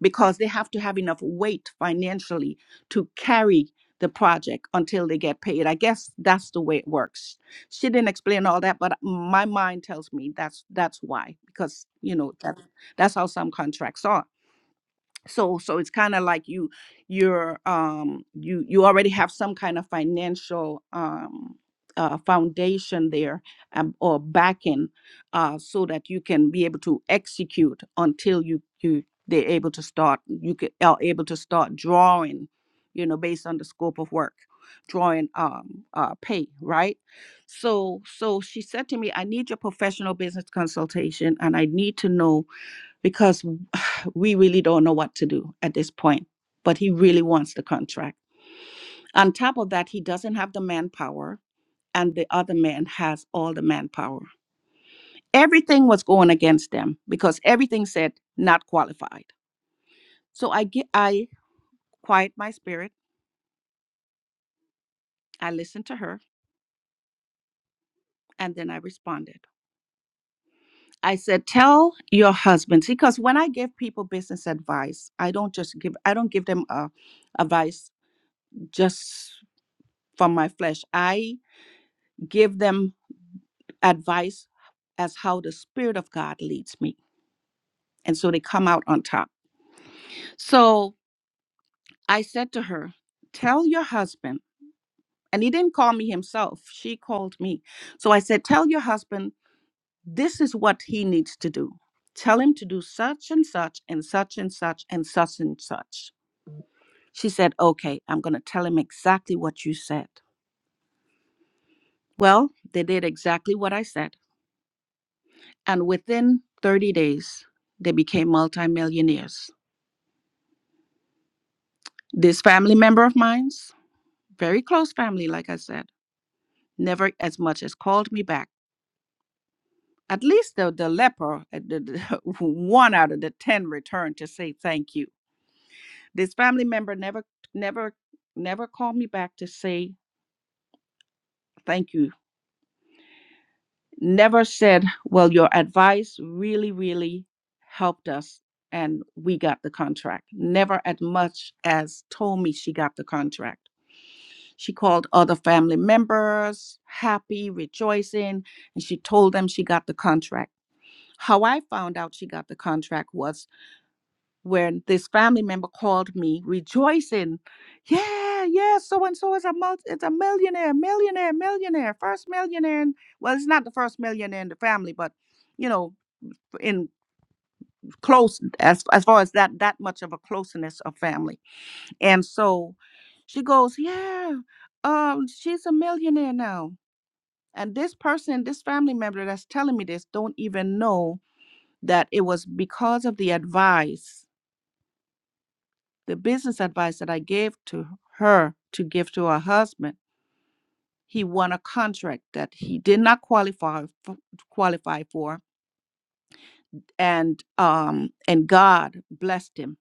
Speaker 1: because they have to have enough weight financially to carry the project until they get paid. I guess that's the way it works. She didn't explain all that, but my mind tells me that's that's why because you know that that's how some contracts are so so it's kind of like you you're um you you already have some kind of financial um uh, foundation there um, or backing uh so that you can be able to execute until you you they're able to start you can are able to start drawing you know based on the scope of work drawing um uh pay right so so she said to me i need your professional business consultation and i need to know because we really don't know what to do at this point, but he really wants the contract. On top of that, he doesn't have the manpower, and the other man has all the manpower. Everything was going against them because everything said not qualified. So I get, I quiet my spirit. I listened to her, and then I responded. I said, "Tell your husband," because when I give people business advice, I don't just give. I don't give them a advice just from my flesh. I give them advice as how the spirit of god leads me and so they come out on top so i said to her tell your husband and he didn't call me himself she called me so i said tell your husband this is what he needs to do tell him to do such and such and such and such and such and such she said okay i'm going to tell him exactly what you said well they did exactly what i said and within 30 days they became multimillionaires This family member of mine's, very close family, like I said, never as much as called me back. At least the, the leper, uh, the, the- one out of the 10 returned to say thank you. This family member never, never, never called me back to say thank you never said, Well, your advice really, really helped us and we got the contract. Never as much as told me she got the contract. She called other family members, happy, rejoicing, and she told them she got the contract. How I found out she got the contract was when this family member called me rejoicing yeah yeah so and so is a multi it's a millionaire millionaire millionaire first millionaire in, well it's not the first millionaire in the family but you know in close as as far as that that much of a closeness of family and so she goes yeah um she's a millionaire now and this person this family member that's telling me this don't even know that it was because of the advice The business advice that I gave to her to give to her husband, he won a contract that he did not qualify for, qualify for, and um and God blessed him,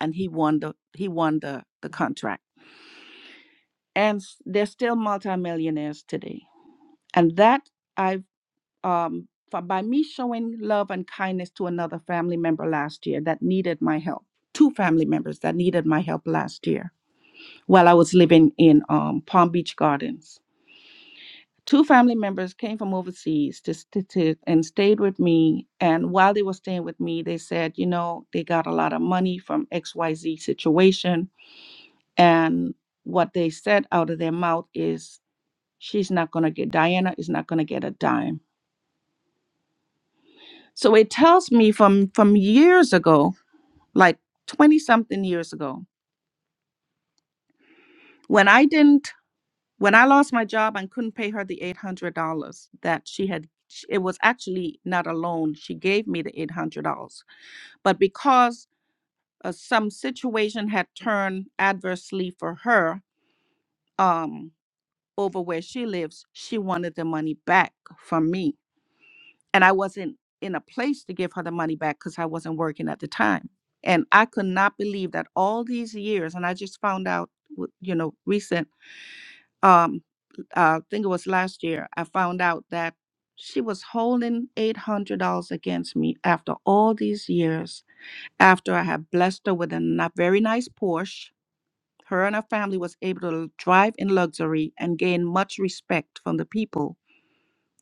Speaker 1: and he won the he won the the contract, and s- they're still multimillionaires today. And that I've um for, by me showing love and kindness to another family member last year that needed my help two family members that needed my help last year while I was living in um, Palm Beach Gardens. two family members came from overseas to, st- to and stayed with me and while they were staying with me they said you know they got a lot of money from xyz situation and what they said out of their mouth is she's not going to get diana is not going to get a dime so it tells me from from years ago like 20 something years ago when i didn't when i lost my job and couldn't pay her the $800 that she had it was actually not a loan she gave me the $800 But because uh, some situation had turned adversely for her um, over where she lives, she wanted the money back from me. And I wasn't in a place to give her the money back because I wasn't working at the time. And I could not believe that all these years, and I just found out, w- you know, recent, um, uh, I think it was last year, I found out that she was holding $800 against me after all these years After I had blessed her with a na- very nice Porsche, her and her family was able to drive in luxury and gain much respect from the people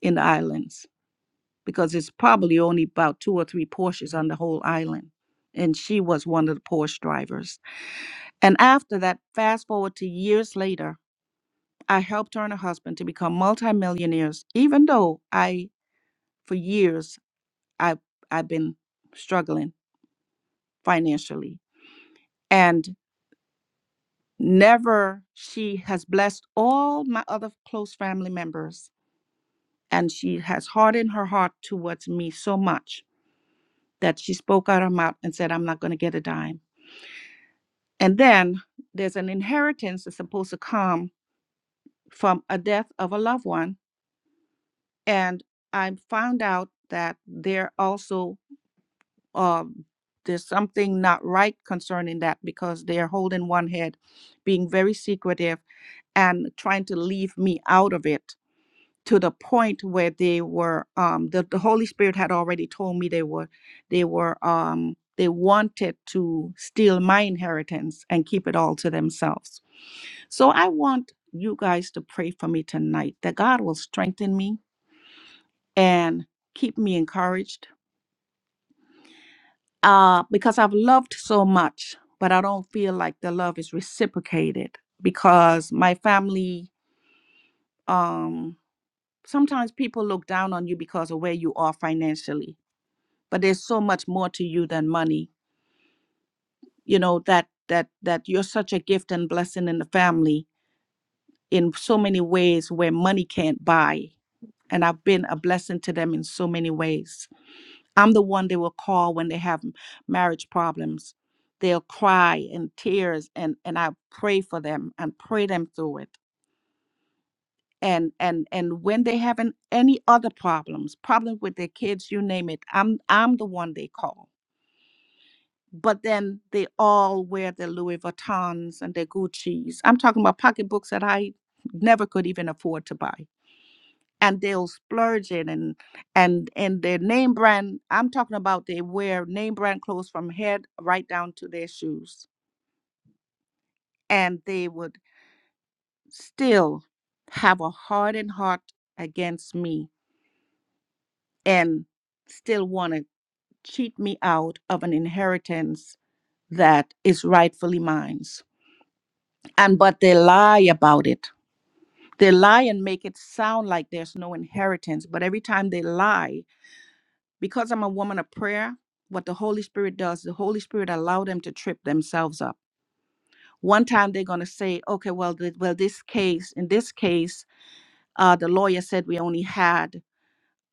Speaker 1: in the islands because it's probably only about two or three Porsches on the whole island. And she was one of the Porsche drivers. And after that, fast forward to years later, I helped her and her husband to become multimillionaires, even though I, for years, I, I've been struggling financially. and. Never, she has blessed all my other close family members, and she has hardened her heart towards me so much that she spoke out her mouth and said, I'm not going to get a dime. And then there's an inheritance that's supposed to come from a death of a loved one. And I found out that they're also, um, there's something not right concerning that because they're holding one head, being very secretive, and trying to leave me out of it to the point where they were um the, the holy spirit had already told me they were they were um they wanted to steal my inheritance and keep it all to themselves so i want you guys to pray for me tonight that god will strengthen me and keep me encouraged uh because i've loved so much but i don't feel like the love is reciprocated because my family um sometimes people look down on you because of where you are financially but there's so much more to you than money you know that that that you're such a gift and blessing in the family in so many ways where money can't buy and i've been a blessing to them in so many ways i'm the one they will call when they have marriage problems they'll cry and tears and and i pray for them and pray them through it and and and when they having any other problems problems with their kids you name it i'm i'm the one they call but then they all wear their Louis Vuittons and their Guccis. I'm talking about pocketbooks that I never could even afford to buy. And they'll splurge it and and and their name brand, I'm talking about they wear name brand clothes from head right down to their shoes. And they would still have a hardened heart against me and still want to cheat me out of an inheritance that is rightfully mine and but they lie about it They lie and make it sound like there's no inheritance, but every time they lie, because I'm a woman of prayer, what the Holy Spirit does, the Holy Spirit allow them to trip themselves up. One time they're going to say, "Okay, well, th- well this case, in this case, uh the lawyer said we only had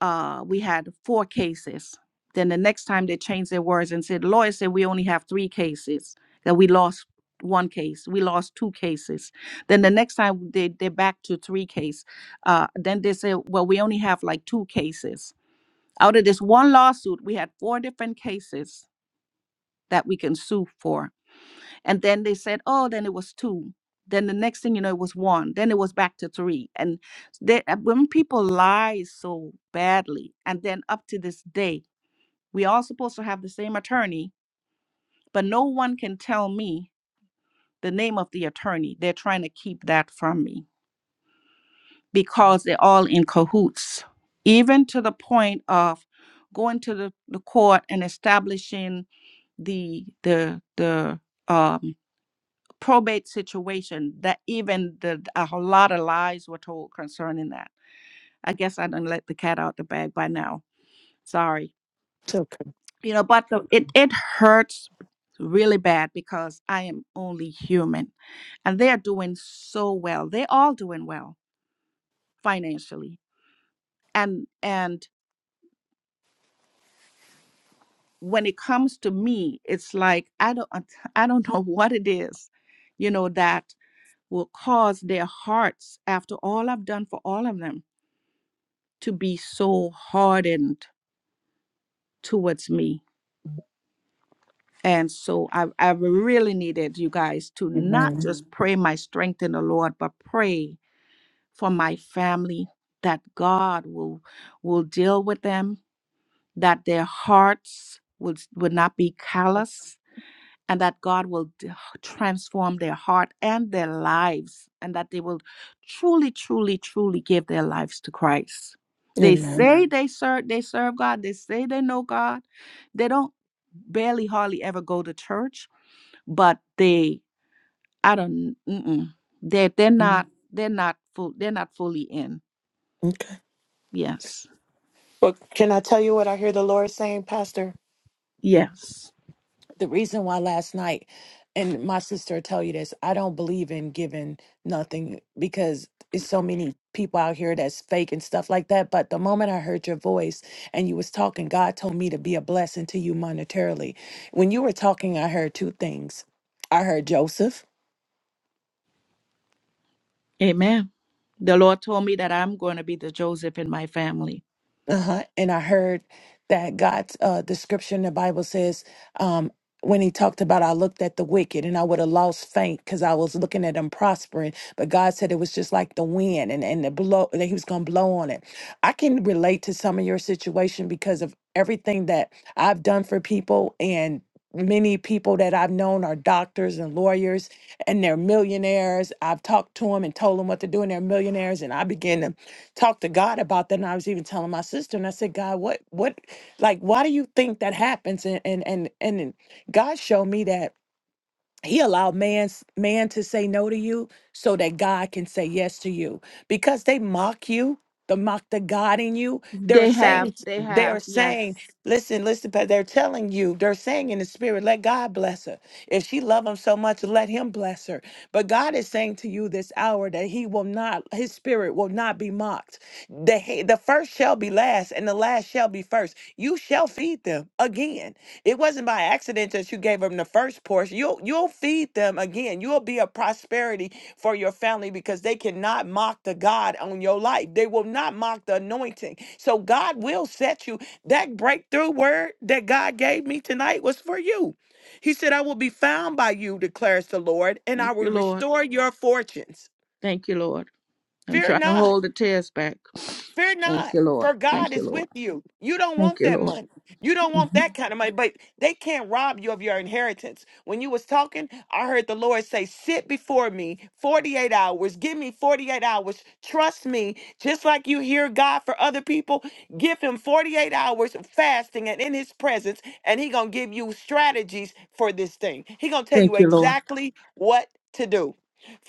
Speaker 1: uh, we had four cases. Then the next time they changed their words and said, lawyer said we only have three cases, that we lost one case, we lost two cases. Then the next time they, they're back to three case. Uh, then they say, well, we only have like two cases. Out of this one lawsuit, we had four different cases that we can sue for. And then they said, oh, then it was two. Then the next thing you know, it was one. Then it was back to three. And they, uh, when people lie so badly, and then up to this day, we all supposed to have the same attorney, but no one can tell me the name of the attorney. They're trying to keep that from me because they're all in cahoots, even to the point of going to the, the court and establishing the the the um, probate situation that even the a whole lot of lies were told concerning that. I guess I didn't let the cat out the bag by now. Sorry.
Speaker 4: It's okay.
Speaker 1: You know, but the, it, it hurts really bad because I am only human. And they are doing so well. They all doing well financially. And and when it comes to me, it's like I don't I don't know what it is, you know, that will cause their hearts after all I've done for all of them to be so hardened towards me. And so I, I really needed you guys to not
Speaker 4: Amen.
Speaker 1: just Mhm. pray my strength in the Lord, but pray for my family that God will will deal with them, that their hearts will, will not be callous, and that God will d- transform their heart and their lives, and that they will truly, truly, truly give their lives to Christ. They
Speaker 4: Amen.
Speaker 1: say they serve, they serve God. They say they know God. They don't barely, hardly ever go to church, but they, I don't, mm-mm, they, they're
Speaker 4: Well,
Speaker 1: not, they're not full, they're not fully in. Yes,
Speaker 4: can I tell you what I hear the Lord saying, Pastor?
Speaker 1: yes,
Speaker 4: The reason why last night, and my sister will tell you this, I don't believe in giving nothing because it's so many people out here that's fake and stuff like that. But the moment I heard your voice and you was talking, God told me to be a blessing to you monetarily. When you were talking, I heard two things. I heard Joseph
Speaker 1: Amen. The Lord told me that I'm going to be the Joseph in my family.
Speaker 4: Uh-huh. And I heard that God's uh, the scripture in the Bible says, um, when he talked about, I looked at the wicked and I would have lost faint because I was looking at them prospering. But God said it was just like the wind and, and the blow that he was going to blow on it. I can relate to some of your situation because of everything that I've done for people and many people that I've known are doctors and lawyers and they're millionaires. I've talked to them and told them what to do and they're millionaires. And I began to talk to God about that. And I was even telling my sister, and I said, God, what, what, like, why do you think that happens? And and and and God showed me that he allowed man's man to say no to you so that God can say yes to you. Because they mock you, they mock the God in you. They're
Speaker 1: They have,
Speaker 4: saying,
Speaker 1: they
Speaker 4: they're
Speaker 1: have,
Speaker 4: saying,
Speaker 1: yes.
Speaker 4: listen, listen, but they're telling you, they're saying in the spirit, let God bless her. If she love him so much, let him bless her. But God is saying to you this hour that he will not, his spirit will not be mocked. The, the first shall be last, and the last shall be first. You shall feed them again. It wasn't by accident that you gave them the first portion. You'll you'll feed them again. You'll be a prosperity for your family because they cannot mock the God on your life. They will not mock the anointing. So God will set you. That breakthrough word that God gave me tonight was for you. He said, I will be found by you, declares the Lord, and I
Speaker 1: Thank you,
Speaker 4: will
Speaker 1: Lord.
Speaker 4: restore your fortunes.
Speaker 1: Thank you, Lord. I'm
Speaker 4: Fear
Speaker 1: trying to
Speaker 4: not.
Speaker 1: hold the tears back.
Speaker 4: Fear
Speaker 1: Thank
Speaker 4: not,
Speaker 1: you, Lord.
Speaker 4: for God
Speaker 1: Thank you,
Speaker 4: is
Speaker 1: Lord.
Speaker 4: with you. You don't
Speaker 1: Thank
Speaker 4: want
Speaker 1: you,
Speaker 4: that
Speaker 1: Lord.
Speaker 4: money. You don't want
Speaker 1: Mhm.
Speaker 4: that kind of money, but they can't rob you of your inheritance. When you was talking, I heard the Lord say, "Sit before me 48 hours. Give me 48 hours. Trust me. Just like you hear God for other people, give him 48 hours of fasting and in his presence, and he going to give you strategies for this thing. He going to tell you
Speaker 1: Thank you, Lord.
Speaker 4: exactly what to do.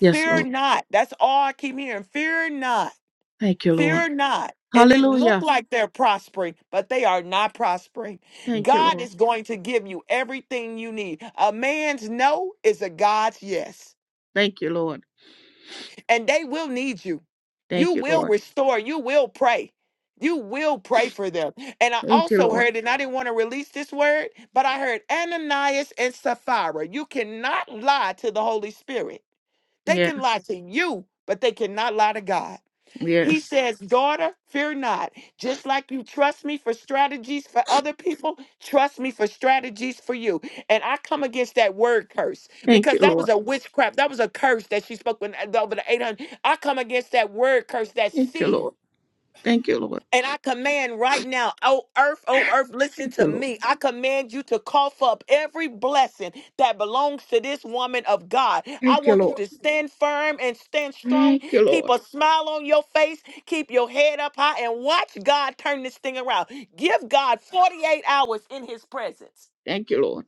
Speaker 1: Yes, Lord.
Speaker 4: not. That's all I keep hearing. Fear not
Speaker 1: Thank you, Lord.
Speaker 4: Fear not. And it look
Speaker 1: Hallelujah.
Speaker 4: like they're prospering, but they are not prospering.
Speaker 1: Thank you,
Speaker 4: God
Speaker 1: Lord.
Speaker 4: is going to give you everything you need. A man's no is a God's yes.
Speaker 1: Thank you, Lord.
Speaker 4: And they will need you. You
Speaker 1: Thank you,
Speaker 4: will
Speaker 1: Lord.
Speaker 4: restore. You will pray. You will pray for them. And I
Speaker 1: Thank you,
Speaker 4: also
Speaker 1: Lord.
Speaker 4: heard, and I didn't want to release this word, but I heard Ananias and Sapphira. You cannot lie to the Holy Spirit. They can lie
Speaker 1: Yes.
Speaker 4: to you, but they cannot lie to God. He
Speaker 1: Yes.
Speaker 4: says, Daughter, fear not. Just like you trust me for strategies for other people, trust me for strategies for you. And I come against that word curse
Speaker 1: Thank you,
Speaker 4: because that
Speaker 1: Lord.
Speaker 4: was a witchcraft. That was a curse that she spoke when, over the 800. I come against that word curse, that
Speaker 1: Thank you,
Speaker 4: seed.
Speaker 1: Lord. Thank you, Lord.
Speaker 4: And I command right now, oh earth, oh earth, listen
Speaker 1: Thank you,
Speaker 4: to
Speaker 1: Lord.
Speaker 4: me. I command you to cough up every blessing that belongs to this woman of God. I
Speaker 1: Thank you,
Speaker 4: want you
Speaker 1: Lord.
Speaker 4: to stand firm and stand strong.
Speaker 1: Thank you,
Speaker 4: Keep
Speaker 1: Lord.
Speaker 4: a smile on your face. Keep your head up high and watch God turn this thing around. Give God 48 hours in his presence.
Speaker 1: Thank you, Lord.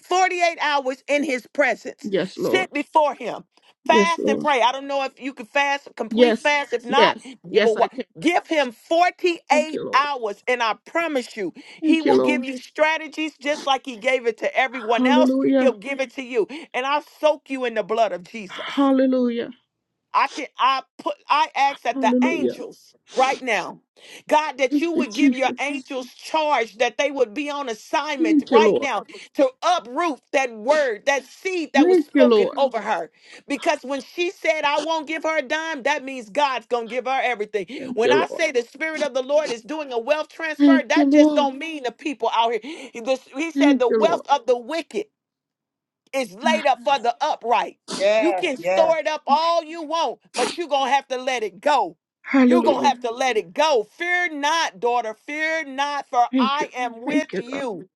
Speaker 4: 48 hours in his presence.
Speaker 1: Yes, Lord.
Speaker 4: Sit before him.
Speaker 1: Yes,
Speaker 4: Fast and
Speaker 1: Lord.
Speaker 4: pray. I don't know if you can fast, complete
Speaker 1: Yes.
Speaker 4: fast. If not,
Speaker 1: Yes.
Speaker 4: give a
Speaker 1: Yes,
Speaker 4: wa-
Speaker 1: I can.
Speaker 4: give him
Speaker 1: Thank
Speaker 4: 48
Speaker 1: you, Lord.
Speaker 4: hours and I promise you, he
Speaker 1: Thank you,
Speaker 4: will give
Speaker 1: Lord.
Speaker 4: you strategies just like he gave it to everyone else.
Speaker 1: Hallelujah.
Speaker 4: He'll give it to you. And I'll soak you in the blood of Jesus.
Speaker 1: Hallelujah.
Speaker 4: I can I put I ask that the
Speaker 1: Hallelujah.
Speaker 4: angels right now, God, that
Speaker 1: Thank
Speaker 4: you
Speaker 1: you,
Speaker 4: would give your
Speaker 1: Jesus.
Speaker 4: angels charge, that they would be on assignment
Speaker 1: Thank you,
Speaker 4: right
Speaker 1: Lord.
Speaker 4: now to uproot that word, that seed that was
Speaker 1: Thank you,
Speaker 4: spoken
Speaker 1: Lord.
Speaker 4: over her. Because when she said, I won't give her a dime, that means God's gonna give her everything.
Speaker 1: Thank
Speaker 4: When
Speaker 1: you,
Speaker 4: I
Speaker 1: Lord.
Speaker 4: say the spirit of the Lord is doing a wealth transfer,
Speaker 1: Thank you,
Speaker 4: that just
Speaker 1: Lord.
Speaker 4: don't mean the people out here. He, this- he said
Speaker 1: Thank
Speaker 4: the
Speaker 1: you, Lord.
Speaker 4: wealth of the wicked. It's laid up for the upright. You
Speaker 3: Yes,
Speaker 4: can
Speaker 3: yes,
Speaker 4: store it up all you want, but you're going to have to let it go. You're going to
Speaker 1: Hallelujah.
Speaker 4: have to let it go. Fear not, daughter. Fear not, for
Speaker 1: Thank you.
Speaker 4: I am with
Speaker 1: Thank you,
Speaker 4: you.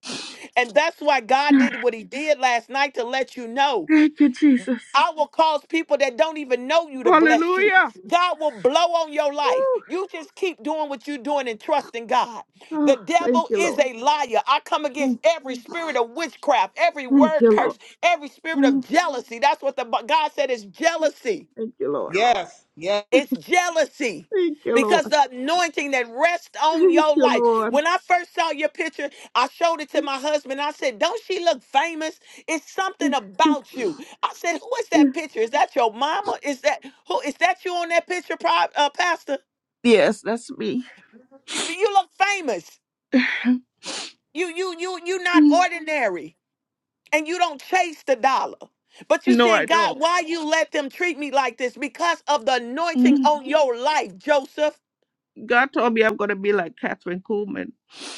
Speaker 4: And that's why God
Speaker 1: God.
Speaker 4: did what he did last night to let you know.
Speaker 1: Thank you, Jesus.
Speaker 4: I will cause people that don't even know you to bless you.
Speaker 1: Hallelujah.
Speaker 4: God will blow on your life.
Speaker 1: Woo.
Speaker 4: You just keep doing what you're doing and trusting God. The
Speaker 1: Oh, thank
Speaker 4: devil
Speaker 1: you,
Speaker 4: is
Speaker 1: Lord.
Speaker 4: a liar. I come against
Speaker 1: Mm,
Speaker 4: every spirit of witchcraft, every
Speaker 1: Thank
Speaker 4: word
Speaker 1: you, Lord.
Speaker 4: curse, every spirit of
Speaker 1: Mm,
Speaker 4: jealousy. That's what the God said is jealousy.
Speaker 1: Thank you, Lord.
Speaker 3: yes,
Speaker 4: It's jealousy
Speaker 1: Thank you,
Speaker 4: because
Speaker 1: Lord.
Speaker 4: the anointing that rests on
Speaker 1: Thank
Speaker 4: your
Speaker 1: you,
Speaker 4: life.
Speaker 1: Lord.
Speaker 4: When I first saw your picture, I showed it to my husband. I said, Don't she look famous? It's something about you. I said, Who is that picture? Is that your mama? Is that who is that you on that picture, Pro- uh, Pastor?
Speaker 1: Yes, that's me.
Speaker 4: You look famous. You you you you not
Speaker 1: Mm.
Speaker 4: ordinary and you don't chase the dollar. But you
Speaker 1: No,
Speaker 4: saying,
Speaker 1: I
Speaker 4: God,
Speaker 1: don't.
Speaker 4: why you let them treat me like this? Because of the anointing
Speaker 1: Mm.
Speaker 4: on your life, Joseph.
Speaker 1: God told me I'm going to be like Catherine Kuhlman.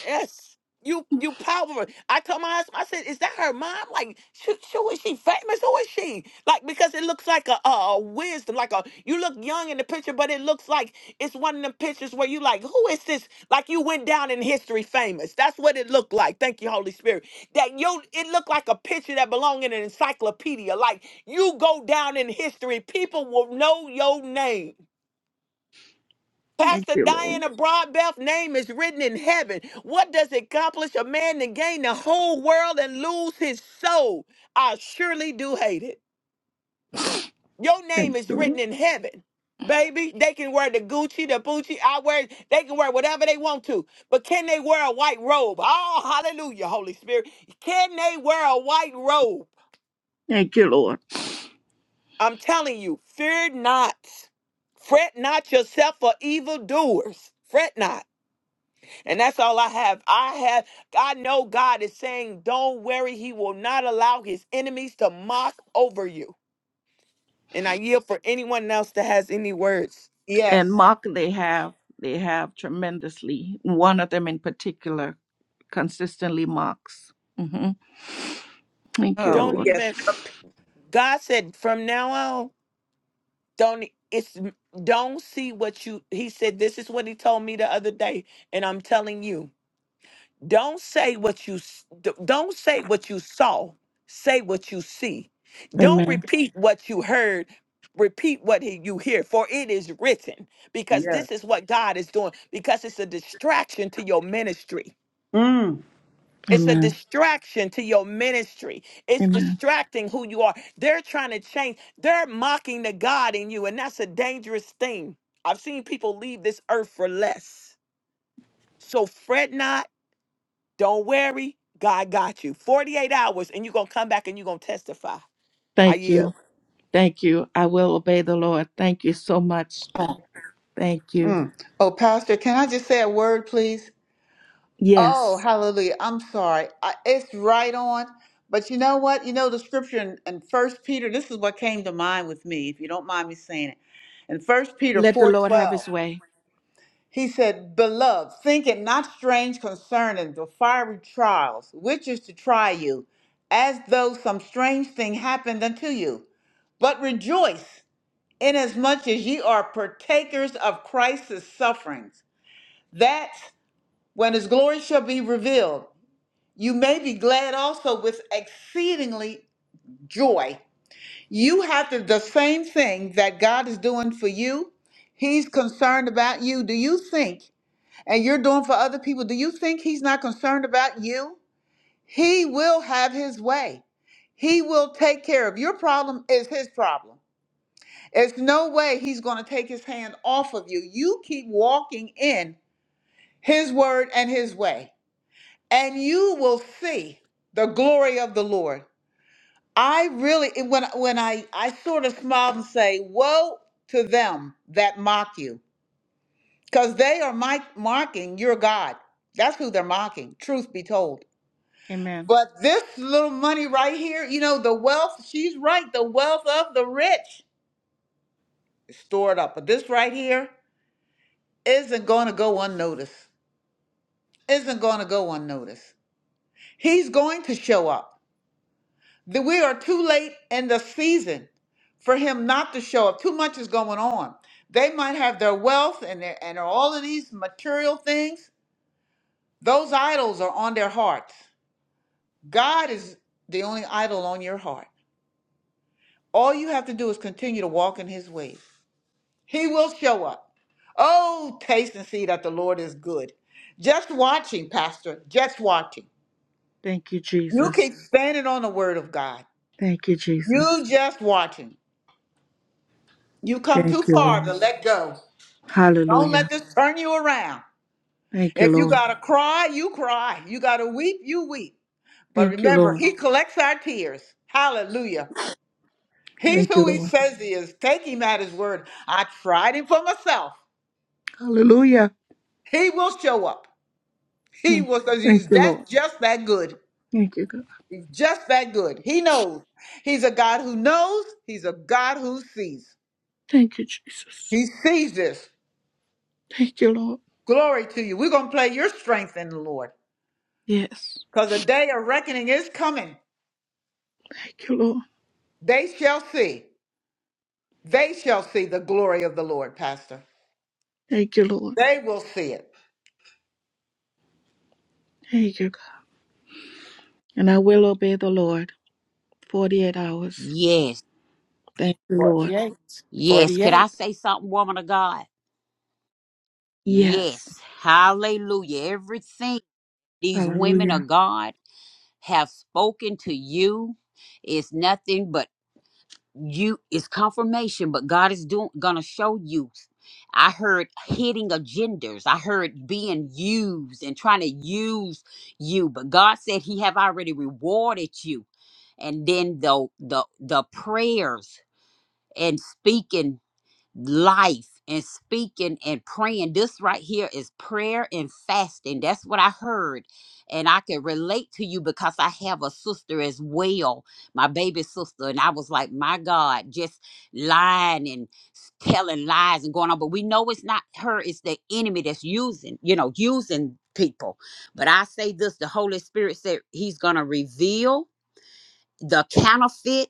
Speaker 4: Yes. You you power. I told my husband, I said, is that her mom? Like, she, she, is she famous? Who is she? Like, because it looks like a, a, a wisdom, like a you look young in the picture, but it looks like it's one of them pictures where you like, who is this? Like you went down in history famous. That's what it looked like. Thank you, Holy Spirit. That you it looked like a picture that belonged in an encyclopedia. Like you go down in history, people will know your name.
Speaker 1: Thank
Speaker 4: Pastor
Speaker 1: you, Lord.
Speaker 4: Diana Broadbelt's name is written in heaven. What does it accomplish a man to gain the whole world and lose his soul? I surely do hate it. Your name
Speaker 1: Thank
Speaker 4: is
Speaker 1: you, Lord.
Speaker 4: written in heaven. Baby, they can wear the Gucci, the Gucci. I wear. They can wear whatever they want to, but can they wear a white robe? Oh, hallelujah, Holy Spirit! Can they wear a white robe?
Speaker 1: Thank you, Lord.
Speaker 4: I'm telling you, fear not. Fret not yourself for evildoers. Fret not. And that's all I have. I have I know God is saying, don't worry, he will not allow his enemies to mock over you. And I yield for anyone else that has any words.
Speaker 1: And
Speaker 3: yes.
Speaker 1: Mark, they have they have tremendously. One of them in particular consistently marks. hmm Thank you,
Speaker 3: Oh,
Speaker 4: Don't
Speaker 1: Lord.
Speaker 3: yes,
Speaker 4: even God said from now on, don't it's don't see what you he said this is what he told me the other day and I'm telling you. Don't say what you s- d- don't say what you saw. Say what you see. Don't
Speaker 1: Amen.
Speaker 4: repeat what you heard. Repeat what he- you hear, for it is written. Because
Speaker 3: yes.
Speaker 4: this is what God is doing. Because it's a distraction to your ministry. It's a
Speaker 1: Amen.
Speaker 4: distraction to your ministry. It's
Speaker 1: Amen.
Speaker 4: distracting who you are. They're trying to change. They're mocking the God in you, and that's a dangerous thing. I've seen people leave this earth for less. So fret not don't worry, God got you. 48 hours, and you're going to come back and you're going to testify. I
Speaker 1: Thank you.
Speaker 4: yield.
Speaker 1: Thank you. I will obey the Lord. Thank you so much.
Speaker 3: Oh,
Speaker 1: Thank you.
Speaker 3: mm. Oh, Pastor, can I just say a word, please? Oh,
Speaker 1: Yes.
Speaker 3: hallelujah. I'm sorry. I, it's right on. But you know what? You know the scripture in, in 1 Peter, this is what came to mind with me, if you don't mind me saying it. In First Peter
Speaker 1: Let the Lord have
Speaker 3: 4.12,
Speaker 1: his way.
Speaker 3: he said, Beloved, think it not strange concerning the fiery trials, which is to try you, as though some strange thing happened unto you. But rejoice inasmuch as ye are partakers of Christ's sufferings, that when his glory shall be revealed, you may be glad also with exceedingly joy. You have to, the same thing that God is doing for you. He's concerned about you. Do you think, and you're doing for other people, do you think he's not concerned about you? He will have his way. He will take care of your problem is his problem. It's no way he's going to take his hand off of you. You keep walking in his word and his way, and you will see the glory of the Lord. I really, when, when I, I sort of smiled and say, Woe to them that mock you, because they are my, mocking your God. That's who they're mocking, truth be told.
Speaker 1: Amen.
Speaker 3: But this little money right here, you know, the wealth, she's right, the wealth of the rich is stored up. But this right here, isn't going to go unnoticed. Isn't going to go unnoticed. He's going to show up. The- We are too late in the season for him not to show up. Too much is going on. They might have their wealth and, their, and all of these material things. Those idols are on their hearts. God is the only idol on your heart. All you have to do is continue to walk in his ways. He will show up. Oh, taste and see that the Lord is good. Just watching, Pastor. Just watching.
Speaker 1: Thank you,
Speaker 3: You
Speaker 1: Jesus.
Speaker 3: keep standing on the word of God.
Speaker 1: Thank you, Jesus.
Speaker 3: You just watching. You come too
Speaker 1: Thank you,
Speaker 3: far to
Speaker 1: Lord.
Speaker 3: let go. Don't let
Speaker 1: Hallelujah.
Speaker 3: this turn you around.
Speaker 1: Thank you,
Speaker 3: If you
Speaker 1: Lord.
Speaker 3: gotta cry, you cry. You gotta weep, you weep. But
Speaker 1: Thank you,
Speaker 3: remember,
Speaker 1: Lord.
Speaker 3: he collects our tears. Hallelujah. He's
Speaker 1: Thank you,
Speaker 3: who he
Speaker 1: Lord.
Speaker 3: says he is. Take him at his word. I tried him for myself.
Speaker 1: Hallelujah.
Speaker 3: He will show up. He
Speaker 1: Hmm.
Speaker 3: will because he's
Speaker 1: Thank you, Lord.
Speaker 3: that just that good.
Speaker 1: Thank you, God.
Speaker 3: He's just that good. He knows. He's a God who knows. He's a God who sees.
Speaker 1: Thank you, Jesus.
Speaker 3: He sees this.
Speaker 1: Thank you, Lord.
Speaker 3: Glory to you. We're going to play your strength in the Lord
Speaker 1: Yes.
Speaker 3: because the day of reckoning is coming.
Speaker 1: Thank you, Lord.
Speaker 3: They shall see. They shall see the glory of the Lord, Pastor.
Speaker 1: Thank you, Lord.
Speaker 3: They will see it.
Speaker 1: Thank you, God. And I will obey the Lord 48 hours.
Speaker 2: Yes.
Speaker 1: Thank you, Lord.
Speaker 4: Forty-eight.
Speaker 2: Yes. Could
Speaker 4: 48.
Speaker 2: I say something, woman of God? Yes.
Speaker 1: Yes.
Speaker 2: Hallelujah. Everything these women
Speaker 1: Hallelujah.
Speaker 2: of God have spoken to you is nothing but you it's confirmation, but God is doing gonna show you. I heard hitting agendas. I heard being used and trying to use you, but God said He have already rewarded you. And then the the the prayers and speaking life and speaking and praying. This right here is prayer and fasting. That's what I heard. And I can relate to you because I have a sister as well, my baby sister. And I was like, my God, just lying and s- telling lies and going on. But we know it's not her, it's the enemy that's using, you know, using people. But I say this the Holy Spirit said he's going to reveal the counterfeit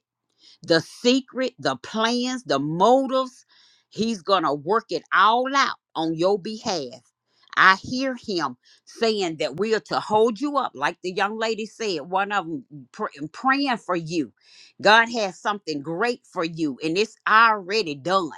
Speaker 2: the secret, the plans, the motives. He's going to work it all out on your behalf. I hear him saying that we are to hold you up, like the young lady said, one of them praying for you. God has something great for you, and it's already done.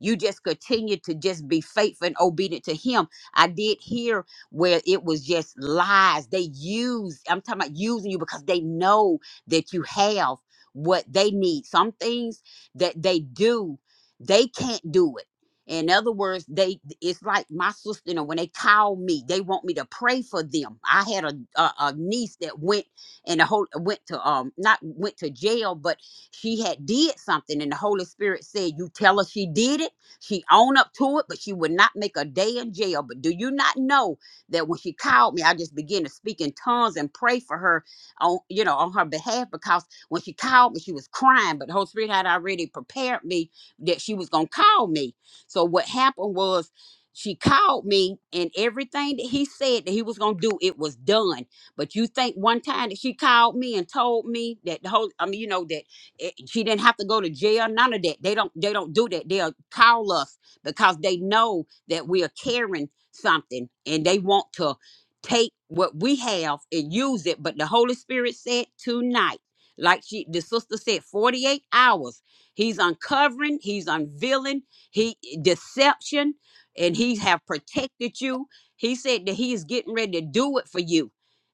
Speaker 2: You just continue to just be faithful and obedient to Him. I did hear where it was just lies. They use, I'm talking about using you because they know that you have what they need. Some things that they do, they can't do it. In other words, they it's like my sister, you know, when they call me, they want me to pray for them. I had a a, a niece that went and the whole went to um not went to jail, but she had did something and the Holy Spirit said, You tell her she did it, she own up to it, but she would not make a day in jail. But do you not know that when she called me, I just began to speak in tongues and pray for her on you know on her behalf because when she called me, she was crying, but the Holy Spirit had already prepared me that she was gonna call me. So what happened was she called me and everything that he said that he was gonna do, it was done. But you think one time that she called me and told me that the whole I mean, you know, that it, she didn't have to go to jail, none of that. They don't they don't do that. They'll call us because they know that we are carrying something and they want to take what we have and use it. But the Holy Spirit said tonight like she the sister said 48 hours he's uncovering he's unveiling he deception and he have protected you he said that he is getting ready to do it for you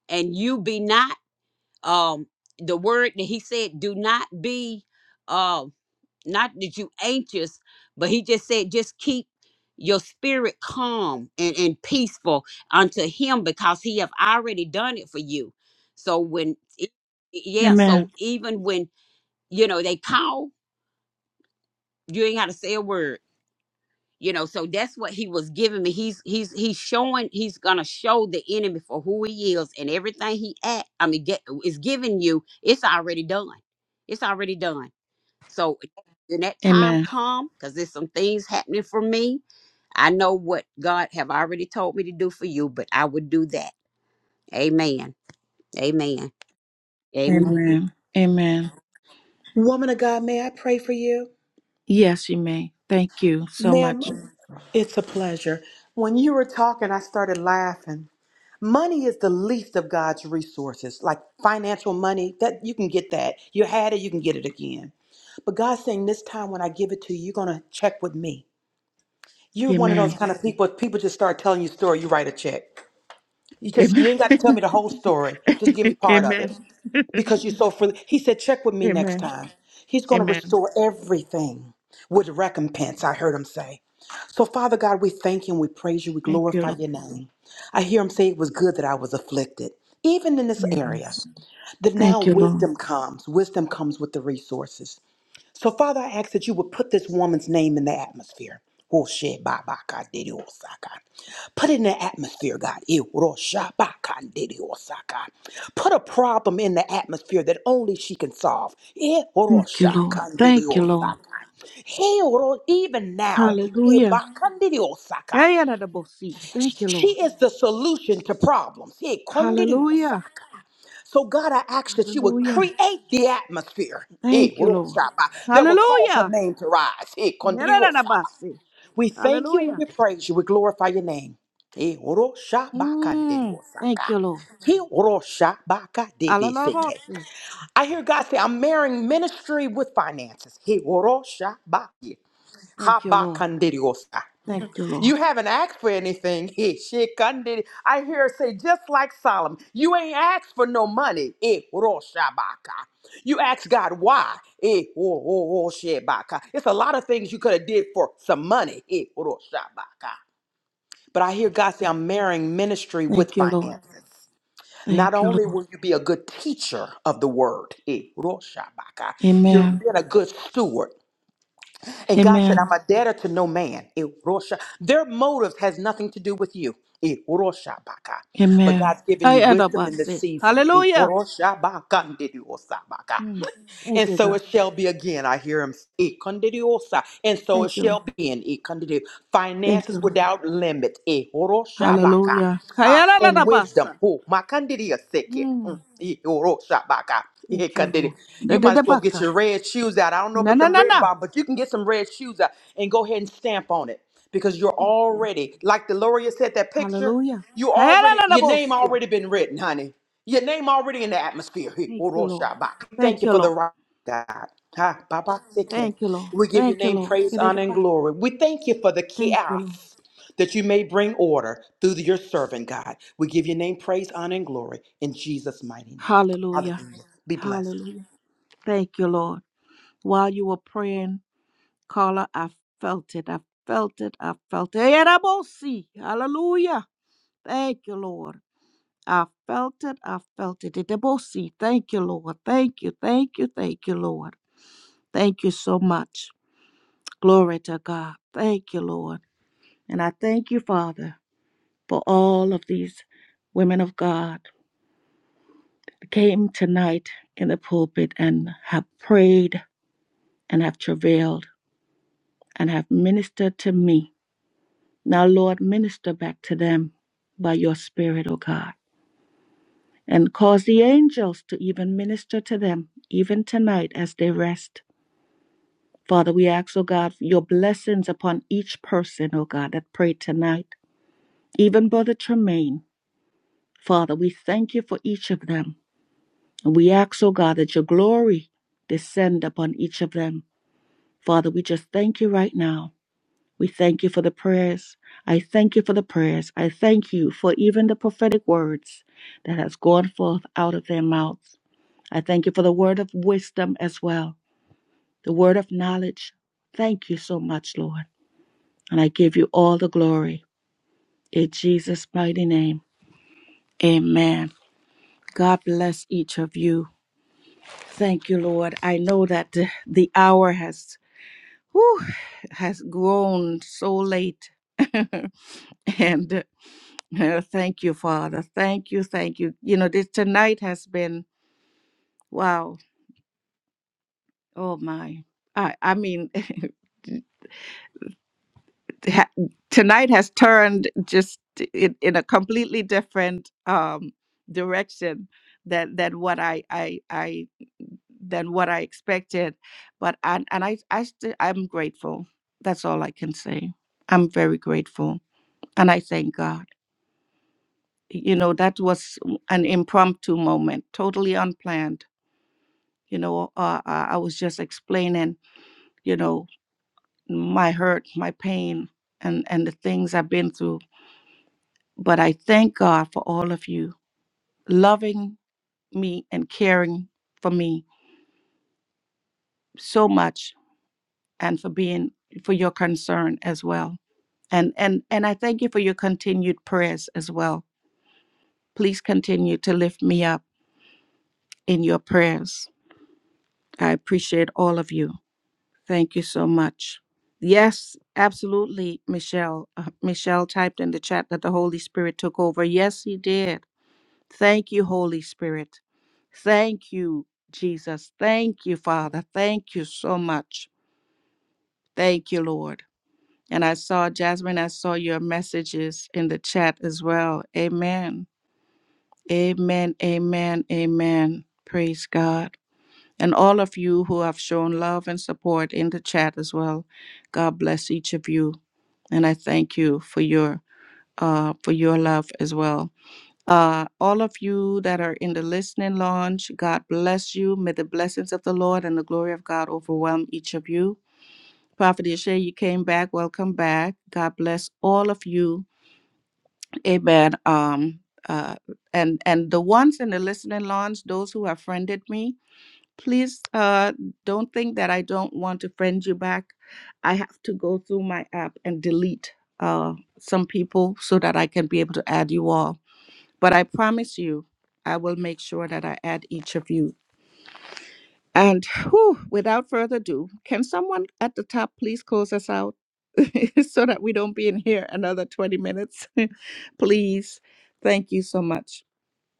Speaker 2: and you be not um the word that he said do not be um. Not that you anxious, but he just said, just keep your spirit calm and, and peaceful unto him because he have already done it for you. So when it- yeah,
Speaker 1: Amen.
Speaker 2: so even when, you know, they call, you ain't gotta say a word. You know, so that's what he was giving me. He's he's he's showing he's gonna show the enemy for who he is and everything he at I mean get is giving you, it's already done. It's already done. So when that time
Speaker 1: Amen.
Speaker 2: come, because there's some things happening for me, I know what God have already told me to do for you, but I would do that. Amen. Amen. Amen.
Speaker 1: Amen. Amen.
Speaker 6: Woman of God, may I pray for you?
Speaker 1: Yes, you may. Thank you so much.
Speaker 6: Ma'am, it's a pleasure. When you were talking, I started laughing. Money is the least of God's resources, like financial money. That you can get that. You had it, you can get it again. But God's saying this time when I give it to you, you're gonna check with me. You're one of those
Speaker 1: Amen.
Speaker 6: kind of people. People just start telling you a story, you write a check. You just
Speaker 1: Amen.
Speaker 6: you ain't got to tell me the whole story. Just give me part of it.
Speaker 1: Amen.
Speaker 6: because you're so free. He said, check with me next
Speaker 1: Amen.
Speaker 6: time. He's going to
Speaker 1: Amen.
Speaker 6: restore everything with recompense, I heard him say. So, Father God, we thank you and we praise you. We
Speaker 1: Thank you,
Speaker 6: glorify
Speaker 1: Lord.
Speaker 6: your name. I hear him say it was good that I was afflicted, even in this area.
Speaker 1: Yes.
Speaker 6: That now
Speaker 1: Thank you, Lord.
Speaker 6: wisdom comes. Wisdom comes with the resources. So, Father, I ask that you would put this woman's name in the atmosphere. Oh, shit, ba, ba, ka, de, de, oh, sa, ka. Put it in the atmosphere, God. Eh, ro, sha, ba, ka, de, de, oh, sa, ka. Put a problem in the atmosphere that only she can solve. Eh, ro,
Speaker 1: Thank you,
Speaker 6: sha,
Speaker 1: Lord.
Speaker 6: ka, de, de,
Speaker 1: Thank you,
Speaker 6: oh,
Speaker 1: Lord.
Speaker 6: sa, ka. Hey, ro, Even now, eh,
Speaker 1: Hallelujah.
Speaker 6: ba, ka, de, de, oh, sa, ka.
Speaker 1: Ayaradabosi. Thank you, Lord.
Speaker 6: she is the solution to problems. Eh, kon, de, de, oh, sa,
Speaker 1: Hallelujah.
Speaker 6: ka. So, God, I ask that you would
Speaker 1: Hallelujah.
Speaker 6: create the atmosphere eh,
Speaker 1: Thank you, Lord.
Speaker 6: Rosaba, that will cause her
Speaker 1: Hallelujah.
Speaker 6: name to rise. Eh, Kondiosaba.
Speaker 1: Yaradabasi.
Speaker 6: We thank you and
Speaker 1: Hallelujah.
Speaker 6: we praise you. We glorify your name. Eh, Rosaba
Speaker 1: Mm. Thank you, Lord.
Speaker 6: He Rosaba
Speaker 1: Alalabosi.
Speaker 6: I hear God say, I'm marrying ministry with finances. He Rosaba
Speaker 1: Thank you, Lord.
Speaker 6: Habakandiriosa.
Speaker 1: Thank you, Lord.
Speaker 6: You haven't asked for anything. Eh, shit, gun I hear her say, just like Solomon, you ain't asked for no money. Eh, roshabaka. You ask God why. Eh, wo- wo- wo- shebaka. It's a lot of things you could have did for some money. Eh, roshabaka. But I hear God say, I'm marrying ministry with
Speaker 1: Thank you, Lord.
Speaker 6: finances. Not
Speaker 1: Thank you,
Speaker 6: only
Speaker 1: Lord.
Speaker 6: will you be a good teacher of the word, eh, roshabaka, you've
Speaker 1: Amen.
Speaker 6: been a good steward. And God said,
Speaker 1: Amen.
Speaker 6: I'm a debtor to no man. Erosha. Their motive has nothing to do with you. Erosha baka. But
Speaker 1: Amen.
Speaker 6: God's given you wisdom in this
Speaker 1: Ayaradabosi.
Speaker 6: season.
Speaker 1: Hallelujah.
Speaker 6: Erosha baka ndidu
Speaker 1: Mm.
Speaker 6: osabaka.
Speaker 1: Thank
Speaker 6: And
Speaker 1: you,
Speaker 6: so
Speaker 1: God.
Speaker 6: it shall be again. I hear him speak. Kondidiosa. And so it
Speaker 1: Thank you, Lord.
Speaker 6: shall be in it. kondidio-
Speaker 1: Thank
Speaker 6: Finances
Speaker 1: you, Lord.
Speaker 6: without limit. Eh, horo
Speaker 1: Hallelujah.
Speaker 6: Ah, and wisdom.
Speaker 1: Hayaradabasa.
Speaker 6: Oh, my kondidia seke. Mm,
Speaker 1: Mm.
Speaker 6: eh, horo shabaka. Eh,
Speaker 1: Thank you,
Speaker 6: kondidio.
Speaker 1: Lord. Da-
Speaker 6: You
Speaker 1: da-
Speaker 6: might
Speaker 1: da-
Speaker 6: as well get your
Speaker 1: baka.
Speaker 6: red shoes out. I don't know
Speaker 1: Na
Speaker 6: about
Speaker 1: na
Speaker 6: them
Speaker 1: na
Speaker 6: red
Speaker 1: na.
Speaker 6: bomb, but you can get some red shoes out and go ahead and stamp on it because you're
Speaker 1: Thank you.
Speaker 6: already, like the Deloria said, that picture,
Speaker 1: Hallelujah.
Speaker 6: you
Speaker 1: Ha- na-
Speaker 6: already,
Speaker 1: na- na-
Speaker 6: your name
Speaker 1: bosia.
Speaker 6: already been written, honey. Your name already in the atmosphere.
Speaker 1: Thank you, Lord.
Speaker 6: Thank
Speaker 1: Thank
Speaker 6: you
Speaker 1: you,
Speaker 6: for the
Speaker 1: Lord.
Speaker 6: right. God. Ha, Baba Sike.
Speaker 1: Thank you, Lord.
Speaker 6: We give your
Speaker 1: Thank you,
Speaker 6: name
Speaker 1: Lord.
Speaker 6: praise,
Speaker 1: Da- da-
Speaker 6: honor,
Speaker 1: da-
Speaker 6: and
Speaker 1: baka.
Speaker 6: glory. We thank you for the
Speaker 1: Thank you, Lord.
Speaker 6: chaos that you may bring order through your servant, God. We give your name praise, honor, and glory in Jesus' mighty name.
Speaker 1: Hallelujah.
Speaker 6: Hallelujah. Be blessed.
Speaker 1: Hallelujah. Thank you, Lord. While you were praying, Carla, I felt it. I felt it. I felt it. Eh, Hallelujah. Thank you, Lord. I felt it. I felt it. Da- da- bosi. Thank you, Lord. Thank you. Thank you. Thank you, Lord. Thank you so much. Glory to God. Thank you, Lord. And I thank you, Father, for all of these women of God that came tonight in the pulpit and have prayed and have travailed and have ministered to me. Now, Lord, minister back to them by your Spirit, O God, and cause the angels to even minister to them, even tonight as they rest. Father, we ask, O God, your blessings upon each person, O God, that prayed tonight. even Brother Tremaine. Father, we thank you for each of them. And we ask, oh God, that your glory descend upon each of them. Father, we just thank you right now. We thank you for the prayers. I thank you for the prayers. I thank you for even the prophetic words that has gone forth out of their mouths. I thank you for the word of wisdom as well, the word of knowledge. Thank you so much, Lord. And I give you all the glory. In Jesus' mighty name, amen. God bless each of you. Thank you, Lord. I know that the the hour has whew, has grown so late. and uh, thank you, Father. Thank you, thank you. You know, this tonight has been wow. Oh my. I I mean ha- tonight has turned just in, in a completely different um direction that that what I I I than what I expected. But and and I I st- I'm grateful. That's all I can say. I'm very grateful, and I thank God. You know that was an impromptu moment, totally unplanned. You know, uh, uh, I was just explaining, you know, my hurt, my pain, and and the things I've been through. But I thank God for all of you loving me and caring for me so much, and for being for your concern as well and and and i thank you for your continued prayers as well please continue to lift me up in your prayers i appreciate all of you thank you so much yes absolutely michelle Uh, michelle typed in the chat that the holy spirit took over yes he did thank you holy spirit thank you jesus thank you father thank you so much thank you lord and i saw jasmine i saw your messages in the chat as well amen Amen, amen, amen. Praise God. And all of you who have shown love and support in the chat as well. God bless each of you. And I thank you for your uh for your love as well. Uh all of you that are in the listening lounge, God bless you. May the blessings of the Lord and the glory of God overwhelm each of you. Prophet Ishay, you came back. Welcome back. God bless all of you Amen. Um, uh, and and the ones in the listening lounge, those who have friended me, please uh, don't think that I don't want to friend you back. I have to go through my app and delete uh, some people so that I can be able to add you all. But I promise you, I will make sure that I add each of you and whew, without further ado, can someone at the top please close us out so that we don't be in here another 20 minutes? please. Thank you so much.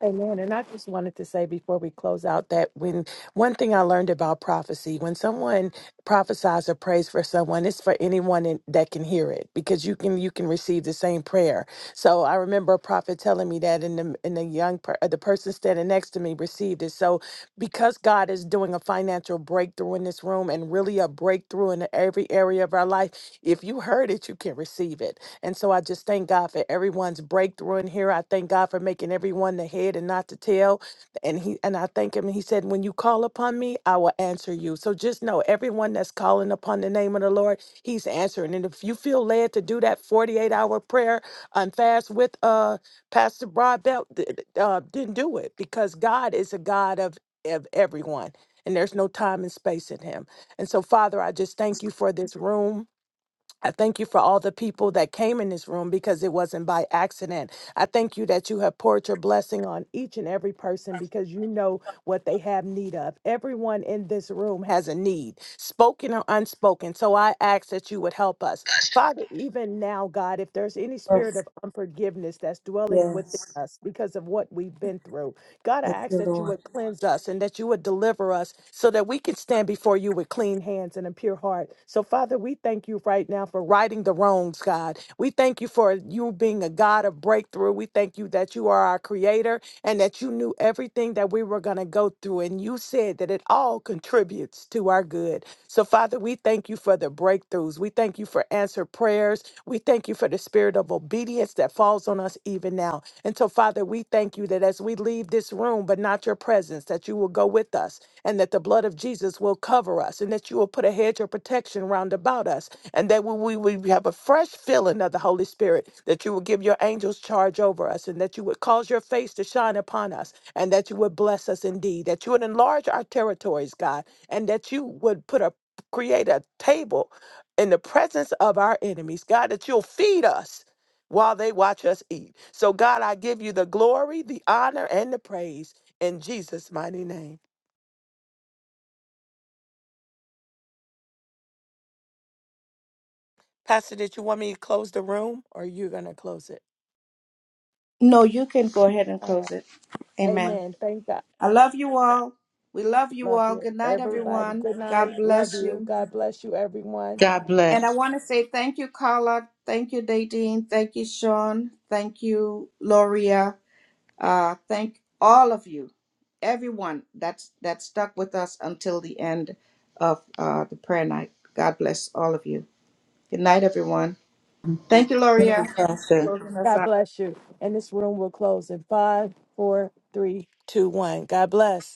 Speaker 4: Amen. And I just wanted to say before we close out that when one thing I learned about prophecy, when someone prophesies or prays for someone, it's for anyone in, that can hear it because you can you can receive the same prayer. So I remember a prophet telling me that, and the and the young per, uh, the person standing next to me received it. So because God is doing a financial breakthrough in this room and really a breakthrough in every area of our life, if you heard it, you can receive it. And so I just thank God for everyone's breakthrough in here. I thank God for making everyone the head and not the tail. And he and I thank him. And he said, When you call upon me, I will answer you. So just know everyone that's calling upon the name of the Lord, he's answering. And if you feel led to do that 48 hour prayer and fast with uh Pastor Broadbelt, th- th- uh, didn't do it because God is a God of, of everyone. And there's no time and space in him. And so, Father, I just thank you for this room. I thank you for all the people that came in this room because it wasn't by accident. I thank you that you have poured your blessing on each and every person because you know what they have need of. Everyone in this room has a need, spoken or unspoken. So I ask that you would help us. Father, even now, God, if there's any spirit of unforgiveness that's dwelling within us because of what we've been through, God, I ask that you would cleanse us and that you would deliver us so that we could stand before you with clean hands and a pure heart. So, Father, we thank you right now for righting the wrongs, God. We thank you for you being a God of breakthrough. We thank you that you are our creator and that you knew everything that we were going to go through. And you said that it all contributes to our good. So, Father, we thank you for the breakthroughs. We thank you for answered prayers. We thank you for the spirit of obedience that falls on us even now. And so, Father, we thank you that as we leave this room, but not your presence, that you will go with us and that the blood of Jesus will cover us and that you will put a hedge of protection round about us and that we, we we have a fresh filling of the Holy Spirit, that you will give your angels charge over us and that you would cause your face to shine upon us and that you would bless us indeed, that you would enlarge our territories, God, and that you would put a create a table in the presence of our enemies, God, that you'll feed us while they watch us eat. So, God, I give you the glory, the honor, and the praise in Jesus' mighty name. Pastor, did you want me to close the room or you going to close it?
Speaker 1: No, you can go ahead and
Speaker 4: All
Speaker 1: close
Speaker 4: right.
Speaker 1: it. Amen.
Speaker 4: Amen. Thank God.
Speaker 1: I love you all. We love you
Speaker 4: Love
Speaker 1: all.
Speaker 4: you,
Speaker 1: Good night,
Speaker 4: everybody.
Speaker 1: everyone.
Speaker 4: Good night.
Speaker 1: God
Speaker 4: Love
Speaker 1: bless
Speaker 4: you.
Speaker 1: you.
Speaker 4: God bless you, everyone.
Speaker 3: God bless.
Speaker 1: And I want to say thank you, Carla. Thank you, Nadine. Thank you, Sean. Thank you, Loria. Uh, thank all of you, everyone that's that stuck with us until the end of uh, the prayer night. God bless all of you. Good night, everyone. Thank you,
Speaker 3: Good
Speaker 1: Loria,
Speaker 3: night, Pastor.
Speaker 1: for closing us
Speaker 4: God
Speaker 1: out.
Speaker 4: bless you. And this room will close in five, four, three, two, one. God bless.